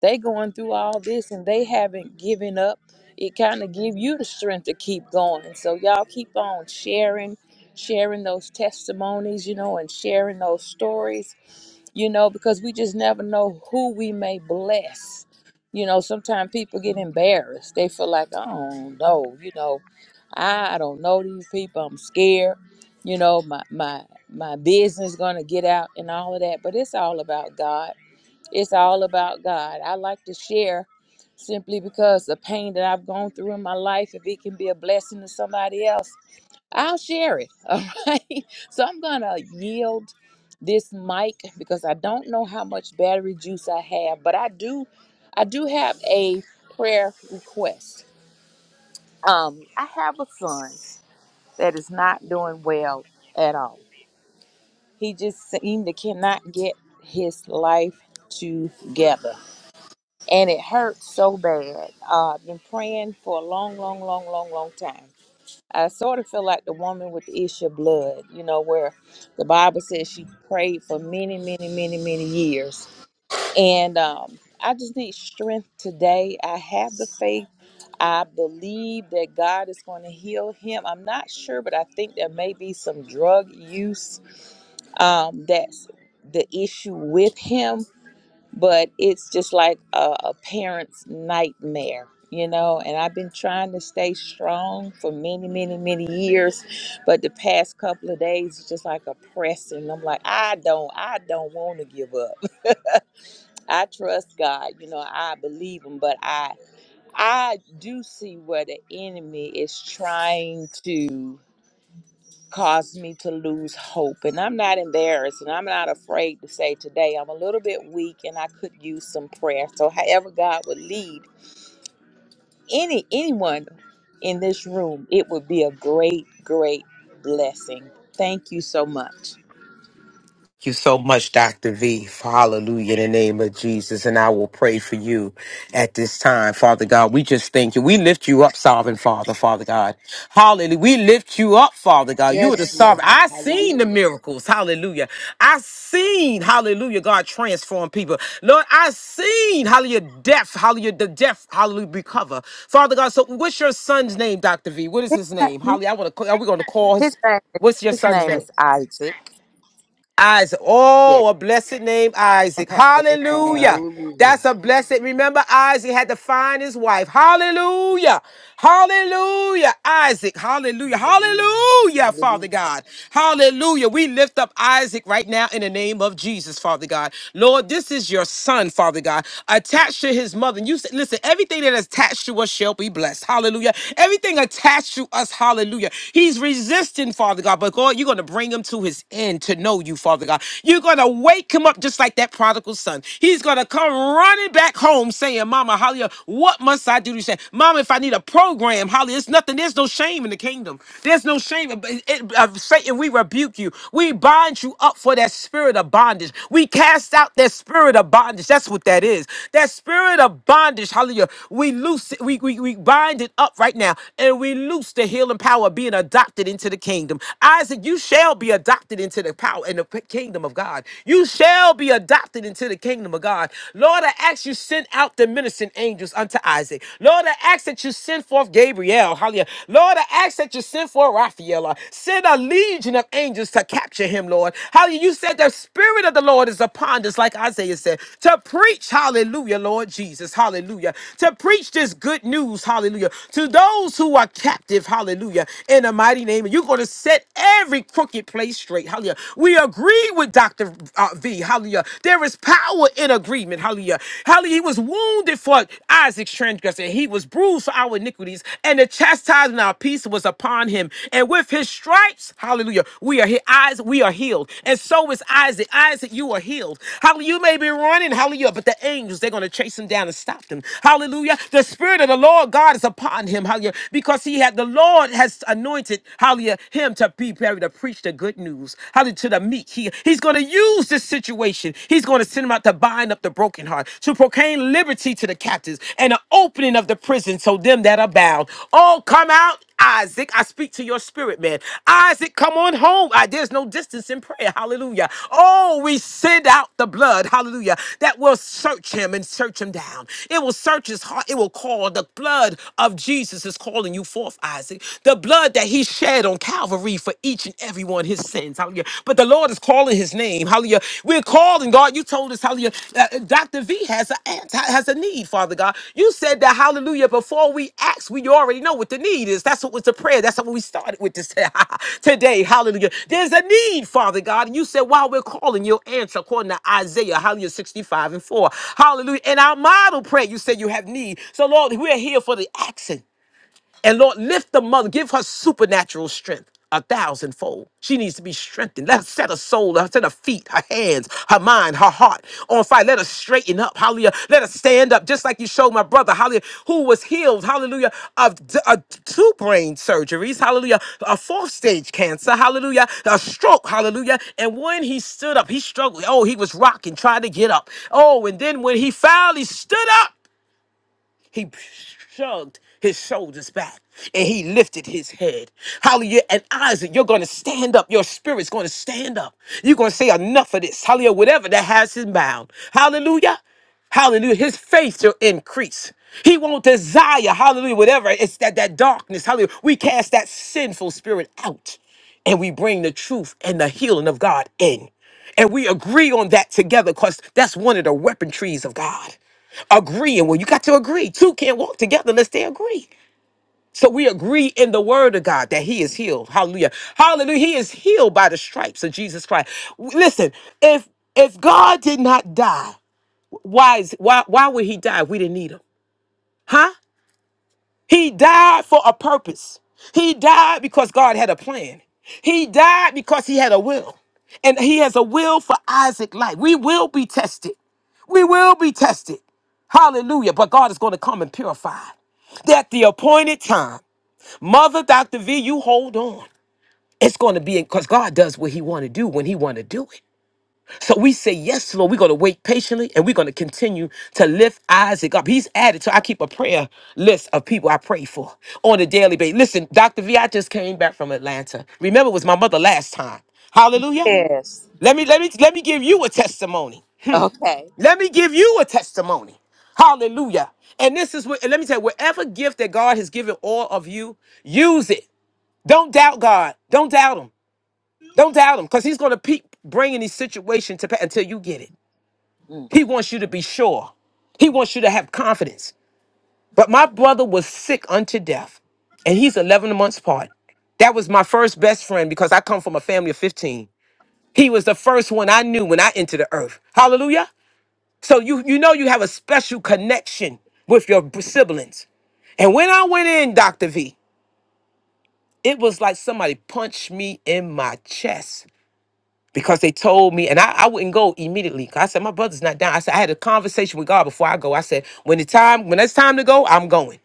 Speaker 3: They going through all this and they haven't given up. It kind of give you the strength to keep going. So y'all keep on sharing, sharing those testimonies, you know, and sharing those stories, you know, because we just never know who we may bless. You know, sometimes people get embarrassed. They feel like, oh no, you know, I don't know these people. I'm scared. You know, my my my business gonna get out and all of that. But it's all about God it's all about God. I like to share simply because the pain that I've gone through in my life, if it can be a blessing to somebody else, I'll share it. All right. So I'm going to yield this mic because I don't know how much battery juice I have, but I do I do have a prayer request. Um I have a son that is not doing well at all. He just seemed to cannot get his life together and it hurt so bad. Uh, I've been praying for a long, long, long, long, long time. I sort of feel like the woman with the issue of blood, you know, where the Bible says she prayed for many, many, many, many years. And um, I just need strength today. I have the faith. I believe that God is going to heal him. I'm not sure, but I think there may be some drug use um, that's the issue with him but it's just like a, a parent's nightmare you know and i've been trying to stay strong for many many many years but the past couple of days it's just like a pressing i'm like i don't i don't want to give up i trust god you know i believe him but i i do see where the enemy is trying to caused me to lose hope. And I'm not embarrassed and I'm not afraid to say today I'm a little bit weak and I could use some prayer. So however God would lead any anyone in this room, it would be a great, great blessing. Thank you so much.
Speaker 1: you so much, Dr. V. for Hallelujah in the name of Jesus. And I will pray for you at this time, Father God. We just thank you. We lift you up, sovereign Father, Father God. Hallelujah. We lift you up, Father God. You are the
Speaker 2: Yes,
Speaker 1: sovereign.
Speaker 2: Lord.
Speaker 1: I seen the
Speaker 2: Hallelujah.
Speaker 1: miracles. Hallelujah. I seen, hallelujah, God transform people. Lord, I seen, hallelujah, deaf, hallelujah, the deaf, hallelujah, recover. Father God, so what's your son's name, Dr. V? What is his name? Hallelujah. I want to, are we going to call his,
Speaker 3: His name,
Speaker 1: what's your
Speaker 3: his
Speaker 1: son's
Speaker 3: name
Speaker 1: name?
Speaker 3: is Isaac.
Speaker 1: Isaac.
Speaker 3: Yeah.
Speaker 1: Oh, a blessed name, Isaac.
Speaker 3: Amen.
Speaker 1: Hallelujah.
Speaker 2: Hallelujah.
Speaker 1: That's a blessed. Remember, Isaac had to find his wife. Hallelujah. Hallelujah. Isaac. Hallelujah.
Speaker 2: Hallelujah.
Speaker 1: Hallelujah, Father
Speaker 2: Hallelujah.
Speaker 1: God. Hallelujah. We lift up Isaac right now in the name of Jesus, Father God. Lord, this is your son, Father God, attached to his mother. And you said, listen, everything that is attached to us shall be blessed. Hallelujah. Everything attached to us, hallelujah. He's resisting, Father God, but God, you're going to bring him to his his end to know you, Father God. You're going to wake him up just like that prodigal son. He's going to come running back home saying, Mama, hallelujah, what must I do to say? Mama, if I need a program, hallelujah, it's nothing. There's no shame in the kingdom. There's no shame. It, it- uh, Satan, we rebuke you. We bind you up for that spirit of bondage. We cast out that spirit of bondage. That's what that is. That spirit of bondage, hallelujah, we loose it. We, we, we bind it up right now and we loose the healing power of being adopted into the kingdom. Isaac said, You shall be adopted into the power and the p- kingdom of God. You shall be adopted into the kingdom of God. Lord, I ask you send out the ministering angels unto Isaac. Lord, I ask that you send forth Gabriel. Hallelujah. Lord, I ask that you send forth Raphael. Uh, Send a legion of angels to capture him, Lord. Hallelujah. You said the spirit of the Lord is upon us, like Isaiah said, to preach, hallelujah, Lord Jesus. Hallelujah. To preach this good news, hallelujah, to those who are captive, hallelujah, in the mighty name. You're going to set every crooked place straight. Hallelujah. We agree with Dr. uh, V. Hallelujah. There is power in agreement. Hallelujah. Hallelujah. He was wounded for Isaac's transgression. He was bruised for our iniquities. And the chastisement of our peace was upon him. And with his stripes, hallelujah, we are he- eyes, we are healed. And so is Isaac. Isaac, you are healed. Hallelujah. You may be running, hallelujah, but the angels, they're going to chase him down and stop them. Hallelujah. The spirit of the Lord God is upon him. Hallelujah. Because he had the Lord has anointed, hallelujah, him to be buried to preach the good news, hallelujah, to the meek. He, he's going to use this situation. He's going to send him out to bind up the broken heart, to proclaim liberty to the captives and an opening of the prison so them that are bound. Oh, come out Isaac, I speak to your spirit, man. Isaac, come on home. Ah, there's no distance in prayer. Hallelujah. Oh, we send out the blood. Hallelujah. That will search him and search him down. It will search his heart. It will call. The blood of Jesus is calling you forth forth Isaac, the blood that he shed on Calvary for each and every one his sins. Hallelujah. But the Lord is calling his name. Hallelujah. We're calling God. You told us, hallelujah, that, uh, Dr. V has a ant- has a need, Father God. You said that, hallelujah, before we ask, we already know what the need is. That's what was the prayer. That's what we started with this today. Hallelujah. There's a need, Father God. And you said, while we're calling, you'll answer according to Isaiah, hallelujah, 65 and 4. Hallelujah. In our model prayer, you said you have need. So, Lord, we're here for the action. And Lord, lift the mother, give her supernatural strength. A thousandfold. She needs to be strengthened. Let her set her soul, let her set her feet, her hands, her mind, her heart on fire. Let her straighten up. Hallelujah. Let her stand up, just like you showed my brother, hallelujah, who was healed, hallelujah, of d- uh, two brain surgeries, hallelujah, a fourth stage cancer, hallelujah, a stroke, hallelujah. And when he stood up, he struggled. Oh, he was rocking, trying to get up. Oh, and then when he finally stood up, he shrugged his shoulders back and he lifted his head. Hallelujah. And Isaac, you're going to stand up. Your spirit's going to stand up. You're going to say enough of this. Hallelujah. Whatever that has him bound. Hallelujah. Hallelujah. His faith will increase. He won't desire, hallelujah, whatever. It's that, that darkness. Hallelujah. We cast that sinful spirit out and we bring the truth and the healing of God in. And we agree on that together because that's one of the weapon trees of God. Agree, and Well, you got to agree. Two can't walk together unless they agree. So we agree in the word of God that he is healed. Hallelujah. Hallelujah. He is healed by the stripes of Jesus Christ. W- Listen, if if God did not die, why is why why would he die if we didn't need him? Huh? He died for a purpose. He died because God had a plan. He died because he had a will. And he has a will for Isaac life. We will be tested. We will be tested. Hallelujah. But God is going to come and purify. that the appointed time, Mother Dr. V, you hold on. It's going to be because God does what He want to do when He want to do it. So we say yes, Lord. We're going to wait patiently, and we're going to continue to lift Isaac up. He's added. So I keep a prayer list of people I pray for on a daily basis. Listen, Doctor V, I just came back from Atlanta. Remember, it was my mother last time. Hallelujah.
Speaker 3: Yes.
Speaker 1: Let me let me let me give you a testimony.
Speaker 3: Okay.
Speaker 1: Let me give you a testimony. Hallelujah. And this is what, and let me tell you, whatever gift that God has given all of you, use it. Don't doubt God. Don't doubt Him. Don't doubt Him because He's going to keep bringing these situations to pass until you get it.
Speaker 3: Mm.
Speaker 1: He wants you to be sure, He wants you to have confidence. But my brother was sick unto death, and he's 11 months apart. That was my first best friend because I come from a family of 15. He was the first one I knew when I entered the earth. Hallelujah. So you you know you have a special connection with your b- siblings. And when I went in, Dr. V, it was like somebody punched me in my chest because they told me, and I, I wouldn't go immediately. 'cause I said, My brother's not down. I said, I had a conversation with God before I go. I said, When the time, when it's time to go, I'm going.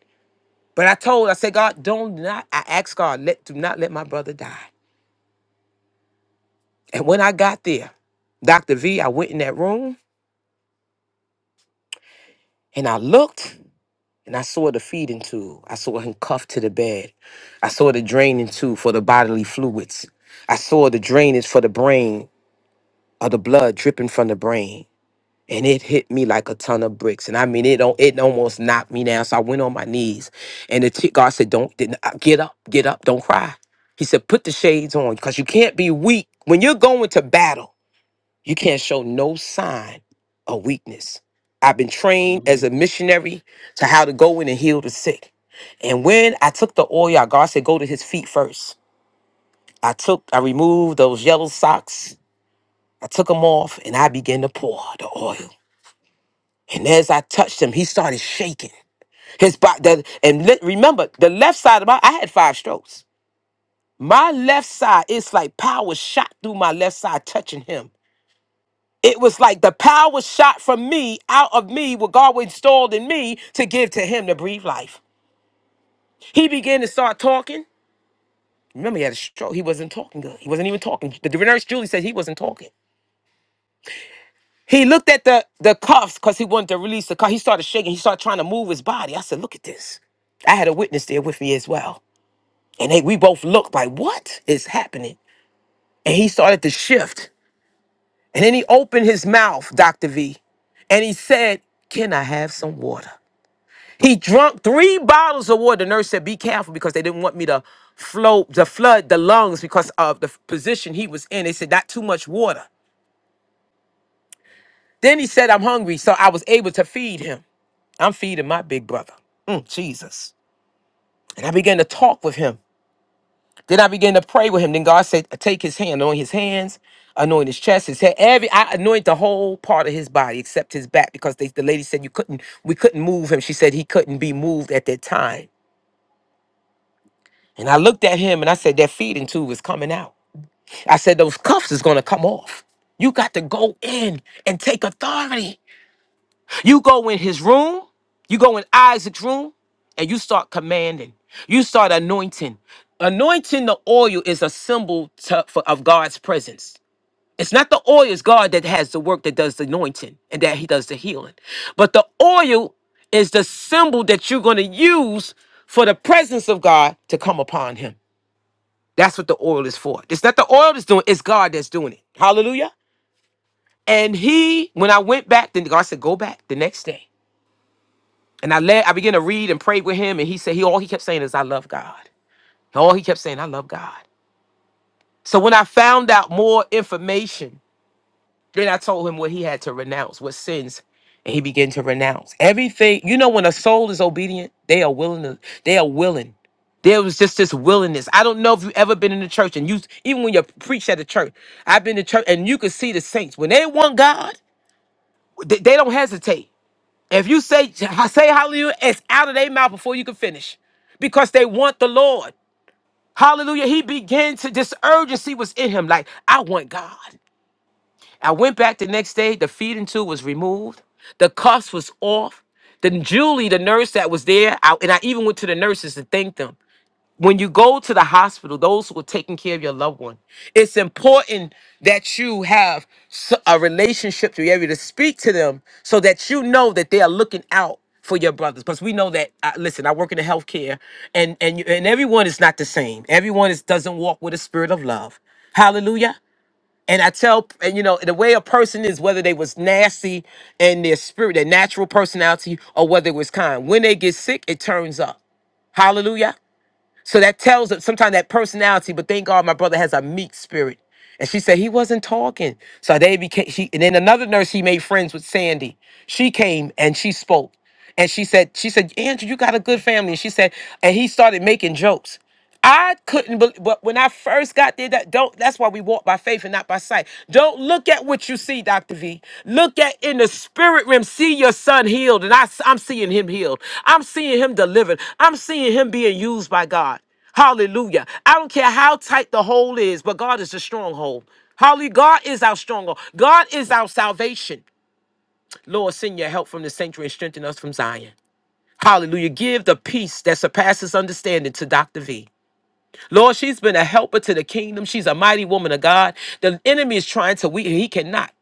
Speaker 1: But I told, I said, God, don't not, I asked God, let do not let my brother die. And when I got there, Dr. V, I went in that room and I looked And I saw the feeding tube. I saw him cuffed to the bed. I saw the draining tube for the bodily fluids. I saw the drainage for the brain of the blood dripping from the brain. And it hit me like a ton of bricks. And I mean, it, don't it almost knocked me down. So I went on my knees. And the t- God said, don't, didn't- uh, get up, get up, don't cry. He said, put the shades on because you can't be weak. When you're going to battle, you can't show no sign of weakness. I've been trained as a
Speaker 2: Hallelujah.
Speaker 1: missionary to how to go in and heal the sick. And when I took the oil out, God said, go to his feet first. I took, I removed those yellow socks. I took them off and I began to pour the oil. And as I touched him, he started shaking. His body, the, and le- remember, the left side of my, I had five strokes. My left side, it's like power shot through my left side touching him. It was like the power shot from me out of me, what God installed in me to give to him to breathe life. He began to start talking. Remember, he had a stroke. He wasn't talking good. He wasn't even talking. The nurse Julie said he wasn't talking. He looked at the the cuffs because he wanted to release the cuff. He started shaking. He started trying to move his body. I said, "Look at this." I had a witness there with me as well, and they, we both looked like, "What is happening?" And he started to shift, and then he opened his mouth, Doctor V, and he said, "Can I have some water?" He drunk three bottles of water. The nurse said, "Be careful," because they didn't want me to float, to flood the lungs because of the position he was in. They said, "Not too much water." Then he said, I'm hungry. So I was able to feed him. I'm feeding my big brother, Mm, Jesus. And I began to talk with him. Then I began to pray with him. Then God said, Take his hand, anoint his hands, anoint his chest, his head. Every I anoint the whole part of his body except his back because they, the lady said you couldn't, we couldn't move him. She said he couldn't be moved at that time. And I looked at him and I said, That feeding tube is coming out. I said, Those cuffs is gonna come off. You got to go in and take authority. You go in his room, you go in Isaac's room, and you start commanding. You start anointing. Anointing the oil is a symbol to- for, of God's presence. It's not the oil, it's God that has the work that does the anointing and that he does the healing. But the oil is the symbol that you're going to use for the presence of God to come upon him. That's what the oil is for. It's not the oil that's doing it, it's God that's doing it. Hallelujah. And he, when I went back, then God said, Go back the next day. And I led, I began to read and pray with him, and he said he all he kept saying is I love God. All he kept saying, I love God. So when I found out more information, then I told him what he had to renounce, what sins, and he began to renounce everything. You know, when a soul is obedient, they are willing to, they are willing. There was just this willingness. I don't know if you've ever been in the church and you even when you preach at the church, I've been to church and you could see the saints. When they want God, they, they don't hesitate. If you say say hallelujah, it's out of their mouth before you can finish, because they want the Lord. Hallelujah. He began to this urgency was in him. Like I want God. I went back the next day. The feeding tube was removed. The cuffs was off. Then Julie, the nurse that was there, I, and I even went to the nurses to thank them when you go to the hospital, those who are taking care of your loved one, it's important that you have s- a relationship to be able to speak to them so that you know that they are looking out for your brothers. Because we know that, uh, listen, I work in the healthcare and, and, you- and everyone is not the same. Everyone is, doesn't walk with a spirit of love. Hallelujah. And I tell, and you know, the way a person is, whether they was nasty and their spirit, their natural personality, or whether it was kind. When they get sick, it turns up. Hallelujah. So that tells us sometimes that personality, but thank God my brother has a meek spirit. And she said he wasn't talking. So they became she and then another nurse he made friends with Sandy. She came and she spoke. And she said, she said, Andrew, you got a good family. And she said, and he started making jokes. I couldn't believe, but when I first got there, that don't. That's why we walk by faith and not by sight. Don't look at what you see, Doctor V. Look at in the spirit realm. See your son healed, and I, am seeing him healed. I'm seeing him delivered. I'm seeing him being used by God. Hallelujah. I don't care how tight the hole is, but God is the stronghold. Holly, God is our stronghold. God is our salvation. Lord, send your help from the sanctuary and strengthen us from Zion. Hallelujah. Give the peace that surpasses understanding to Dr. V. Lord, she's been a helper to the kingdom. She's a mighty woman of God. The enemy is trying to weaken. He cannot.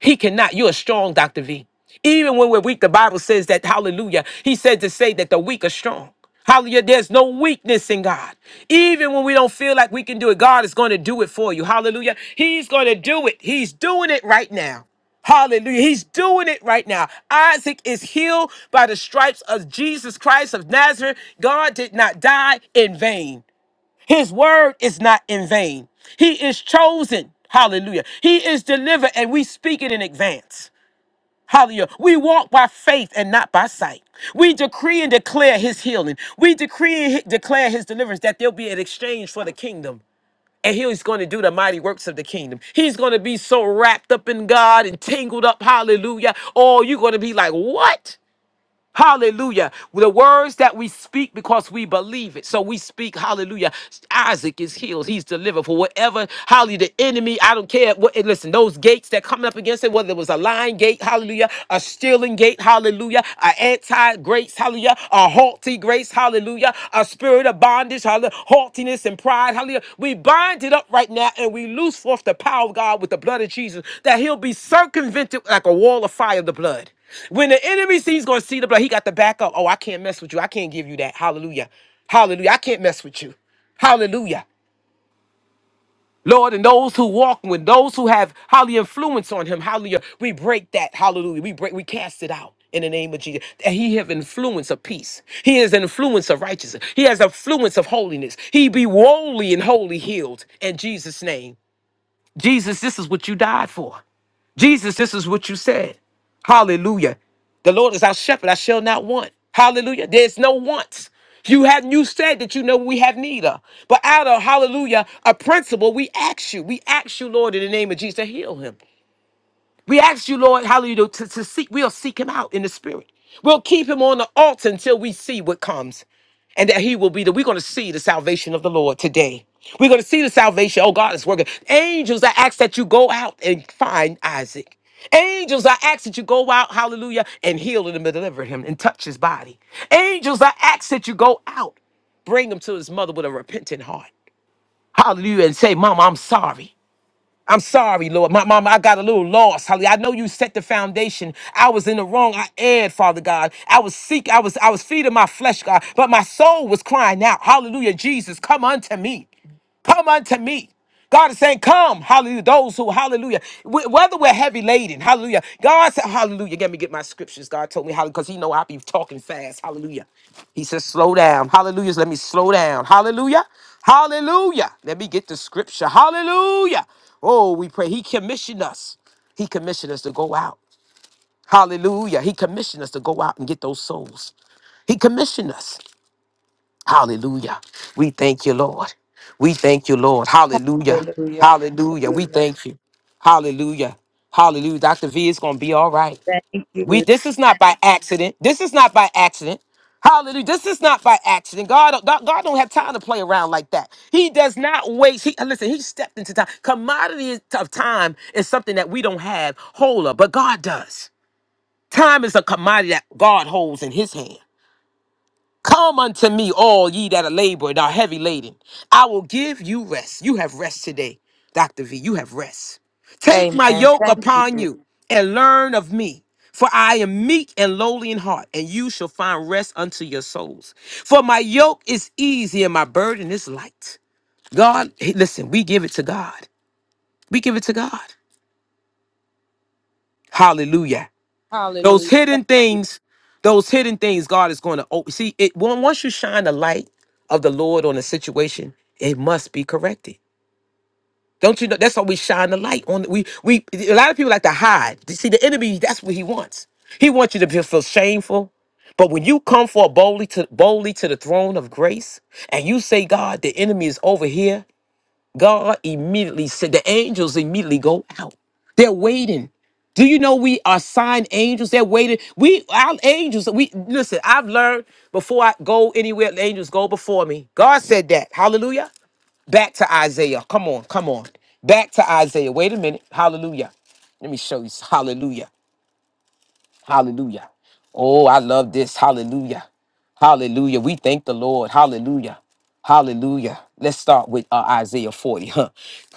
Speaker 1: He cannot. You're strong, Dr. V. Even when we're weak, the Bible says that, hallelujah, he said to say that the weak are strong. Hallelujah. There's no weakness in God. Even when we don't feel like we can do it, God is going to do it for you. Hallelujah. He's going to do it. He's doing it right now. Hallelujah. He's doing it right now. Isaac is healed by the stripes of Jesus Christ of Nazareth. God did not die in vain. His word is not in vain. He is chosen. Hallelujah. He is delivered, and we speak it in advance. Hallelujah. We walk by faith and not by sight. We decree and declare his healing. We decree and he- declare his deliverance that there'll be an exchange for the kingdom. And he's going to do the mighty works of the kingdom. He's going to be so wrapped up in God and tangled up. Hallelujah. Oh, you're going to be like, what? Hallelujah. The words that we speak because we believe it. So we speak, hallelujah. Isaac is healed. He's delivered for whatever, hallelujah, the enemy, I don't care. What, and listen, those gates that coming up against it, whether it was a lying gate, hallelujah, a stealing gate, hallelujah, a anti-grace, hallelujah, a haughty grace, hallelujah, a spirit of bondage, hallelujah, haughtiness and pride, hallelujah. We bind it up right now and we loose forth the power of God with the blood of Jesus that he'll be circumvented like a wall of fire, of the blood. When the enemy sees he's gonna see the blood, he got the back up. Oh, I can't mess with you. I can't give you that. Hallelujah. Hallelujah. I can't mess with you. Hallelujah. Lord, and those who walk with those who have hallelujah influence on him, hallelujah. We break that. Hallelujah. We break, we cast it out. In the name of Jesus, And he have influence of peace. He is an influence of righteousness. He has influence of holiness. He be wholly and wholly healed in Jesus' name. Jesus, this is what you died for. Jesus, this is what you said. Hallelujah. The Lord is our shepherd, I shall not want. Hallelujah. There's no wants. You have you said that you know we have need of. But out of hallelujah, a principle, we ask you. We ask you, Lord, in the name of Jesus, to heal him. We ask you, Lord, hallelujah, to, to seek, we'll seek him out in the spirit. We'll keep him on the altar until we see what comes and that he will be that we're going to see the salvation of the Lord today. We're going to see the salvation. Oh, God is working. Angels, I ask that you go out and find Isaac. Angels, I ask that you go out, hallelujah, and heal him and deliver him and touch his body. Angels, I ask that you go out, bring him to his mother with a repentant heart. Hallelujah, and say, Mama, I'm sorry. I'm sorry, Lord. My mama, I got a little lost. Hallelujah. I know you set the foundation. I was in the wrong. I erred, Father God. I was seek, I was, I was feeding my flesh, God, but my soul was crying out. Hallelujah. Jesus, come unto me. Come unto me. God is saying, Come, hallelujah. Those who, hallelujah, wh- whether we're heavy laden, hallelujah. God said, Hallelujah. Let me get my scriptures. God told me, hallelujah, because He know I be talking fast, hallelujah. He says, slow down. Hallelujah. Let me slow down. Hallelujah. Hallelujah. Let me get the scripture. Hallelujah. Oh, we pray. He commissioned us. He commissioned us to go out. Hallelujah. He commissioned us to go out and get those souls. He commissioned us. Hallelujah. We thank you, Lord. We thank you, Lord. Hallelujah.
Speaker 3: Hallelujah.
Speaker 1: Hallelujah. We
Speaker 3: Hallelujah.
Speaker 1: thank you. Hallelujah. Hallelujah. Dr. V is going to be all right.
Speaker 3: Thank
Speaker 1: We
Speaker 3: you.
Speaker 1: this is not by accident. This is not by accident. Hallelujah. This is not by accident. God, God, God don't have time to play around like that. He does not waste. He listen, he stepped into time. Commodity of time is something that we don't have hold of, but God does. Time is a commodity that God holds in his hand. Come unto me, all ye that are labored and are heavy laden. I will give you rest. You have rest today, Dr. V. You have rest. Take my
Speaker 3: Amen.
Speaker 1: yoke
Speaker 3: Thank
Speaker 1: upon
Speaker 3: you.
Speaker 1: you and learn of me. For I am meek and lowly in heart, and you shall find rest unto your souls. For my yoke is easy and my burden is light. God, hey, listen, we give it to God. We give it to God. Hallelujah. Those
Speaker 3: Hallelujah.
Speaker 1: hidden things, those hidden things, God is going to open. See, it on- once you shine the light of the Lord on a situation, it must be corrected. Don't you know? That's why we shine the light on. We we a lot of people like to hide. You See, the enemy, that's what he wants. He wants you to be- feel shameful. But when you come for boldly to boldly to the throne of grace and you say, God, the enemy is over here God immediately said, the angels immediately go out. They're waiting. Do you know we are signed angels? They're waiting. We our angels. We listen. I've learned before I go anywhere, the angels go before me. God said that. Hallelujah. Back to Isaiah. Come on, come on. Back to Isaiah. Wait a minute. Hallelujah. Let me show you. Hallelujah. Hallelujah. Oh, I love this. Hallelujah. Hallelujah. We thank the Lord. Hallelujah. Hallelujah. Let's start with uh, Isaiah 40. Huh?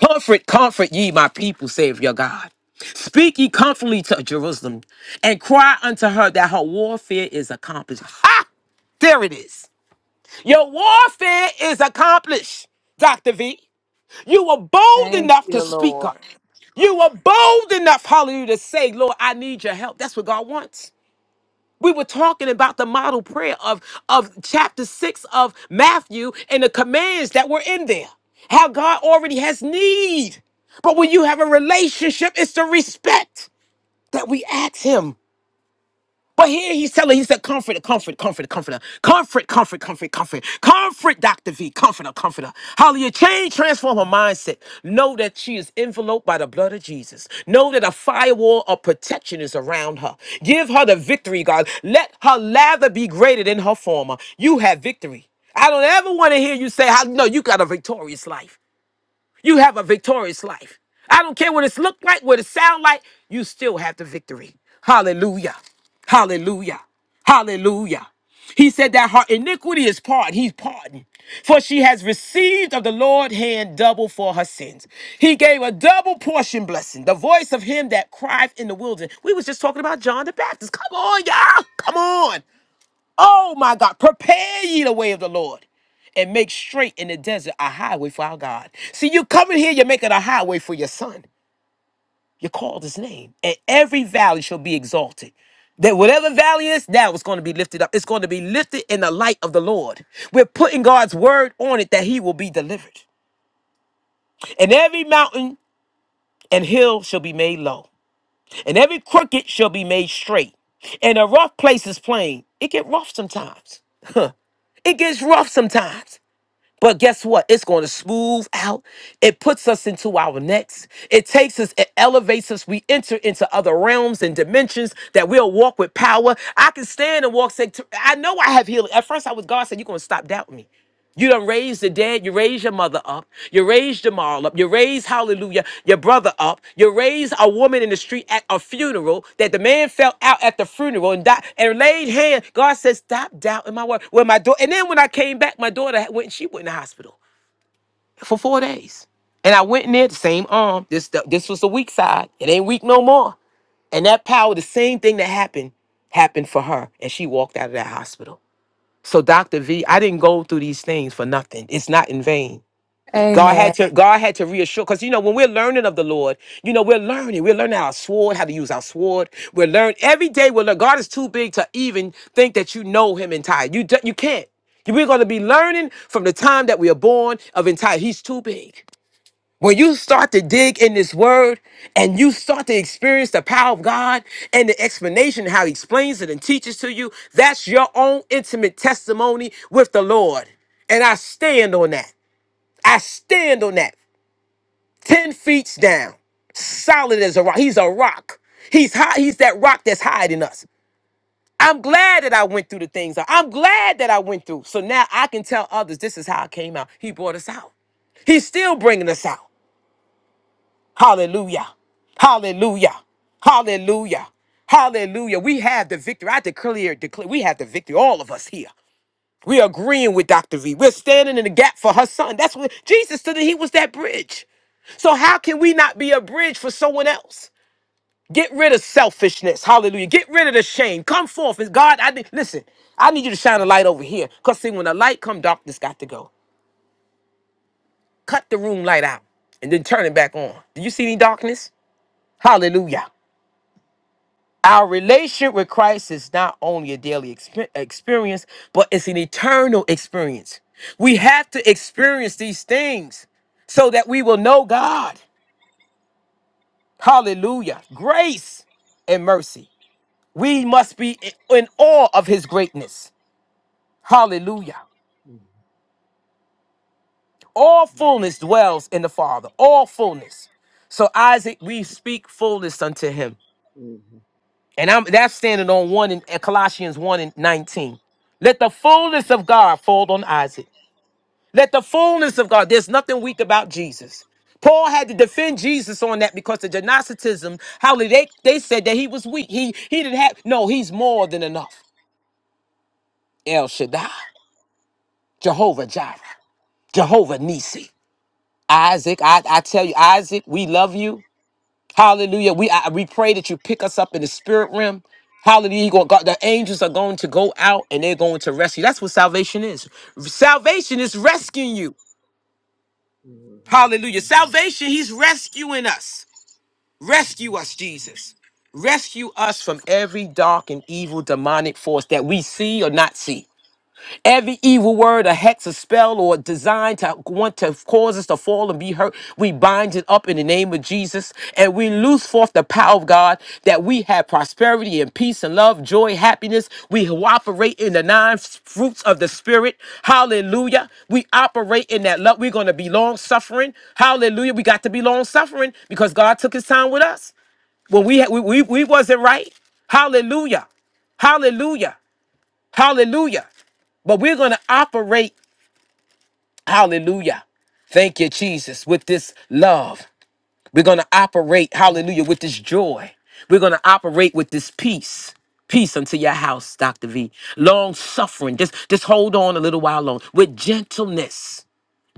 Speaker 1: Comfort, comfort ye, my people, save your God. Speak ye comfortably to Jerusalem and cry unto her that her warfare is accomplished. Ha! There it is. Your warfare is accomplished, Dr. V. You were bold
Speaker 3: Thank
Speaker 1: enough to
Speaker 3: you,
Speaker 1: speak
Speaker 3: Lord.
Speaker 1: up. You were bold enough, hallelujah, to say, Lord, I need your help. That's what God wants. We were talking about the model prayer of, of chapter six of Matthew and the commands that were in there. How God already has need. But when you have a relationship, it's the respect that we ask Him. But here he's telling, he said, comfort, comfort, comfort, comforter, comfort, comfort, comfort, comfort, comfort, Dr. V, comforter, comforter. Hallelujah. Change, transform her mindset. Know that she is enveloped by the blood of Jesus. Know that a firewall of protection is around her. Give her the victory, God. Let her lather be greater than her former. You have victory. I don't ever want to hear you say, how, no, you got a victorious life. You have a victorious life. I don't care what it's looked like, what it sound like, you still have the victory. Hallelujah. Hallelujah. Hallelujah. He said that her iniquity is pardoned. He's pardoned. For she has received of the Lord hand double for her sins. He gave a double portion blessing. The voice of him that crieth in the wilderness. We was just talking about John the Baptist. Come on, y'all. Come on. Oh my God, prepare ye the way of the Lord and make straight in the desert a highway for our God. See, you coming here, you're making a highway for your son. You called his name, and every valley shall be exalted. That whatever valley is, now it's going to be lifted up. It's going to be lifted in the light of the Lord. We're putting God's word on it that he will be delivered. And every mountain and hill shall be made low, and every crooked shall be made straight. And a rough place is plain. It get rough sometimes. Huh. It gets rough sometimes. But guess what? It's going to smooth out. It puts us into our next. It takes us, it elevates us. We enter into other realms and dimensions that we'll walk with power. I can stand and walk. Say, I know I have healing. At first, I was God said, You're going to stop doubting me. You done raised the dead dad, you raise your mother up, you raise Jamal up, you raise Hallelujah, your brother up, you raise a woman in the street at a funeral that the man fell out at the funeral and died and laid hand. God says, stop doubting my word. Well, my daughter, and then when I came back, my daughter had- went. She went in the hospital for four days, and I went in there the same arm. This this was the weak side. It ain't weak no more. And that power, the same thing that happened happened for her and she walked out of that hospital. So Dr. V, I didn't go through these things for nothing. It's not in vain. God had
Speaker 3: Amen.
Speaker 1: to God had to reassure because you know when we're learning of the Lord, you know we're learning we're learning our sword how to use our sword. We're learning every day. We're learning. God is too big to even think that you know Him entire. You d- you can't. You- We're going to be learning from the time that we are born of entire. He's too big. When you start to dig in this word and you start to experience the power of God and the explanation how He explains it and teaches to you, that's your own intimate testimony with the Lord. And I stand on that. I stand on that. 10 feet down, solid as a rock. He's a rock. He's high, he's that rock that's hiding us. I'm glad that I went through the things. I- I'm glad that I went through. So now I can tell others this is how I came out. He brought us out. He's still bringing us out. Hallelujah. Hallelujah. Hallelujah. Hallelujah. We have the victory. I declare, declare we have the victory, all of us here. We're agreeing with Dr. V. We're standing in the gap for her son. That's what Jesus stood and he was that bridge. So how can we not be a bridge for someone else? Get rid of selfishness. Hallelujah. Get rid of the shame. Come forth. It's God, I need listen, I need you to shine a light over here. Cause see, when the light come, darkness got to go. Cut the room light out and then turn it back on. Do you see any darkness? Hallelujah. Our relationship with Christ is not only a daily expe- experience, but it's an eternal experience. We have to experience these things so that we will know God. Hallelujah. Grace and mercy. We must be in awe of his greatness. Hallelujah.
Speaker 2: Mhm.
Speaker 1: All fullness dwells in the Father. All fullness. So Isaac, we speak fullness unto him.
Speaker 2: Mhm.
Speaker 1: And I'm that's standing on one in uh, Colossians 1 and 19. Let the fullness of God fall on Isaac. Let the fullness of God. There's nothing weak about Jesus. Paul had to defend Jesus on that because the Gnosticism, how they, they said that he was weak. He he didn't have no, he's more than enough. El Shaddai, Jehovah Jireh, Jehovah Nisi. Isaac, I, I tell you, Isaac, we love you. Hallelujah. We I, we pray that you pick us up in the spirit realm. Hallelujah. You go- God, the angels are going to go out and they're going to rescue. That's what salvation is. Salvation is rescuing you.
Speaker 2: Mhm.
Speaker 1: Hallelujah.
Speaker 2: Mhm.
Speaker 1: Salvation, he's rescuing us. Rescue us, Jesus. Rescue us from every dark and evil demonic force that we see or not see. Every evil word, a hex, a spell, or designed to want to cause us to fall and be hurt, we bind it up in the name of Jesus and we loose forth the power of God that we have prosperity and peace and love, joy, happiness. We operate in the nine fruits of the Spirit. Hallelujah. We operate in that love. We're going to be long suffering. Hallelujah. We got to be long suffering because God took his time with us when we, had, we, we, we wasn't right. Hallelujah. Hallelujah. Hallelujah. But we're going to operate, hallelujah. Thank you, Jesus, with this love. We're going to operate, hallelujah, with this joy. We're going to operate with this peace. Peace unto your house, Dr. V. Long suffering. Just, just hold on a little while long. With gentleness.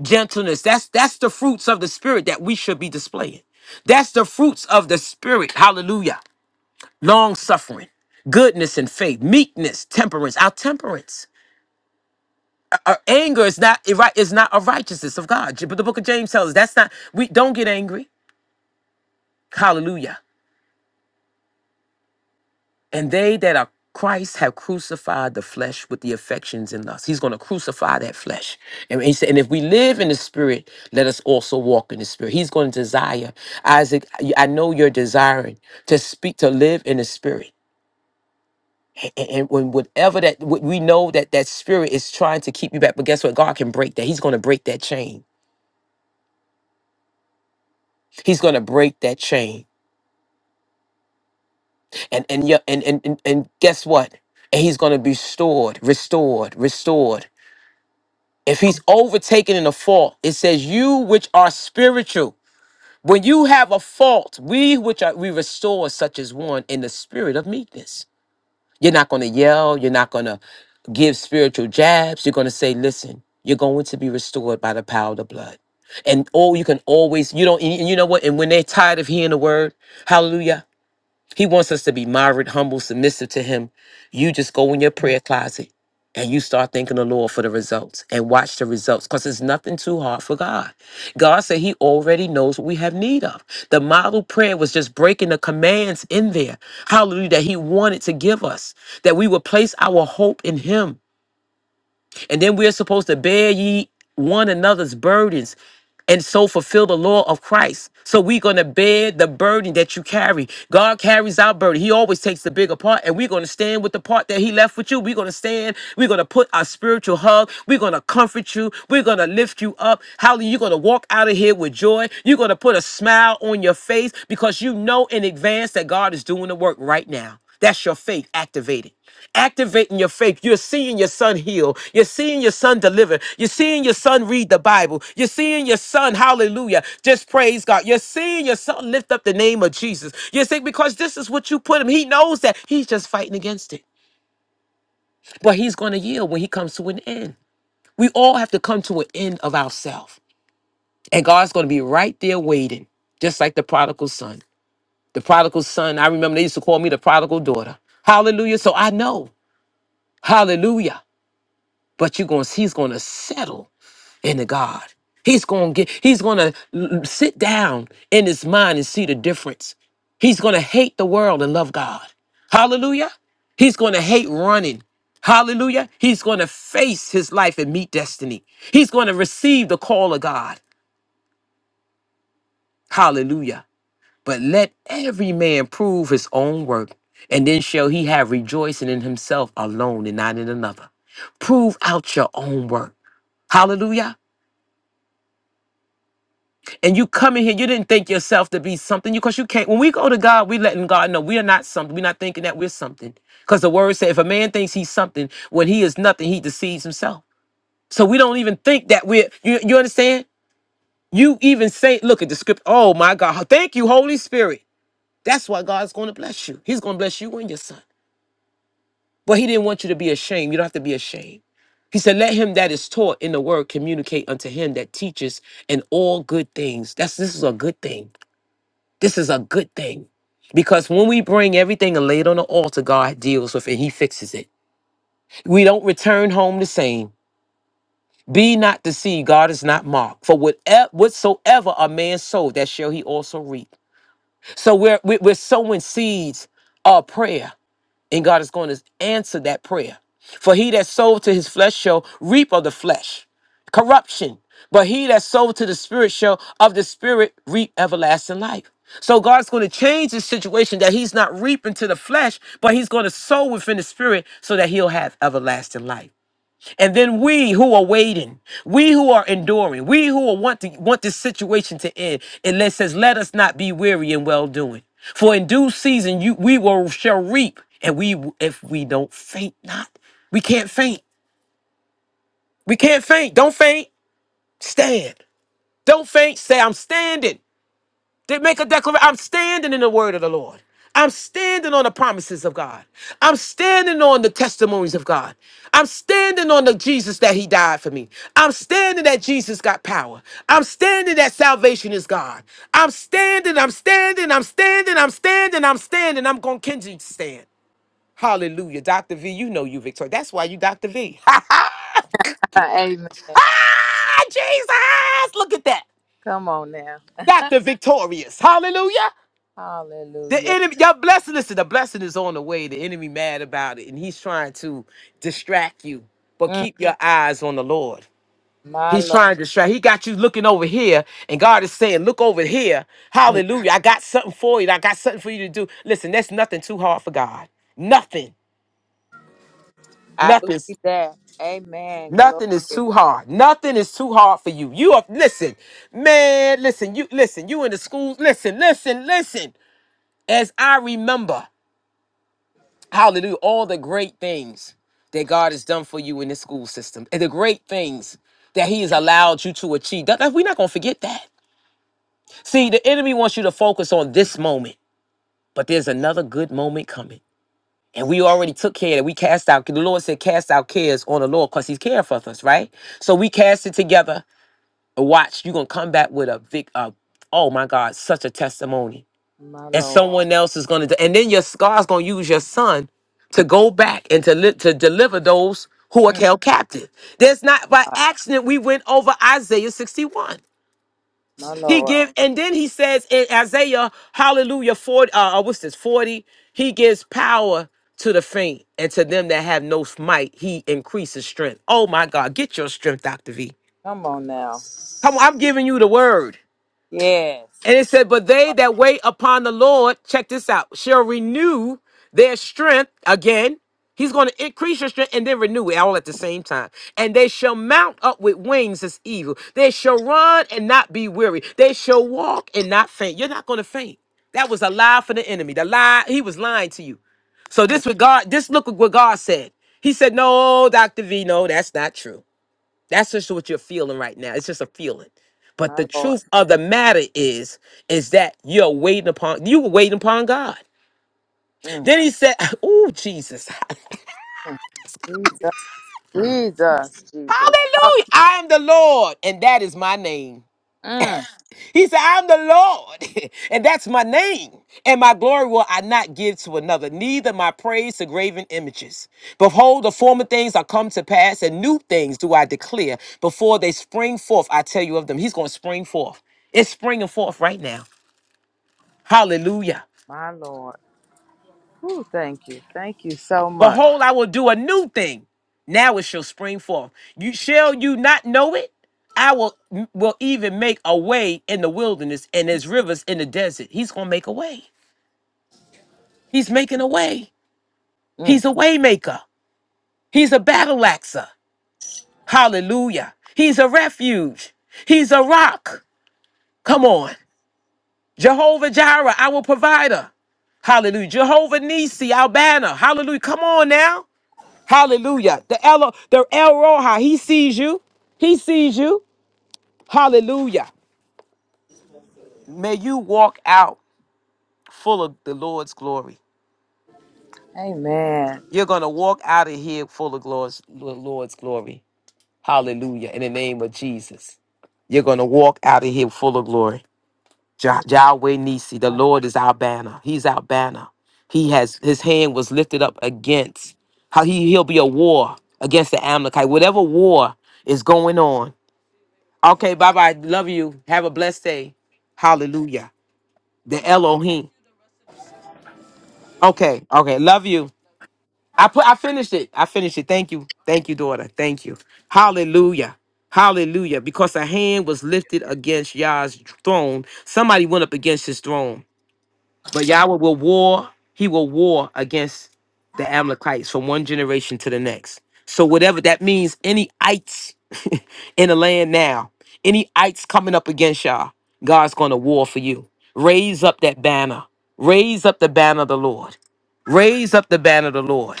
Speaker 1: Gentleness. That's that's the fruits of the spirit that we should be displaying. That's the fruits of the spirit. Hallelujah. Long suffering. Goodness and faith. Meekness. Temperance. Our temperance. Our anger is not it right. It's not a righteousness of God. But the book of James tells us that's not. We don't get angry. Hallelujah. And they that are Christ have crucified the flesh with the affections and lusts. He's going to crucify that flesh. And he said, and if we live in the spirit, let us also walk in the spirit. He's going to desire. Isaac, I I know you're desiring to speak, to live in the spirit. A- a- And when whatever that what we know that that spirit is trying to keep you back, but guess what? God can break that. He's going to break that chain. He's going to break that chain. and and yeah, and and and, and guess what? And he's going to be stored, restored, restored. If he's overtaken in a fault, it says, "You which are spiritual, when you have a fault, we which are we restore such as one in the spirit of meekness." You're not going to yell. You're not going to give spiritual jabs. You're going to say, "Listen, you're going to be restored by the power of the blood." And oh, you can always you don't and you know what? And when they're tired of hearing the word, Hallelujah. He wants us to be moderate, humble, submissive to Him. You just go in your prayer closet and you start thanking the Lord for the results and watch the results because it's nothing too hard for God. God said He already knows what we have need of. The model prayer was just breaking the commands in there, hallelujah, that He wanted to give us, that we would place our hope in Him. And then we're supposed to bear ye one another's burdens and so fulfill the law of Christ. So we're going to bear the burden that you carry. God carries our burden. He always takes the bigger part, and we're going to stand with the part that He left with you. We're going to stand. We're going to put our spiritual hug. We're going to comfort you. We're going to lift you up. Hallelujah. You're going to walk out of here with joy. You're going to put a smile on your face because you know in advance that God is doing the work right now. That's your faith activated. Activating your faith. You're seeing your son heal. You're seeing your son deliver. You're seeing your son read the Bible. You're seeing your son, hallelujah, just praise God. You're seeing your son lift up the name of Jesus. You think because this is what you put him. He knows that he's just fighting against it. But he's going to yield when he comes to an end. We all have to come to an end of ourselves. And God's going to be right there waiting, just like the prodigal son. The prodigal son, I remember they used to call me the prodigal daughter. Hallelujah. So I know. Hallelujah. But you're going to, he's going to settle into God. He's going to get, he's going to sit down in his mind and see the difference. He's going to hate the world and love God. Hallelujah. He's going to hate running. Hallelujah. He's going to face his life and meet destiny. He's going to receive the call of God. Hallelujah. But let every man prove his own work, and then shall he have rejoicing in himself alone and not in another. Prove out your own work. Hallelujah. And you come in here, you didn't think yourself to be something. You because you can't. When we go to God, we letting God know we are not something. We're not thinking that we're something. Because the word said, if a man thinks he's something, when he is nothing, he deceives himself. So we don't even think that we're you, you understand? You even say, look at the script. Oh my God. Thank you, Holy Spirit. That's why God's gonna bless you. He's gonna bless you and your son. But he didn't want you to be ashamed. You don't have to be ashamed. He said, Let him that is taught in the word communicate unto him that teaches in all good things. That's this is a good thing. This is a good thing. Because when we bring everything and lay it on the altar, God deals with it. He fixes it. We don't return home the same. Be not deceived. God is not mocked. For whatever, whatsoever a man sow, that shall he also reap. So we're, we- we're sowing seeds of prayer and God is going to answer that prayer. For he that sowed to his flesh shall reap of the flesh corruption, but he that sowed to the spirit shall of the spirit reap everlasting life. So God's going to change the situation that he's not reaping to the flesh, but he's going to sow within the spirit so that he'll have everlasting life. And then we who are waiting, we who are enduring, we who are want to want this situation to end, and it says, "Let us not be weary in well doing, for in due season you we will shall reap, and we if we don't faint not, we can't faint, we can't faint. Don't faint, stand. Don't faint. Say, I'm standing. They make a declaration. I'm standing in the word of the Lord. I'm standing on the promises of God. I'm standing on the testimonies of God. I'm standing on the Jesus that He died for me. I'm standing that Jesus got power. I'm standing that salvation is God. I'm standing, I'm standing, I'm standing, I'm standing, I'm standing. I'm going to continue to stand. Hallelujah. Dr. V, you know you victorious. That's why you Dr. V.
Speaker 3: Amen.
Speaker 1: Ah, Jesus! Look at that.
Speaker 3: Come on now.
Speaker 1: Dr. Victorious. Hallelujah. The
Speaker 3: Hallelujah.
Speaker 1: enemy, your blessing, listen, the blessing is on the way. The enemy mad about it, and he's trying to distract you. But
Speaker 3: Mm,
Speaker 1: keep your eyes on the Lord.
Speaker 3: my
Speaker 1: He's
Speaker 3: Lord.
Speaker 1: trying to distract. He got you looking over here, and God is saying, Look over here.
Speaker 3: Mm,
Speaker 1: Hallelujah. I got something for you. I got something for you to do. Listen, that's nothing too hard for God. Nothing.
Speaker 3: I believe
Speaker 1: Nothing's
Speaker 3: that. Amen. Glory.
Speaker 1: nothing is too hard. Nothing is too hard for you. You are listen, man, listen, you listen, you in the schools, listen, listen, listen. As I remember. Hallelujah. All the great things that God has done for you in this school system and the great things that He has allowed you to achieve. That- that- we're not going to forget that. See, the enemy wants you to focus on this moment, but there's another good moment coming. And we already took care of that. We cast out, the Lord said, cast out cares on the Lord because He's caring for us, right? So we cast it together. And watch, you're going to come back with a big, uh, oh my God, such a testimony
Speaker 3: My
Speaker 1: and
Speaker 3: Lord.
Speaker 1: someone else is going to and then your God's going to use your son to go back and to li- to deliver those who are held captive. There's not by accident we went over Isaiah 61.
Speaker 3: My
Speaker 1: He
Speaker 3: Lord.
Speaker 1: give and then he says in Isaiah hallelujah 40 uh uh, what's this 40 he gives power to the faint and to them that have no might he increases strength. Oh my God, get your strength Dr. V.
Speaker 3: Come on now.
Speaker 1: Come on, I'm giving you the word.
Speaker 3: Yes.
Speaker 1: And it said, But they that wait upon the Lord, check this out, shall renew their strength again. He's going to increase your strength and then renew it all at the same time. And they shall mount up with wings as evil. They shall run and not be weary. They shall walk and not faint. You're not going to faint. That was a lie for the enemy. The lie, he was lying to you. So
Speaker 3: Mm,
Speaker 1: this what God, this look at what God said. He said, No, Dr. V, no, that's not true. That's just what you're feeling right now. It's just a feeling. But the
Speaker 3: my Lord.
Speaker 1: truth of the matter is, is that you're waiting upon you were waiting upon God.
Speaker 3: Mm,
Speaker 1: Then he said, Oh Jesus.
Speaker 3: mm. Jesus. Jesus. Jesus. Oh,
Speaker 1: Hallelujah. I am the Lord, and that is my name.
Speaker 3: mm,
Speaker 1: He said, I'm the Lord, and that's my name. And my glory will I not give to another, neither my praise to graven images. Behold, the former things are come to pass, and new things do I declare. Before they spring forth, I tell you of them. He's going to spring forth. It's springing forth right now. Hallelujah.
Speaker 3: my Lord. Ooh, thank you. Thank you so much.
Speaker 1: Behold, I will do a new thing. Now it shall spring forth. You shall you not know it? I will will even make a way in the wilderness and there's rivers in the desert. He's gonna make a way. He's making a way.
Speaker 3: Mm,
Speaker 1: He's a waymaker. He's a battle axer. Hallelujah. He's a refuge. He's a rock. Come on. Jehovah Jireh, our provider. Hallelujah. Jehovah Nisi, our banner. Hallelujah. Come on now. Hallelujah. The El, the El Roha, he sees you. He sees you. Hallelujah. May you walk out full of the Lord's glory.
Speaker 3: amen.
Speaker 1: You're going to walk out of here full of glory's- the Lord's glory. Hallelujah. In the name of Jesus. You're going to walk out of here full of glory. Jah- Yahweh Nisi, the
Speaker 3: My
Speaker 1: Lord is our banner. He's our banner. He has his hand was lifted up against how he, he'll be a war against the Amalekite. Whatever war is going on, Okay, bye bye. Love you. Have a blessed day. Hallelujah. The Elohim. Okay, okay. Love you. I put I finished it. I finished it. Thank you. Thank you, daughter. Thank you. Hallelujah. Hallelujah. Because a hand was lifted against Yah's throne. Somebody went up against his throne. But Yahweh will war, he will war against the Amalekites from one generation to the next. So whatever that means, any ites in the land now, any ites coming up against y'all, God's gonna war for you. Raise up that banner. Raise up the banner of the Lord. Raise up the banner of the Lord.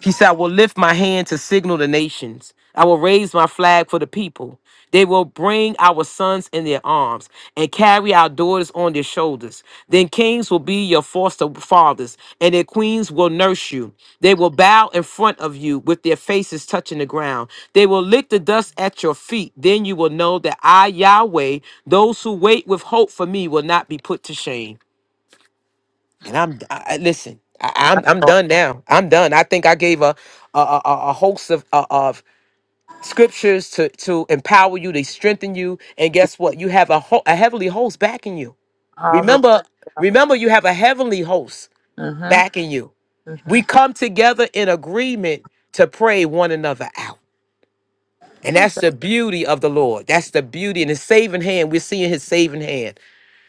Speaker 1: He said, I will lift my hand to signal the nations. I will raise my flag for the people. They will bring our sons in their arms and carry our daughters on their shoulders. Then kings will be your foster fathers, and their queens will nurse you. They will bow in front of you with their faces touching the ground. They will lick the dust at your feet. Then you will know that I, Yahweh, those who wait with hope for me will not be put to shame. And I'm I, I- listen. I, I'm I'm
Speaker 3: Lord.
Speaker 1: done now. I'm done. I think I gave a a, a, a host of uh, of scriptures to to empower you, to strengthen you, and guess what? You have a ho- a heavenly host backing you.
Speaker 3: Hallelujah.
Speaker 1: Remember, remember, you have a heavenly host
Speaker 3: Mm-hmm.
Speaker 1: backing you. We
Speaker 3: Mm-hmm.
Speaker 1: come together in agreement to pray one another out. And that's the beauty of the Lord. That's the beauty and his saving hand. We're seeing his saving hand.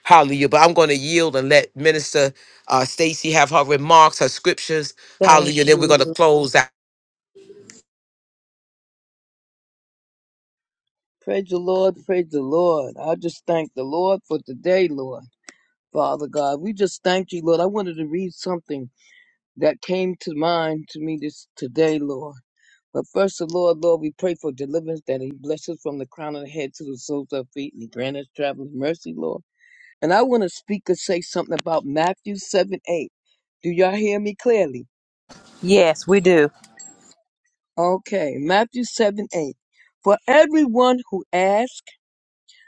Speaker 1: Hallelujah. But I'm going to yield and let Minister uh, Stacy have her remarks, her scriptures.
Speaker 3: Thank
Speaker 1: Hallelujah. Then we're
Speaker 3: you.
Speaker 1: going to close out.
Speaker 2: Praise the Lord. Praise the Lord. I just thank the Lord for today, Lord. Father God, we just thank you, Lord. I wanted to read something that came to mind to me this today, Lord. But first, the Lord, Lord, we pray for deliverance that He blesses from the crown of the head to the soles of our feet and He grant us traveling mercy, Lord. And I want to speak or say something about Matthew 7 8. Do y'all hear me clearly?
Speaker 3: Yes, we do.
Speaker 2: Okay, Matthew 7 8. For everyone who asks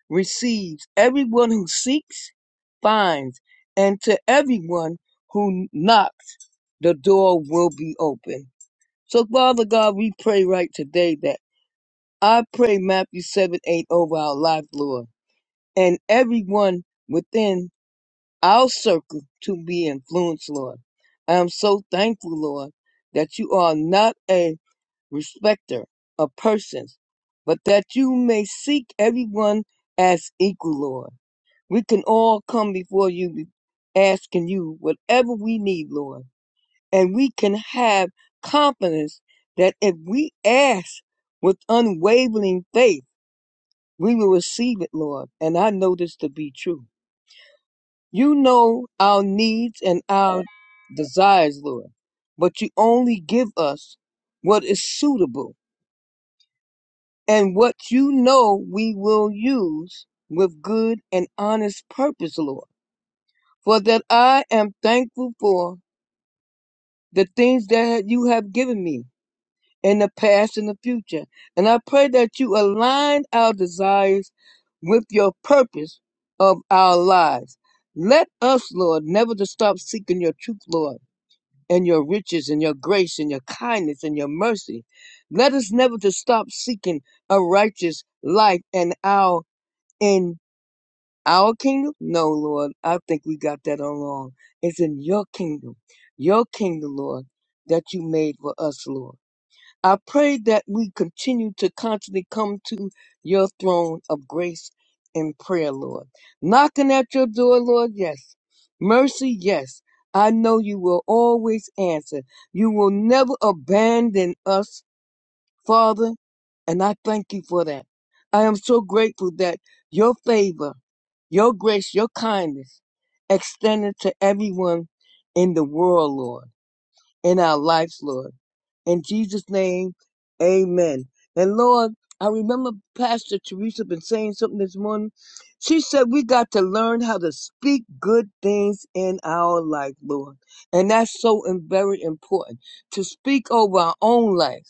Speaker 2: receives, everyone who seeks finds, and to everyone who knocks, the door will be open. So, Father God, we pray right today that I pray Matthew 7 8 over our life, Lord, and everyone within our circle to be influenced, Lord. I am so thankful, Lord, that you are not a respecter of persons, but that you may seek everyone as equal, Lord. We can all come before you be- asking you whatever we need, Lord, and we can have confidence that if we ask with unwavering faith, we will receive it, Lord. And I know this to be true. You know our needs and our desires, Lord, but you only give us what is suitable and what you know we will use with good and honest purpose, Lord. For that I am thankful for the things that you have given me in the past and the future. And I pray that you align our desires with your purpose of our lives. Let us, Lord, never to stop seeking your truth, Lord and your riches and your grace and your kindness and your mercy. Let us never to stop seeking a righteous life and our in our kingdom. No, Lord, I think we got that all wrong. It's in your kingdom, your kingdom, Lord, that you made for us, Lord. I pray that we continue to constantly come to your throne of grace and prayer, Lord. Knocking at your door, Lord, yes. Mercy, yes. I know you will always answer. You will never abandon us, Father, and I thank you for that. I am so grateful that your favor, your grace, your kindness extended to everyone in the world, Lord in our lives, Lord. In Jesus' name, amen. And Lord, I remember Pastor Teresa been saying something this morning. She said we got to learn how to speak good things in our life, Lord. And that's so and very important to speak over our own life.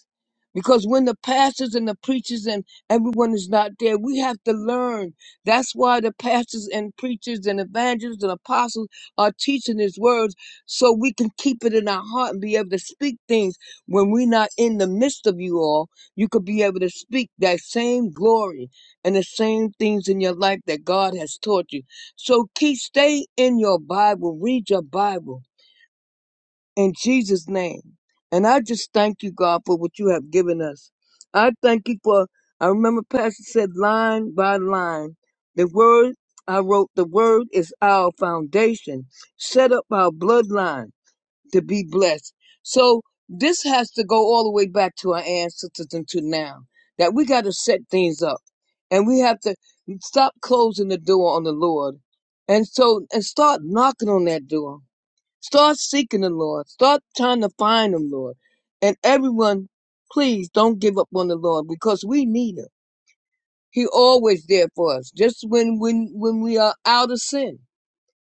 Speaker 2: Because when the pastors and the preachers and everyone is not there, we have to learn. That's why the pastors and preachers and evangelists and apostles are teaching His word so we can keep it in our heart and be able to speak things when we're not in the midst of you all. You could be able to speak that same glory and the same things in your life that God has taught you. So keep stay in your Bible, read your Bible in Jesus' name. And I just thank you, God, for what you have given us. I thank you for I remember Pastor said line by line. The word I wrote, the word is our foundation. Set up our bloodline to be blessed. So this has to go all the way back to our ancestors and to now that we got to set things up and we have to stop closing the door on the Lord and so and start knocking on that door. Start seeking the Lord. Start trying to find him, Lord. And everyone, please don't give up on the Lord because we need him. He always there for us. Just when when when we are out of sin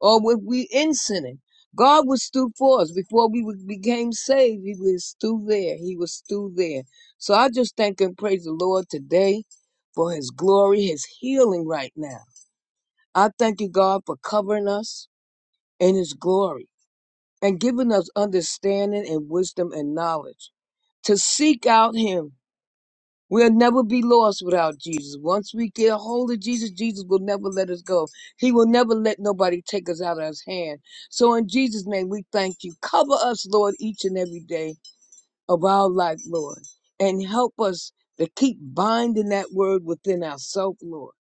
Speaker 2: or if we in sinning. God was through for us before we was- became saved. He was through there. He was through there. So I just thank and praise the Lord today for His glory, His healing right now. I thank you, God, for covering us in His glory and giving us understanding and wisdom and knowledge to seek out Him We'll never be lost without Jesus. Once we get a hold of Jesus, Jesus will never let us go. He will never let nobody take us out of his hand. So in Jesus' name, we thank you. Cover us, Lord, each and every day of our life, Lord, and help us to keep binding that word within ourselves, Lord,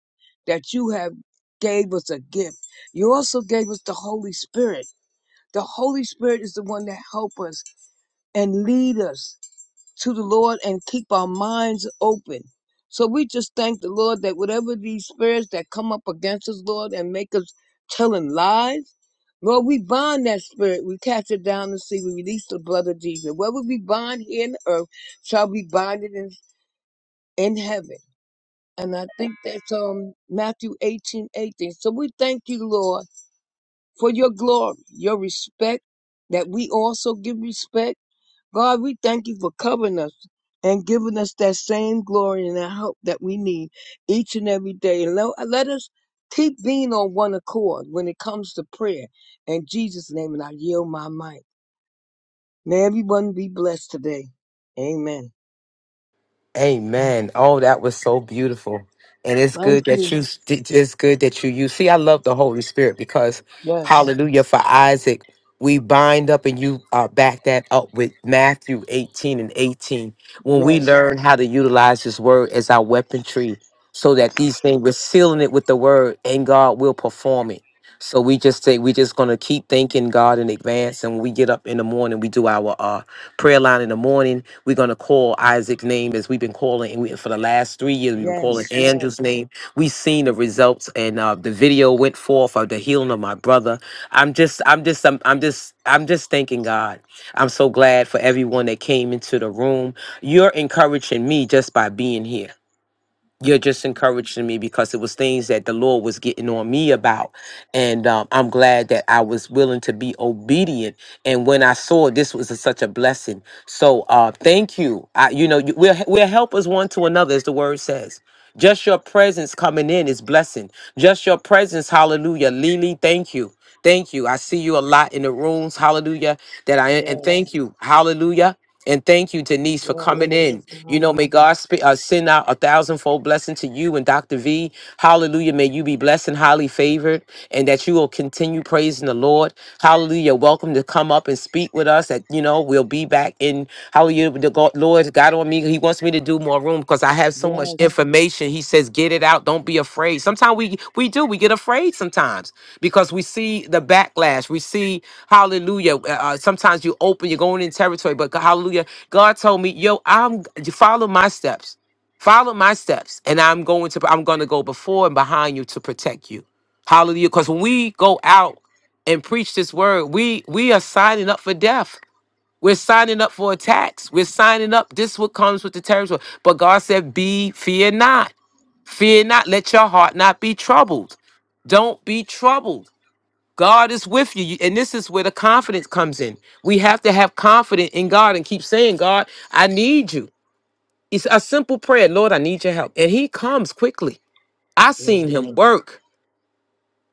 Speaker 2: that you have gave us a gift. You also gave us the Holy Spirit. The Holy Spirit is the one that help us and lead us to the Lord and keep our minds open. So we just thank the Lord that whatever these spirits that come up against us, Lord, and make us telling lies, Lord, we bind that spirit. We cast it down the sea. We release the blood of Jesus. Whatever we bind here in earth shall be binded in, in heaven. And I think that's um Matthew 18:18. So we thank you, Lord, for your glory, your respect, that we also give respect God, we thank you for covering us and giving us that same glory and that help that we need each and every day. And let, let us keep being on one accord when it comes to prayer. In Jesus' name, and I yield my mic. May everyone be blessed today. Amen.
Speaker 1: Amen. Oh, that was so beautiful. And it's
Speaker 2: Thank
Speaker 1: good that
Speaker 2: you.
Speaker 1: you it's good that you you see I love the Holy Spirit because
Speaker 2: Yes,
Speaker 1: hallelujah for Isaac we bind up and you uh, back that up with Matthew 18 and 18 when we
Speaker 2: yes,
Speaker 1: learn how to utilize his word as our weaponry so that these things we're sealing it with the word and God will perform it. So we just say we're just gonna keep thanking God in advance and when we get up in the morning we do our uh, prayer line in the morning we're going to call Isaac's name as we've been calling and we, for the last three years. We've been calling
Speaker 2: yes,
Speaker 1: Yes.
Speaker 2: yes,
Speaker 1: Andrew's name. We've seen the results, and uh, the video went forth of the healing of my brother. I'm just, I'm just, I'm, I'm just, I'm just thanking God. I'm so glad for everyone that came into the room. You're encouraging me just by being here you're just encouraging me because it was things that the Lord was getting on me about. And um, I'm glad that I was willing to be obedient. And when I saw this was a- such a blessing. So uh, thank you. I, you know, you, we're, we're helpers one to another, as the word says. Just your presence coming in is blessing. Just your presence, hallelujah. Lily, thank you. Thank you. I see you a lot in the rooms, hallelujah. That I and
Speaker 2: yes,
Speaker 1: thank you, hallelujah. And thank you, Denise, for
Speaker 2: yes.
Speaker 1: coming in.
Speaker 2: Praise
Speaker 1: You
Speaker 2: God.
Speaker 1: know, may God sp- uh, send out a thousandfold blessing to you and Dr. V. Hallelujah. May you be blessed and highly favored, and that you will continue praising the Lord. hallelujah. Hallelujah. You're welcome to come up and speak with us. That you know, we'll be back in Hallelujah. The God, Lord got on me. He wants me to do more room because I have so much
Speaker 2: Yes,
Speaker 1: information. He says, get it out. Don't be afraid. Sometimes we we do. We get afraid sometimes because we see the backlash. We see Hallelujah. Uh, uh, sometimes you open. You're going in territory, but Hallelujah. God told me, yo, I'm follow my steps. Follow my steps, and I'm going to. I'm going to go before and behind you to protect you. Hallelujah. Because when we go out and preach this word, we we are signing up for death. We're signing up for attacks. We're signing up. This what comes with the territory. But God said, "Be fear not. Fear not. Let your heart not be troubled. Don't be troubled. God is with you. You- And this is where the confidence comes in. We have to have confidence in God and keep saying, God, I need you. It's a simple prayer. Lord, I need your help. And he comes quickly. I seen
Speaker 2: yes.
Speaker 1: him work.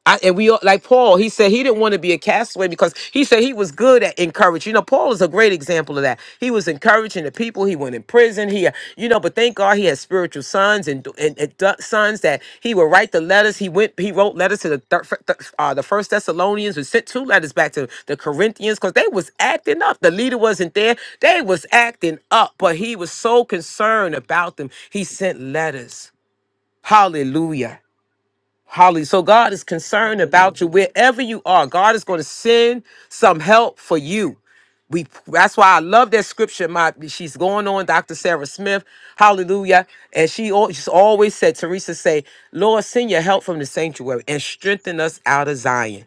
Speaker 1: I, and we all- like Paul, he said he didn't want to be a castaway because he said he was good at encouraging. You know, Paul is a great example of that. He was encouraging the people. He went in prison. He, uh, you know, but thank God he had spiritual sons and and, and da- sons that he would write the letters. He went. He wrote letters to the thir- th- uh, the First Thessalonians and sent two letters back to the Corinthians because they was acting up. The leader wasn't there. They was acting up, but he was so concerned about them. He sent letters. Hallelujah. Holly. So God is concerned
Speaker 2: Hallelujah.
Speaker 1: about you wherever you are. God is going to send some help for you. We that's why I love that scripture. My she's going on, Dr. Sarah Smith, hallelujah. And she al- she's always said, Teresa say, Lord, send your help from the sanctuary and strengthen us out of Zion.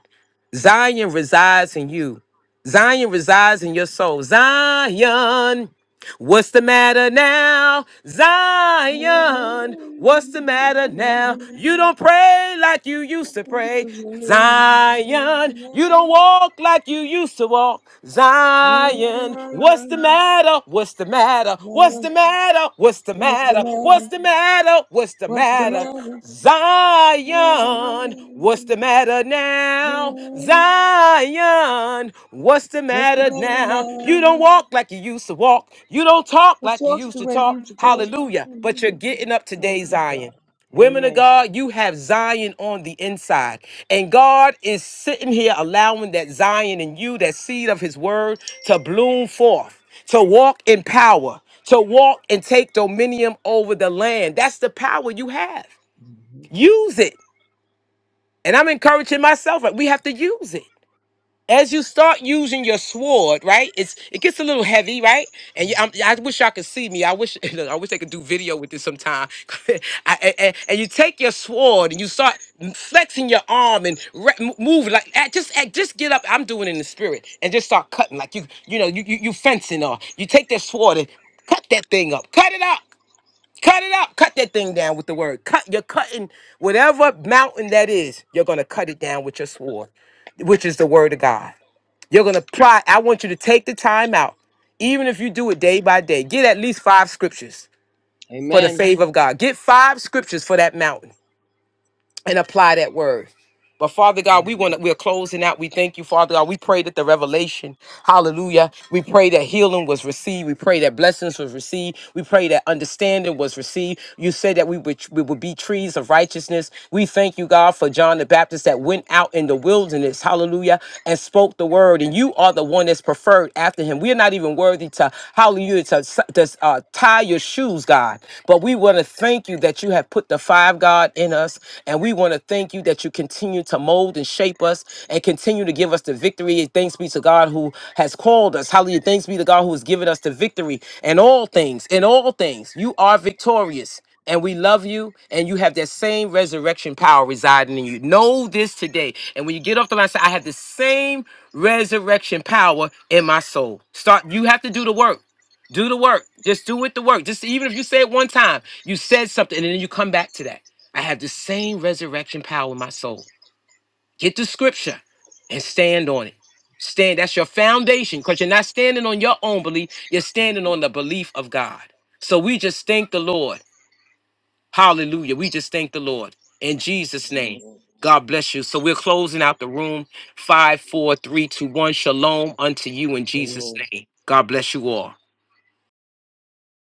Speaker 1: Zion resides in you. Zion resides in your soul. Zion. What's the matter now, Zion? What's the
Speaker 2: Hallelujah.
Speaker 1: matter now? You
Speaker 2: Hallelujah.
Speaker 1: don't pray like you used to
Speaker 2: What's
Speaker 1: pray,
Speaker 2: the matter?
Speaker 1: Zion. You don't walk like you used to walk, Zion. What's the matter? What's the matter? What's the matter? What's the
Speaker 2: What's the
Speaker 1: matter?
Speaker 2: matter?
Speaker 1: What's the matter? What's the
Speaker 2: What's
Speaker 1: matter? Zion. What's the matter now, Zion? Zion, what's the
Speaker 2: the
Speaker 1: matter
Speaker 2: matter
Speaker 1: now? You
Speaker 2: now?
Speaker 1: don't walk like you used to walk. You don't talk
Speaker 2: Don't
Speaker 1: like you
Speaker 2: talk
Speaker 1: used
Speaker 2: the
Speaker 1: to
Speaker 2: way
Speaker 1: talk.
Speaker 2: you should talk.
Speaker 1: Hallelujah. But you're
Speaker 2: Hallelujah.
Speaker 1: getting up
Speaker 2: Thank
Speaker 1: today,
Speaker 2: you,
Speaker 1: Zion.
Speaker 2: God.
Speaker 1: Women of
Speaker 2: Amen.
Speaker 1: God, you have Zion on the inside. And God is sitting here allowing that Zion in you, that seed of his word, to bloom forth, to walk in power, to walk and take dominion over the land. That's the power you have.
Speaker 2: Mhm.
Speaker 1: Use it. And I'm encouraging myself, right? We have to use it as you start using your sword, right? It's it gets a little heavy, right? And you, I'm, I wish y'all could see me. I wish I wish I could do video with this sometime. I, and, and- and you take your sword and you start flexing your arm and re- m- move like act- just act- just get up. I'm doing it in the spirit and just start cutting like you you know you you, you fencing or you take that sword and cut that thing up, cut it up. Cut it up. Cut that thing down with the word. Cut. You're cutting whatever mountain that is. You're gonna cut it down with your sword, which is the word of God. You're going to apply. I want you to take the time out, even if you do it day by day. Get at least five scriptures for the
Speaker 2: Amen.
Speaker 1: favor of God. Get five scriptures for that mountain and apply that word. But Father God, we want to, we're closing out. We thank you, Father God. We pray that the revelation, hallelujah. We pray that healing was received. We pray that blessings was received. We pray that understanding was received. You said that we would we would be trees of righteousness. We thank you, God, for John the Baptist that went out in the wilderness, hallelujah, and spoke the word. And you are the one that's preferred after him. We are not even worthy to hallelujah to, to uh, tie your shoes, God. But we want to thank you you that you have put the five God in us. And we want to thank you that you continue to mold and shape us and continue to give us the victory. And Thanks be to God who has called us. Hallelujah. Thanks be to God who has given us the victory in all things. In all things, you are victorious and we love you, and you have that same resurrection power residing in you. Know this today. And when you get off the line, say, I have the same resurrection power in my soul. Start, you have to do the work. Do the work. Just do it the work. Just even if you say it one time, you said something and then you come back to that. I have the same resurrection power in my soul. Get the scripture and stand on it. Stand. That's your foundation because you're not standing on your own belief. You're standing on the belief of God. So we just thank the Lord. Hallelujah. We just thank the Lord in Jesus' name.
Speaker 2: Amen.
Speaker 1: God bless you. So we're closing out the room. Five, four, three, two, one. Shalom unto you in Jesus'
Speaker 2: Amen.
Speaker 1: name. God bless you all.